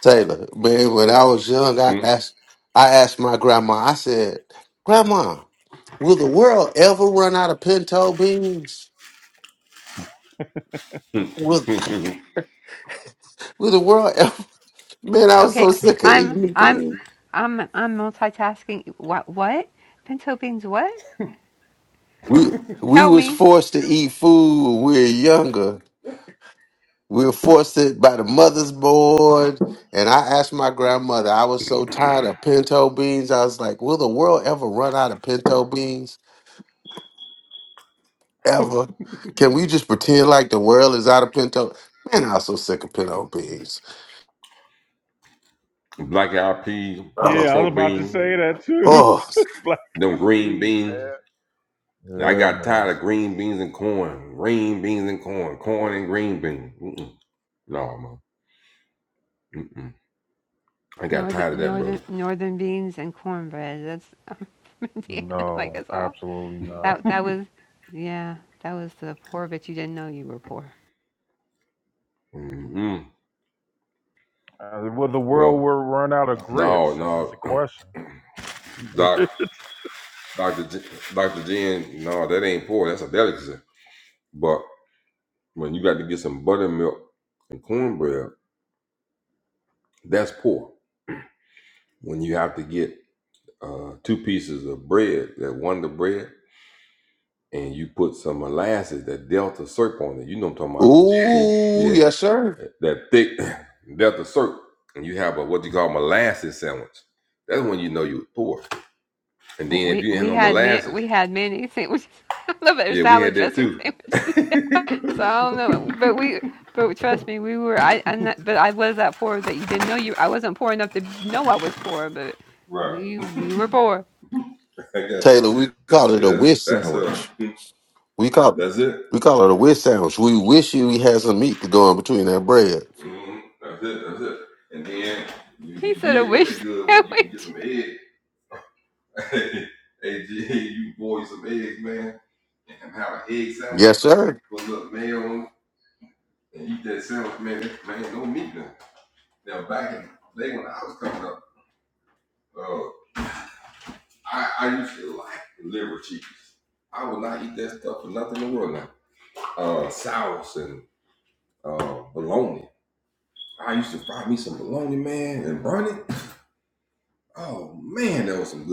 Taylor, man, when I was young, I asked I asked my grandma, I said, Grandma, will the world ever run out of pinto beans? Will will the world ever man, I was
Okay,
so sick of
I'm
eating
I'm
beans.
I'm I'm multitasking. What what? Pinto beans? What?
We we
Help
was
me.
forced to eat food when we were younger. We were forced to by the mother's board. And I asked my grandmother, I was so tired of pinto beans. I was like, will the world ever run out of pinto beans? Ever? Can we just pretend like the world is out of pinto? Man, I'm so sick of pinto beans.
yeah,
Oh,
I was about to say that too.
oh.
Black coffee. man. Yeah, man.
Northern northern northern beans and cornbread. That's i from Indiana, like us
No,
all.
absolutely not.
That that was yeah. That was the poor bitch you didn't know you were poor.
Uh, will the world will run out of grits? Is is the question.
Ooh, yes, sir.
We we had man we had many sandwiches. I love it. They're salad dressing sandwiches. So I don't know, but we but trust me, we were I I'm not, but I was that poor that you didn't know you. I wasn't poor enough to know I was poor, but we we were poor.
Taylor, we call it a wish sandwich. We call we call it a wish sandwich. We wish you we had some meat to go in between that bread.
He said a wish sandwich.
Yes, sir.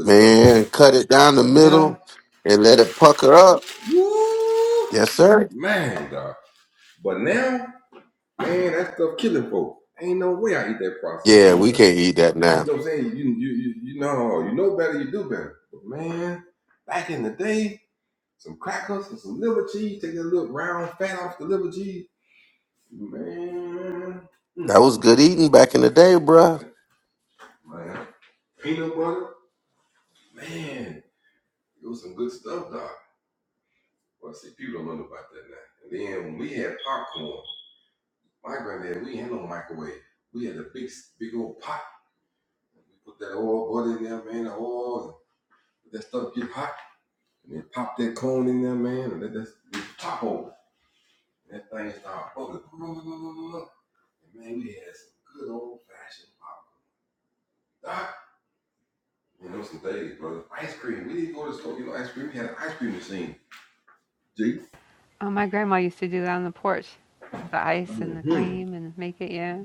Man, cut it down the middle and let it pucker up. Yes, sir. Yeah, we can't eat that now. That was good eating back in the day, bruh.
Oh, my grandma used to do that on the porch with the ice and the cream and make it. Yeah.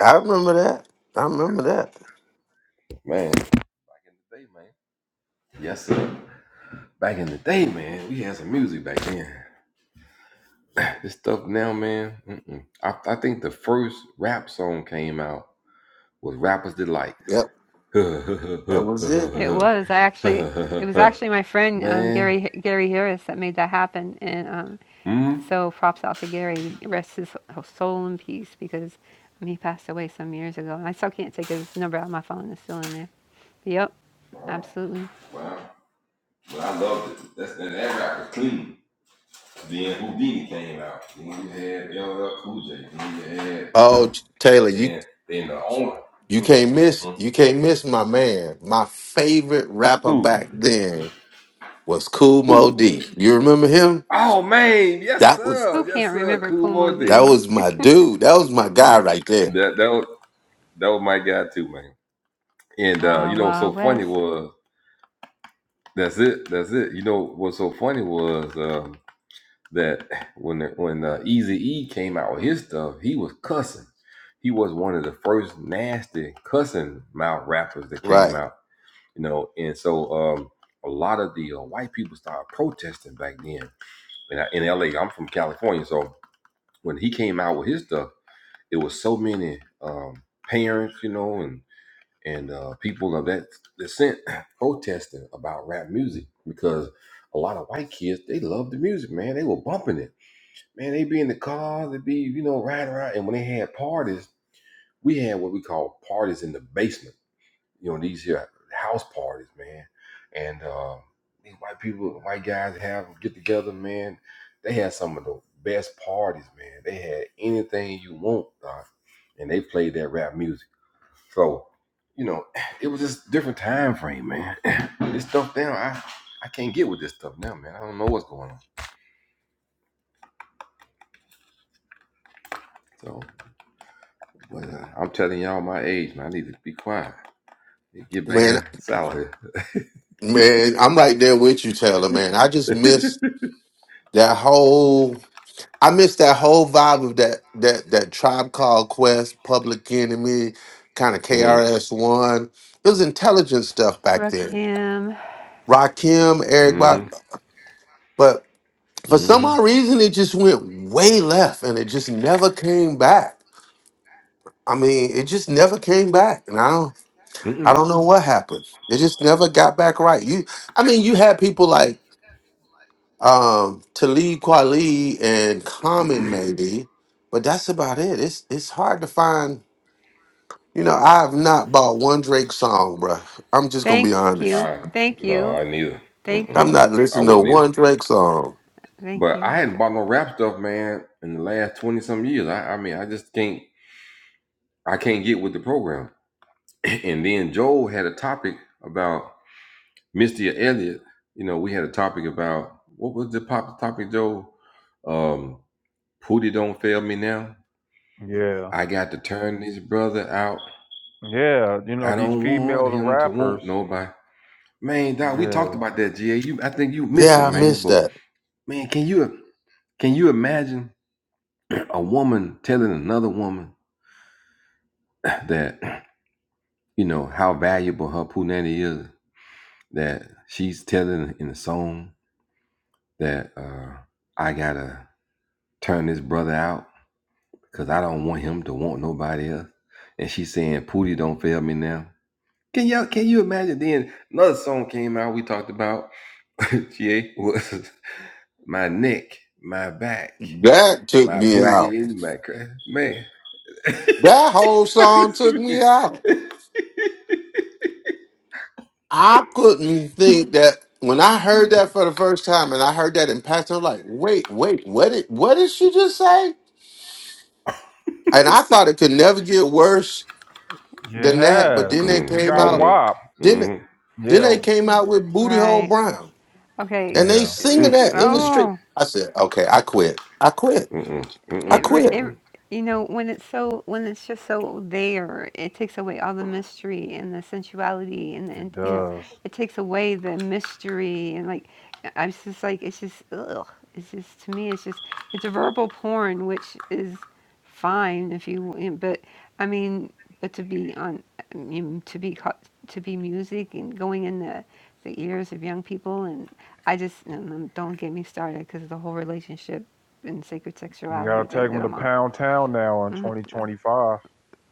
I remember that. I remember that. Yep, that was it.
It was. I actually, it was actually my friend um, Gary Gary Harris that made that happen, and um, so props out to Gary. Rest his soul in peace because um, he passed away some years ago, and I still can't take his number out of my phone. It's still in there. But yep, absolutely.
Oh, T- Taylor, you you can't miss you can't miss my man. My favorite rapper back then was Cool Mo D. You remember him? That was
Who can't remember Kumo
that
D?
was my dude. That was my guy right there.
Wawa West
Right. man. Man, I'm right there with you, Taylor. Man, I just miss that whole. I miss that whole vibe of that that that tribe called Quest, Public Enemy, kind of KRS One. It was intelligent stuff back then.
Rakim.
Rakim, Eric, Bob, but for some odd reason, it just went way left, and it just never came back. I mean, it just never came back, and I don't, I don't know what happened. It just never got back right. You, I mean, you had people like. Um, Talib Kweli and Common maybe, but that's about it. It's it's hard to find. You know, I have not bought one Drake song, bruh. I'm just gonna
Thank
be honest.
you, thank you, thank
I'm
you,
not listening to one Drake song.
thank you.
Yeah, yeah. You know these female rappers. Yeah,
Yeah, I missed that. That took me out. That whole song took me out. I couldn't think that when I heard that for the first time and I heard that in passing, I'm like, wait, wait, what did what did she just say? And I thought it could never get worse Than that, but
yes.
then they
They
came
got
out.
WAP.
Then then they
Yeah,
came out with Booty Hole
Right.
Brown,
Okay.
and they
yeah,
singing
It's-
that in the street.
oh.
I said, okay, I quit. I quit. I
It, re-
quit.
it, you know, when it's so, when it's just so there, it takes away all the mystery and the sensuality, and,
it
and you know,
does.
it takes away the mystery and like, I'm just like, it's just, ugh, it's just to me, it's just, it's a verbal porn, which is fine if you, you know, but I mean, but to be on, I mean, to be caught, to be music and going in the, the ears of young people, and I just, mm, don't get me started because the whole relationship and sacred
You gotta
sexuality
take
thing that
them to
I'm on.
Pound Town now in
hmm
2025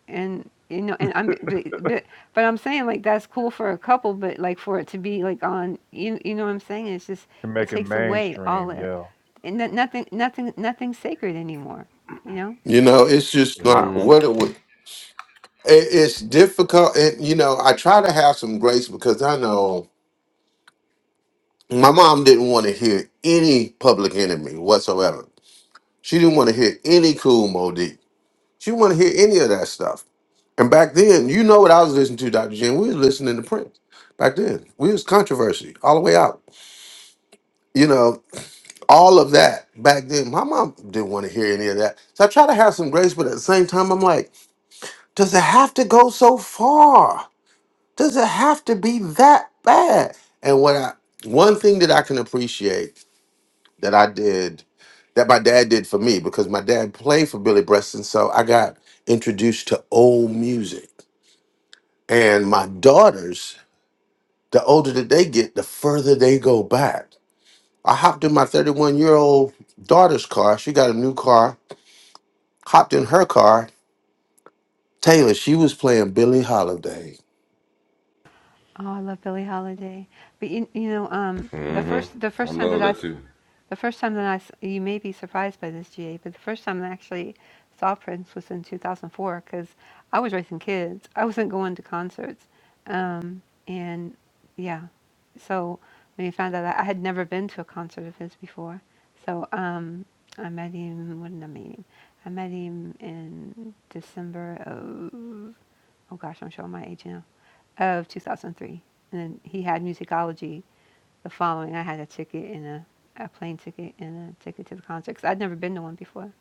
And you know, and I'm but, but but I'm saying like that's cool for a couple, but like for it to be like on you you know what I'm saying? It's just
to
it
make it
takes away all
mainstream.
that
Yeah.
and no- nothing nothing nothing sacred anymore. You know,
You know, it's just not what it was. It, it's difficult, and you know, I try to have some grace because I know my mom didn't want to hear any Public Enemy whatsoever. She didn't want to hear any Cool Modi. She didn't want to hear any of that stuff. And back then, you know what I was listening to, Dr. Jen. We was listening to Prince back then. We was controversy all the way out. You know, all of that back then. My mom didn't want to hear any of that. So I try to have some grace, but at the same time, I'm like, does it have to go so far? Does it have to be that bad? And what I one thing that I can appreciate that I did that my dad did for me, because my dad played for Billy Preston, so I got introduced to old music. And my daughters The older that they get, the further they go back. I hopped in my 31 year old daughter's car. She got a new car. Hopped in her car. Taylor, she was playing Billie Holiday.
Oh, I love Billie Holiday. But you, you know, um, the first the first time that I, s- the first time that I, s- you may be surprised by this, GA, but the first time that I actually saw Prince was in 2004 because I was raising kids. I wasn't going to concerts, um, and yeah, so when you found out that I had never been to a concert of his before, so um, I met him. When did I meet him? I met him in December oh gosh, I'm showing my age now, of 2003. And then he had musicology the following. I had a ticket and a, a plane ticket and a ticket to the concert because 'cause I'd never been to one before.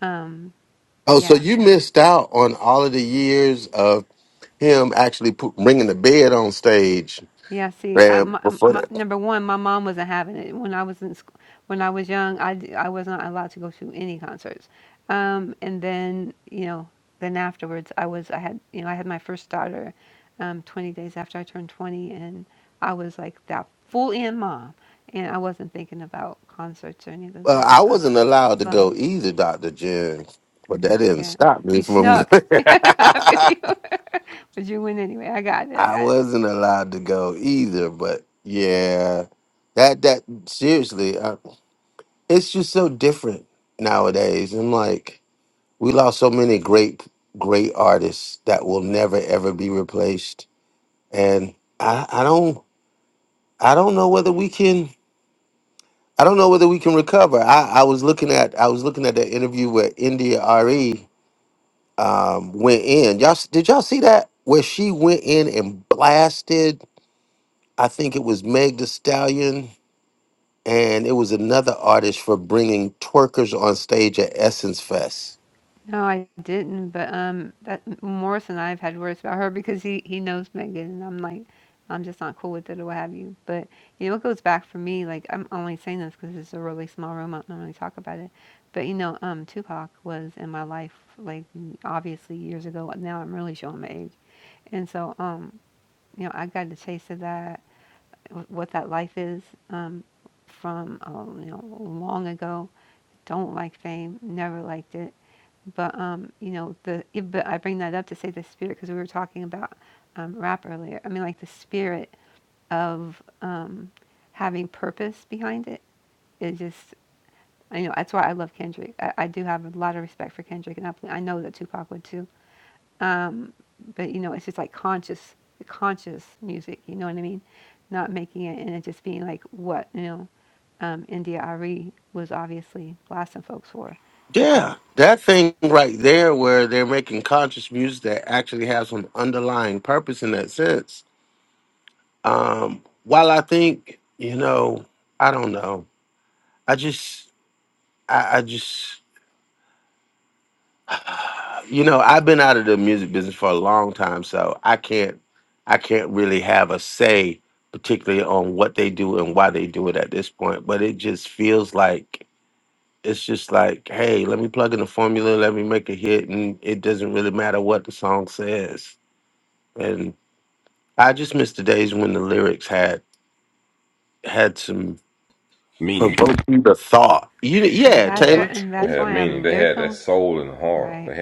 Um, but
Oh, so
yeah,
you missed out on all of the years of him actually pu- bringing the bed on stage,
Yeah, see, I,
man.
my,
Before
my,
that,
number one, my mom wasn't having it when I was in school. When I was young, I, d- I was not allowed to go to any concerts. Um, and then you know, then afterwards, I was I had you know I had my first daughter, um, 20 days after I turned 20, and I was like that full in mom, and I wasn't thinking about concerts or any of those
well,
things.
I
So,
wasn't allowed to
but
go either, Doctor Jen, but that didn't
yeah,
stop me
you
from.
snuck. I feel you, but you win anyway. I got it. I
I
got it.
wasn't allowed to go either, but yeah, that that seriously, I, it's just so different nowadays. I'm like, we lost so many great great artists that will never ever be replaced, and I I don't I don't know whether we can I don't know whether we can recover. I I was looking at I was looking at that interview where India Re um went in. Y'all s- did y'all see that where she went in and blasted? I think it was Meg The Stallion and it was another artist for bringing twerkers on stage at Essence Fest.
No, I didn't, but um, that Morris and I have had words about her because he he knows Megan, and I'm like, I'm just not cool with it or what have you. But you know, it goes back for me. Like I'm only saying this because it's a really small room. I don't normally talk about it, but you know, um, Tupac was in my life like obviously years ago. Now I'm really showing my age, and so um, you know, I got a taste of that what that life is um, from uh, you know long ago. Don't like fame, never liked it, but um, you know the. it- But I bring that up to say the spirit because we were talking about um, rap earlier. I mean, like the spirit of um, having purpose behind it. It just, You know that's why I love Kendrick. I, I do have a lot of respect for Kendrick, and I, I know that Tupac would too. Um, but you know, it's just like conscious, conscious music. You know what I mean? Not making it and it just being like what you know. Um, India Arie was obviously blasting folks for. It's like,
Yeah, that thing right there, where they're making conscious music that actually has some underlying purpose in that sense. Um, while I think, you know, I don't know. I just, I, I just, you know, I've been out of the music business for a long time, so I can't, I can't really have a say, particularly on what they do and why they do it at this point. But it just feels like it's just like, hey, let me plug in the formula, let me make a hit, and it doesn't really matter what the song says. And I just miss the days when the lyrics had had some provoking the thought. You,
and
yeah,
that's what,
Taylor,
and that's why I'm lyrical, right?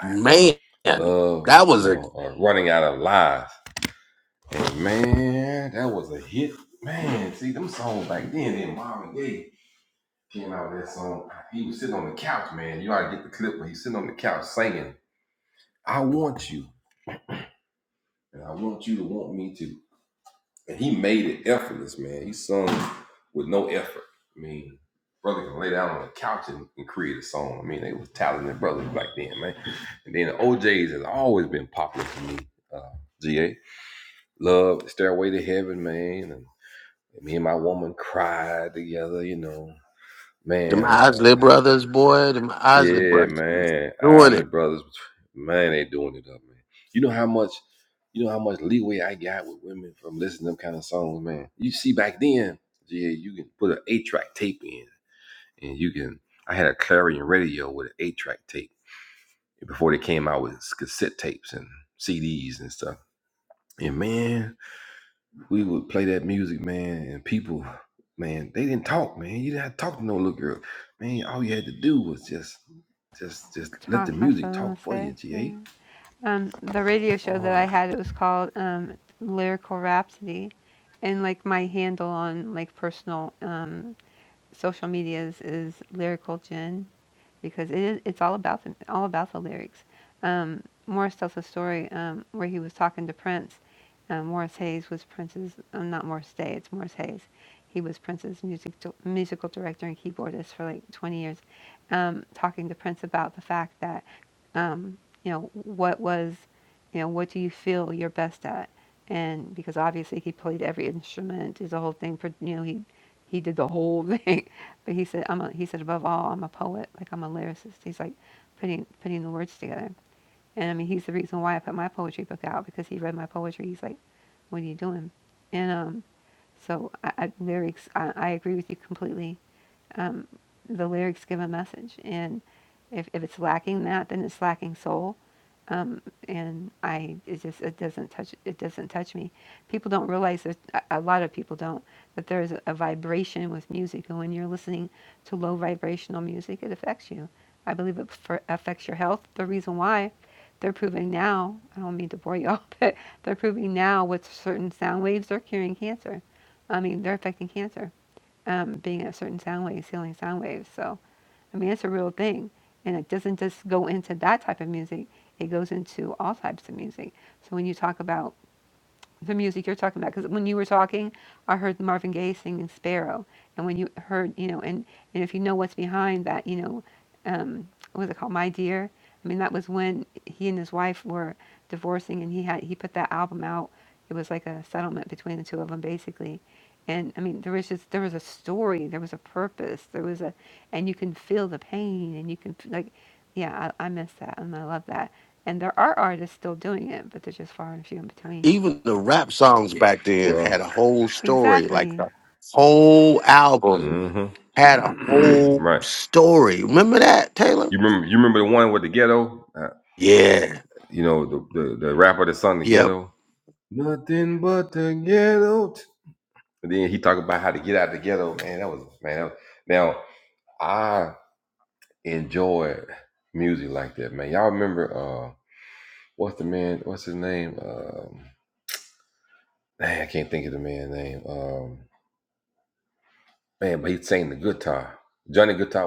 man, that was a them Isley brothers, boy, them Isley brothers was doing it.
Talk. That's what I want to say. Yeah. um, the radio show that I had, it was called um, Lyrical Rhapsody, and like my handle on like personal um, social medias is Lyrical Jen, because it is it's all about the all about the lyrics. Um, Morris tells a story um, where he was talking to Prince. Um, Morris Hayes was Prince's um, not Morris Day, it's Morris Hayes. He was Prince's music di- musical director and keyboardist for like 20 years, um, talking to Prince about the fact that. um, you know, what was, you know, what do you feel you're best at? And because obviously he played every instrument, is the whole thing. pro- You know, he he did the whole thing. But he said, I'm a, he said above all, I'm a poet. Like I'm a lyricist. He's like putting putting the words together. And I mean, he's the reason why I put my poetry book out because he read my poetry. He's like, what are you doing? And um, so I, I very I, I agree with you completely um, the lyrics give a message, and if if it's lacking that, then it's lacking soul. Um, and I it just it doesn't touch it doesn't touch me. People don't realize that a lot of people don't that there is a vibration with music, and when you're listening to low vibrational music, it affects you. I believe it for, affects your health. The reason why they're proving now, I don't mean to bore you all, but they're proving now with certain sound waves they're curing cancer. I mean, they're affecting cancer um, being at a certain sound waves, healing sound waves. So, I mean, it's a real thing. And it doesn't just go into that type of music, it goes into all types of music. So, when you talk about the music you're talking about because when you were talking i heard marvin gaye singing sparrow and when you heard you know and, and if you know what's behind that you know um, what was it called my dear i mean that was when he and his wife were divorcing and he had he put that album out it was like a settlement between the two of them basically and i mean there was just there was a story there was a purpose there was a and you can feel the pain and you can f- like yeah i, I miss that and i love that and there are artists still doing it but they're just far and few in between
Even the rap songs back then had a whole story, like
Exactly.
the whole album had a whole story. Remember that, Taylor? Yeah. Yep.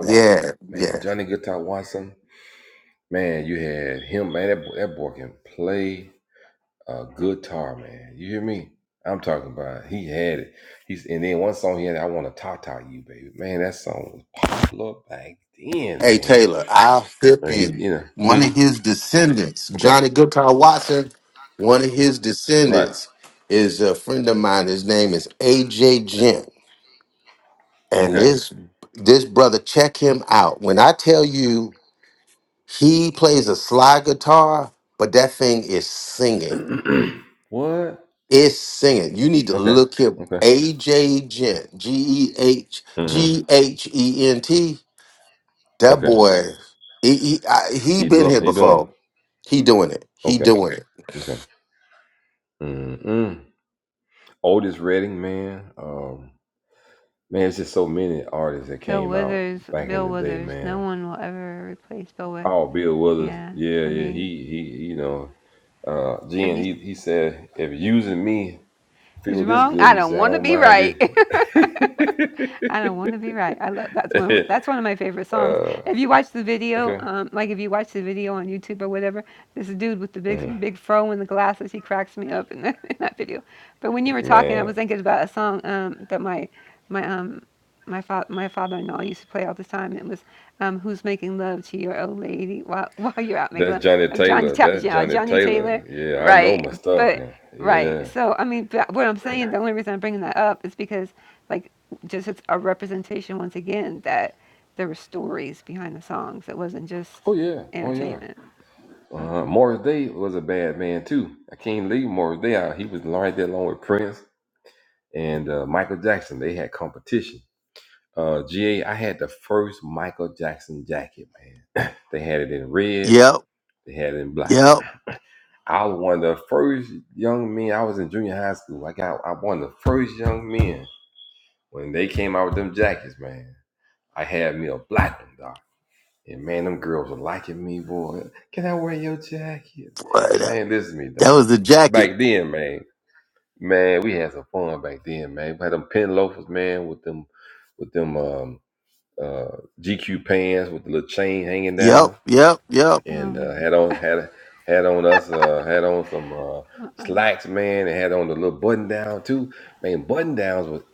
Yeah. Yeah. Hey Taylor, I'll flip you. One of his descendants, Johnny Goodcar Watson, one of his descendants is a friend of mine. His name is AJ Gent. And this this brother, check him out. When I tell you he plays a slide guitar, but that thing is singing. It's singing. You need to look him AJ Gent. G E H G H E N T. That boy, he he, I, he been here before. He doing it. He doing it.
Bill Withers, Bill Withers. No one will ever replace Bill Withers. Yeah, for me. But you is wrong. I don't want to be right. I don't want to be right. I love that's one. of- That's one of my favorite songs. If you watch the video, um, like if you watch the video on YouTube or whatever, this dude with the big big fro and the glasses, he cracks me up in that, in that video. But when you were talking, I was thinking about a song um, that my my um my fa- my father-in-law used to play all the time. And it was um, "Who's Making Love to Your Old Lady While While You're Out Making Love." Of Johnny, Ta- yeah, Johnny Taylor, right? But right, so I mean, but what I'm saying, the only reason I'm bringing that up is because, like, just it's a representation once again that there were stories behind the songs. It wasn't just entertainment.
Yep, yep. Boy, that, that was the jacket. Yep, yep, yep.
Um,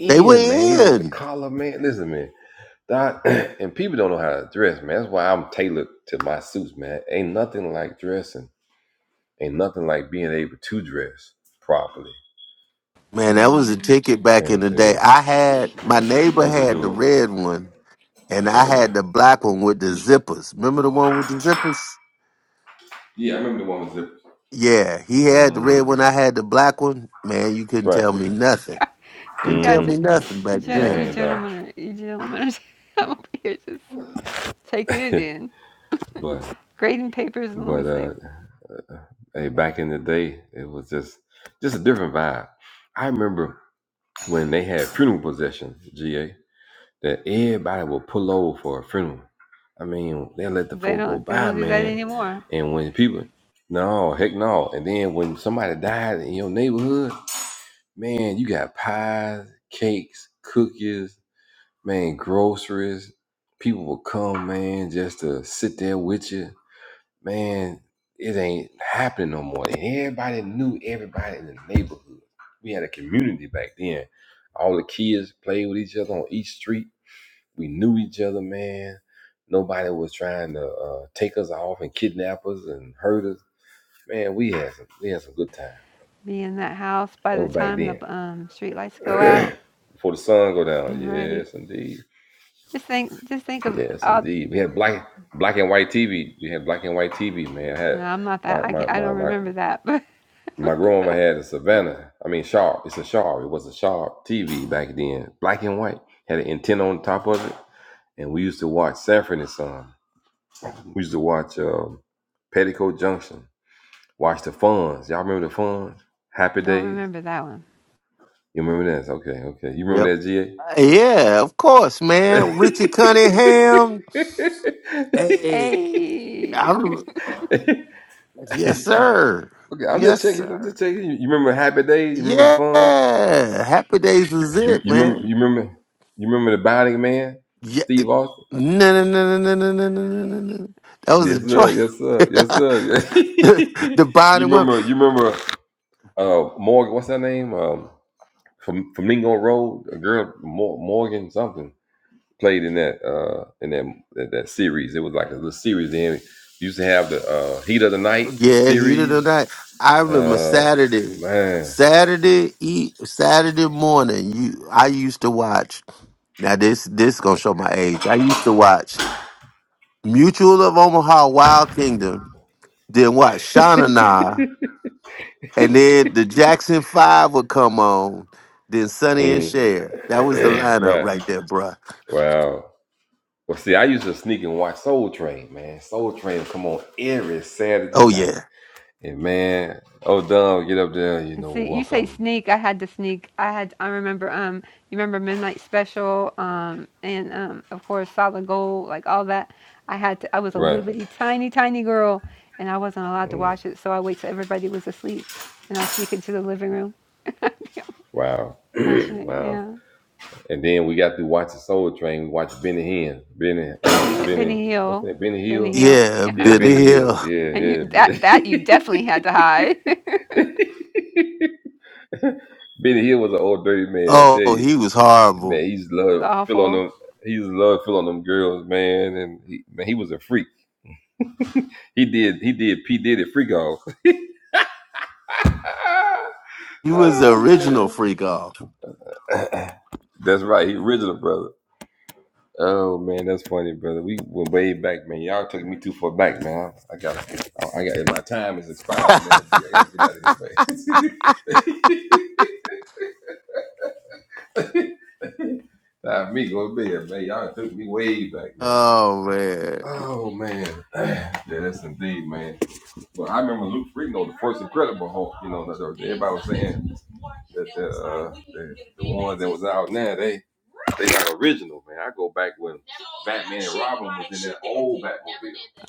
They were in. Man, that
yeah,
was a
um,
ticket back in the day. I had my neighbor had the red one, and I had the black one with the zippers. Remember the one with the zippers? Yeah, he had the red one. I had the black one. Man, you couldn't tell me nothing.
you
Couldn't tell
guys are,
me nothing
you,
back
gen-
then.
you gentlemen are, you gentlemen are, I'm over here just taking it in, grading papers and listening. They don't, they don't do that anymore. Be in that house by the time the um, street lights go out Right. Just think, just think of all. No, I'm not that. I can't, I don't remember that, but don't remember that one.
Yep. Uh, Yeah, of course, man. Richie Cunningham. Hey, I
Hey,
rem- yes, sir. Yes, sir. Yeah. Happy days was it, man. Yeah. No, no, no, no, no, no, no, no, no, no. no. That was a joy. the bottom one. Yeah, heated or not. I remember Saturday. Saturday e- Saturday morning, you I used to watch Now this this gonna show my age. I used to watch Mutual of Omaha, Wild Kingdom, then watch Shauna Na, and then the Jackson Five would come on, then Sonny and Cher. That was the lineup right there, bruh. Oh yeah,
Let's see, you say sneak. I had to sneak. I had. I remember. Um, you remember Midnight Special. Um, and um, of course Solid Gold, like all that. I had to. I was a little bitty, tiny, tiny girl, and I wasn't allowed to watch it. So I wait till everybody was asleep, and I sneak into the living room watching it. Yeah, but he, Benny Hill, Benny Hill.
yeah, Benny Hill.
And you, that that you definitely had to hide. it's
Oh, he was horrible.
awful.
He was the original freak off. oh man,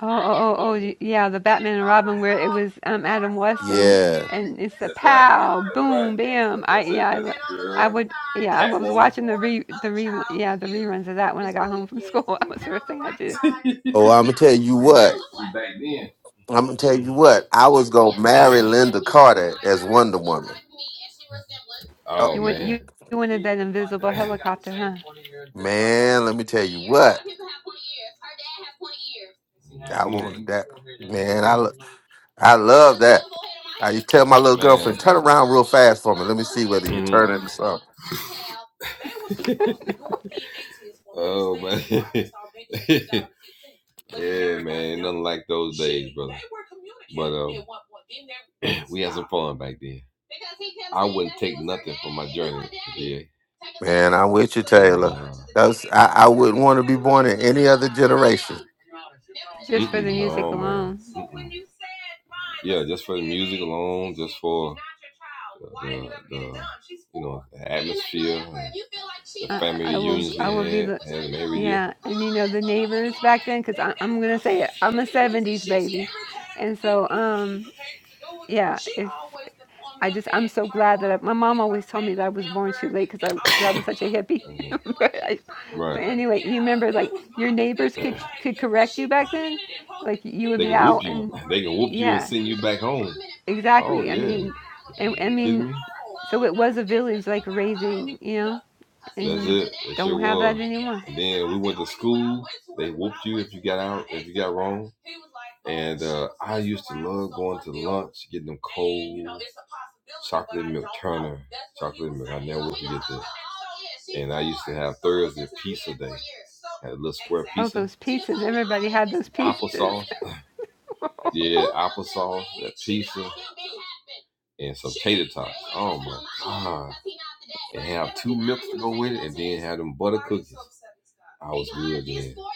Oh, oh, oh, oh, y- yeah, the Batman and Robin where it was um Adam West and
yeah.
and it's a pow, boom, bam. I yeah, I, lo- I would yeah, I was watching the re the re yeah the reruns of that when I got home from school. That was the first thing I did.
Oh, I'm gonna tell you what. I'm gonna tell you what. I was gonna marry Linda Carter as Wonder Woman. Oh
You want you, you wanted that invisible helicopter, huh?
man, let me tell you what I wanted that. Man, I lo- I love that. I used to tell my little girlfriend, turn around real fast for me. Let me see whether you turn into something. Man, I'm with you, Taylor. That's I, I wouldn't want to be born in any other generation.
Just for the music alone. I, I will I will be the yeah, and you know the neighbors back then cuz I am going to say it. I'm a 70s baby. And so um yeah, if I just I'm so glad that I, my mom always told me that I was born too late cuz I cuz I was such a hippie. but I, but anyway, you remember like your neighbors could could correct you back then? Like you would be out and yeah, exactly. I mean, and I mean so it was a village like raising, you know, and you don't have that anymore. Oh, those pizzas! Everybody had those pizzas.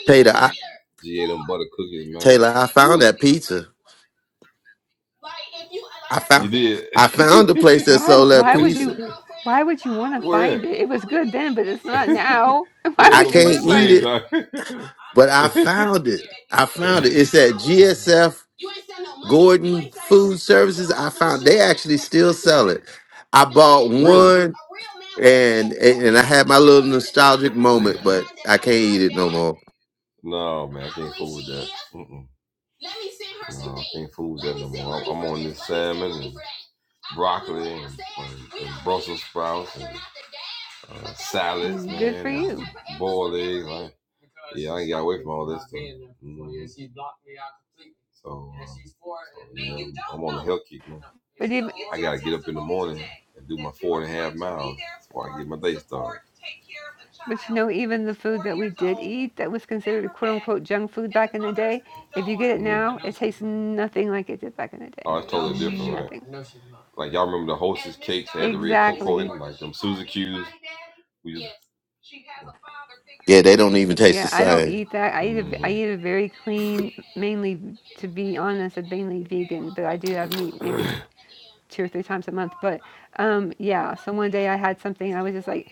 Taylor, I, Taylor, I found that pizza. I found I found the place that
why?
sold that
Why would you?
pizza.
Why would you want to find it? It was good then, but it's not now. Why
I
would you
can't
want to find
eat
it?
it, but I found it. I found it. It's at GSF Gordon Food Services. I found they actually still sell it. I bought one and and I had my little nostalgic moment, but I can't eat it no more.
Mm, Good for you. But even, but you know, even the food that we did eat that was considered quote unquote junk food back in the day, if you get it now, it tastes nothing like it did back in the day. Nothing. Exactly.
Yeah, they don't even taste the
Yeah, I don't
same.
eat that. I eat a, v- I eat a very clean, mainly to be honest, a mainly vegan, but I do have meat maybe two or three times a month. But um, yeah, so one day I had something I was just like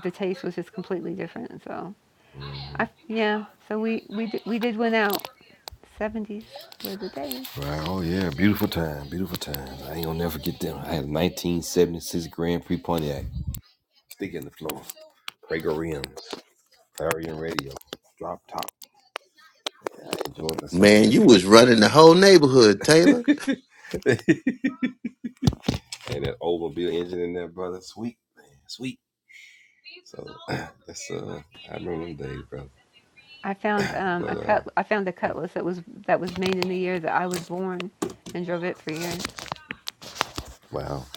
the taste was just completely different. So I yeah, so we we did, we did win out. 70s were the days.
Man, you was running the whole neighborhood, Taylor.
I found um, a cut I found a cutlass that was that was made in the year that I was born and drove it for years.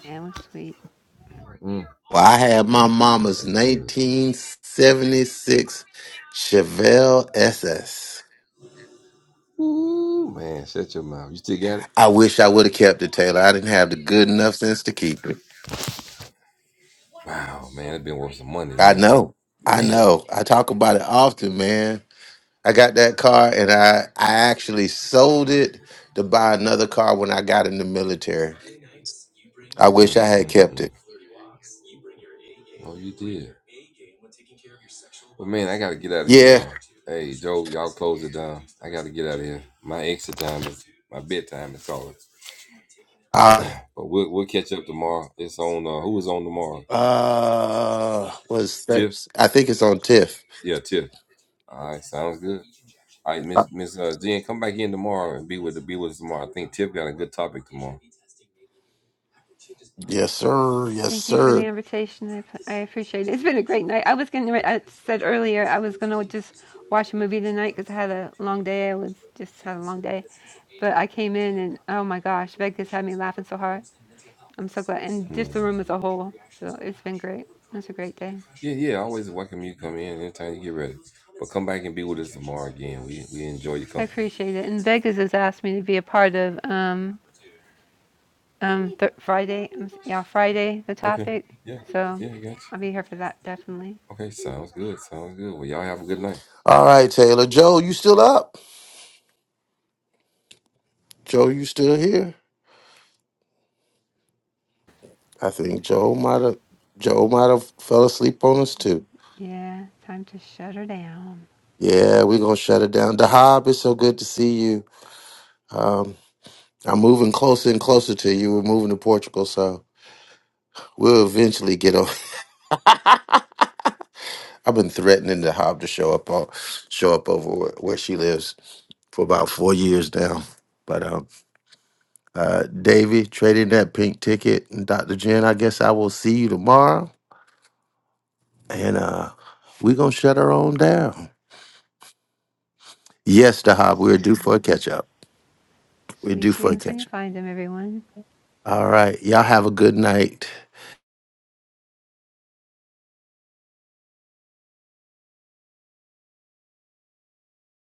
Yeah, it was sweet.
Well, I had my mama's 1976 Chevelle SS. I wish I would have kept it, Taylor. I didn't have the good enough sense to keep it. I know. I know. I talk about it often, man. I got that car and I I actually sold it to buy another car when I got in the military. I wish I had kept it. Yeah. I uh was that- I think it's on TIFF. Uh, Yes, sir. Yes,
Thank you for the
sir.
invitation. I, I appreciate it. It's been a great night. I was going to, I said earlier, I was going to just watch a movie tonight because I had a long day. I was just had a long day. But I came in and oh my gosh, Meg just had me laughing so hard. I'm so glad. And just the room as a whole. So it's been great. It's a great day. I appreciate it. And Vegas has asked me to be a part of um, um, th- Friday. um, Yeah, Friday, the topic. So I'll be here for that definitely.
All right, Taylor. Joe, you still up? Joe, you still here? I think Joe might have Joe might have fell asleep on us too.
Yeah, time to shut her down.
Yeah, we're gonna shut it down. Dahab, it's so good to see you. Um, I'm moving closer and closer to you. We're moving to Portugal, so We'll eventually get over. I've been threatening the Hob to show up on, show up over where, where she lives for about four years now. But um, uh, Davy trading that pink ticket, and Dr. Jen, I guess I will see you tomorrow, and uh, we're gonna shut her on down. Yes, the Hob, we're due for a catch up. We're
Sweet
due for a
dreams when you
catch up.
find them, everyone.
All right, y'all have a good night.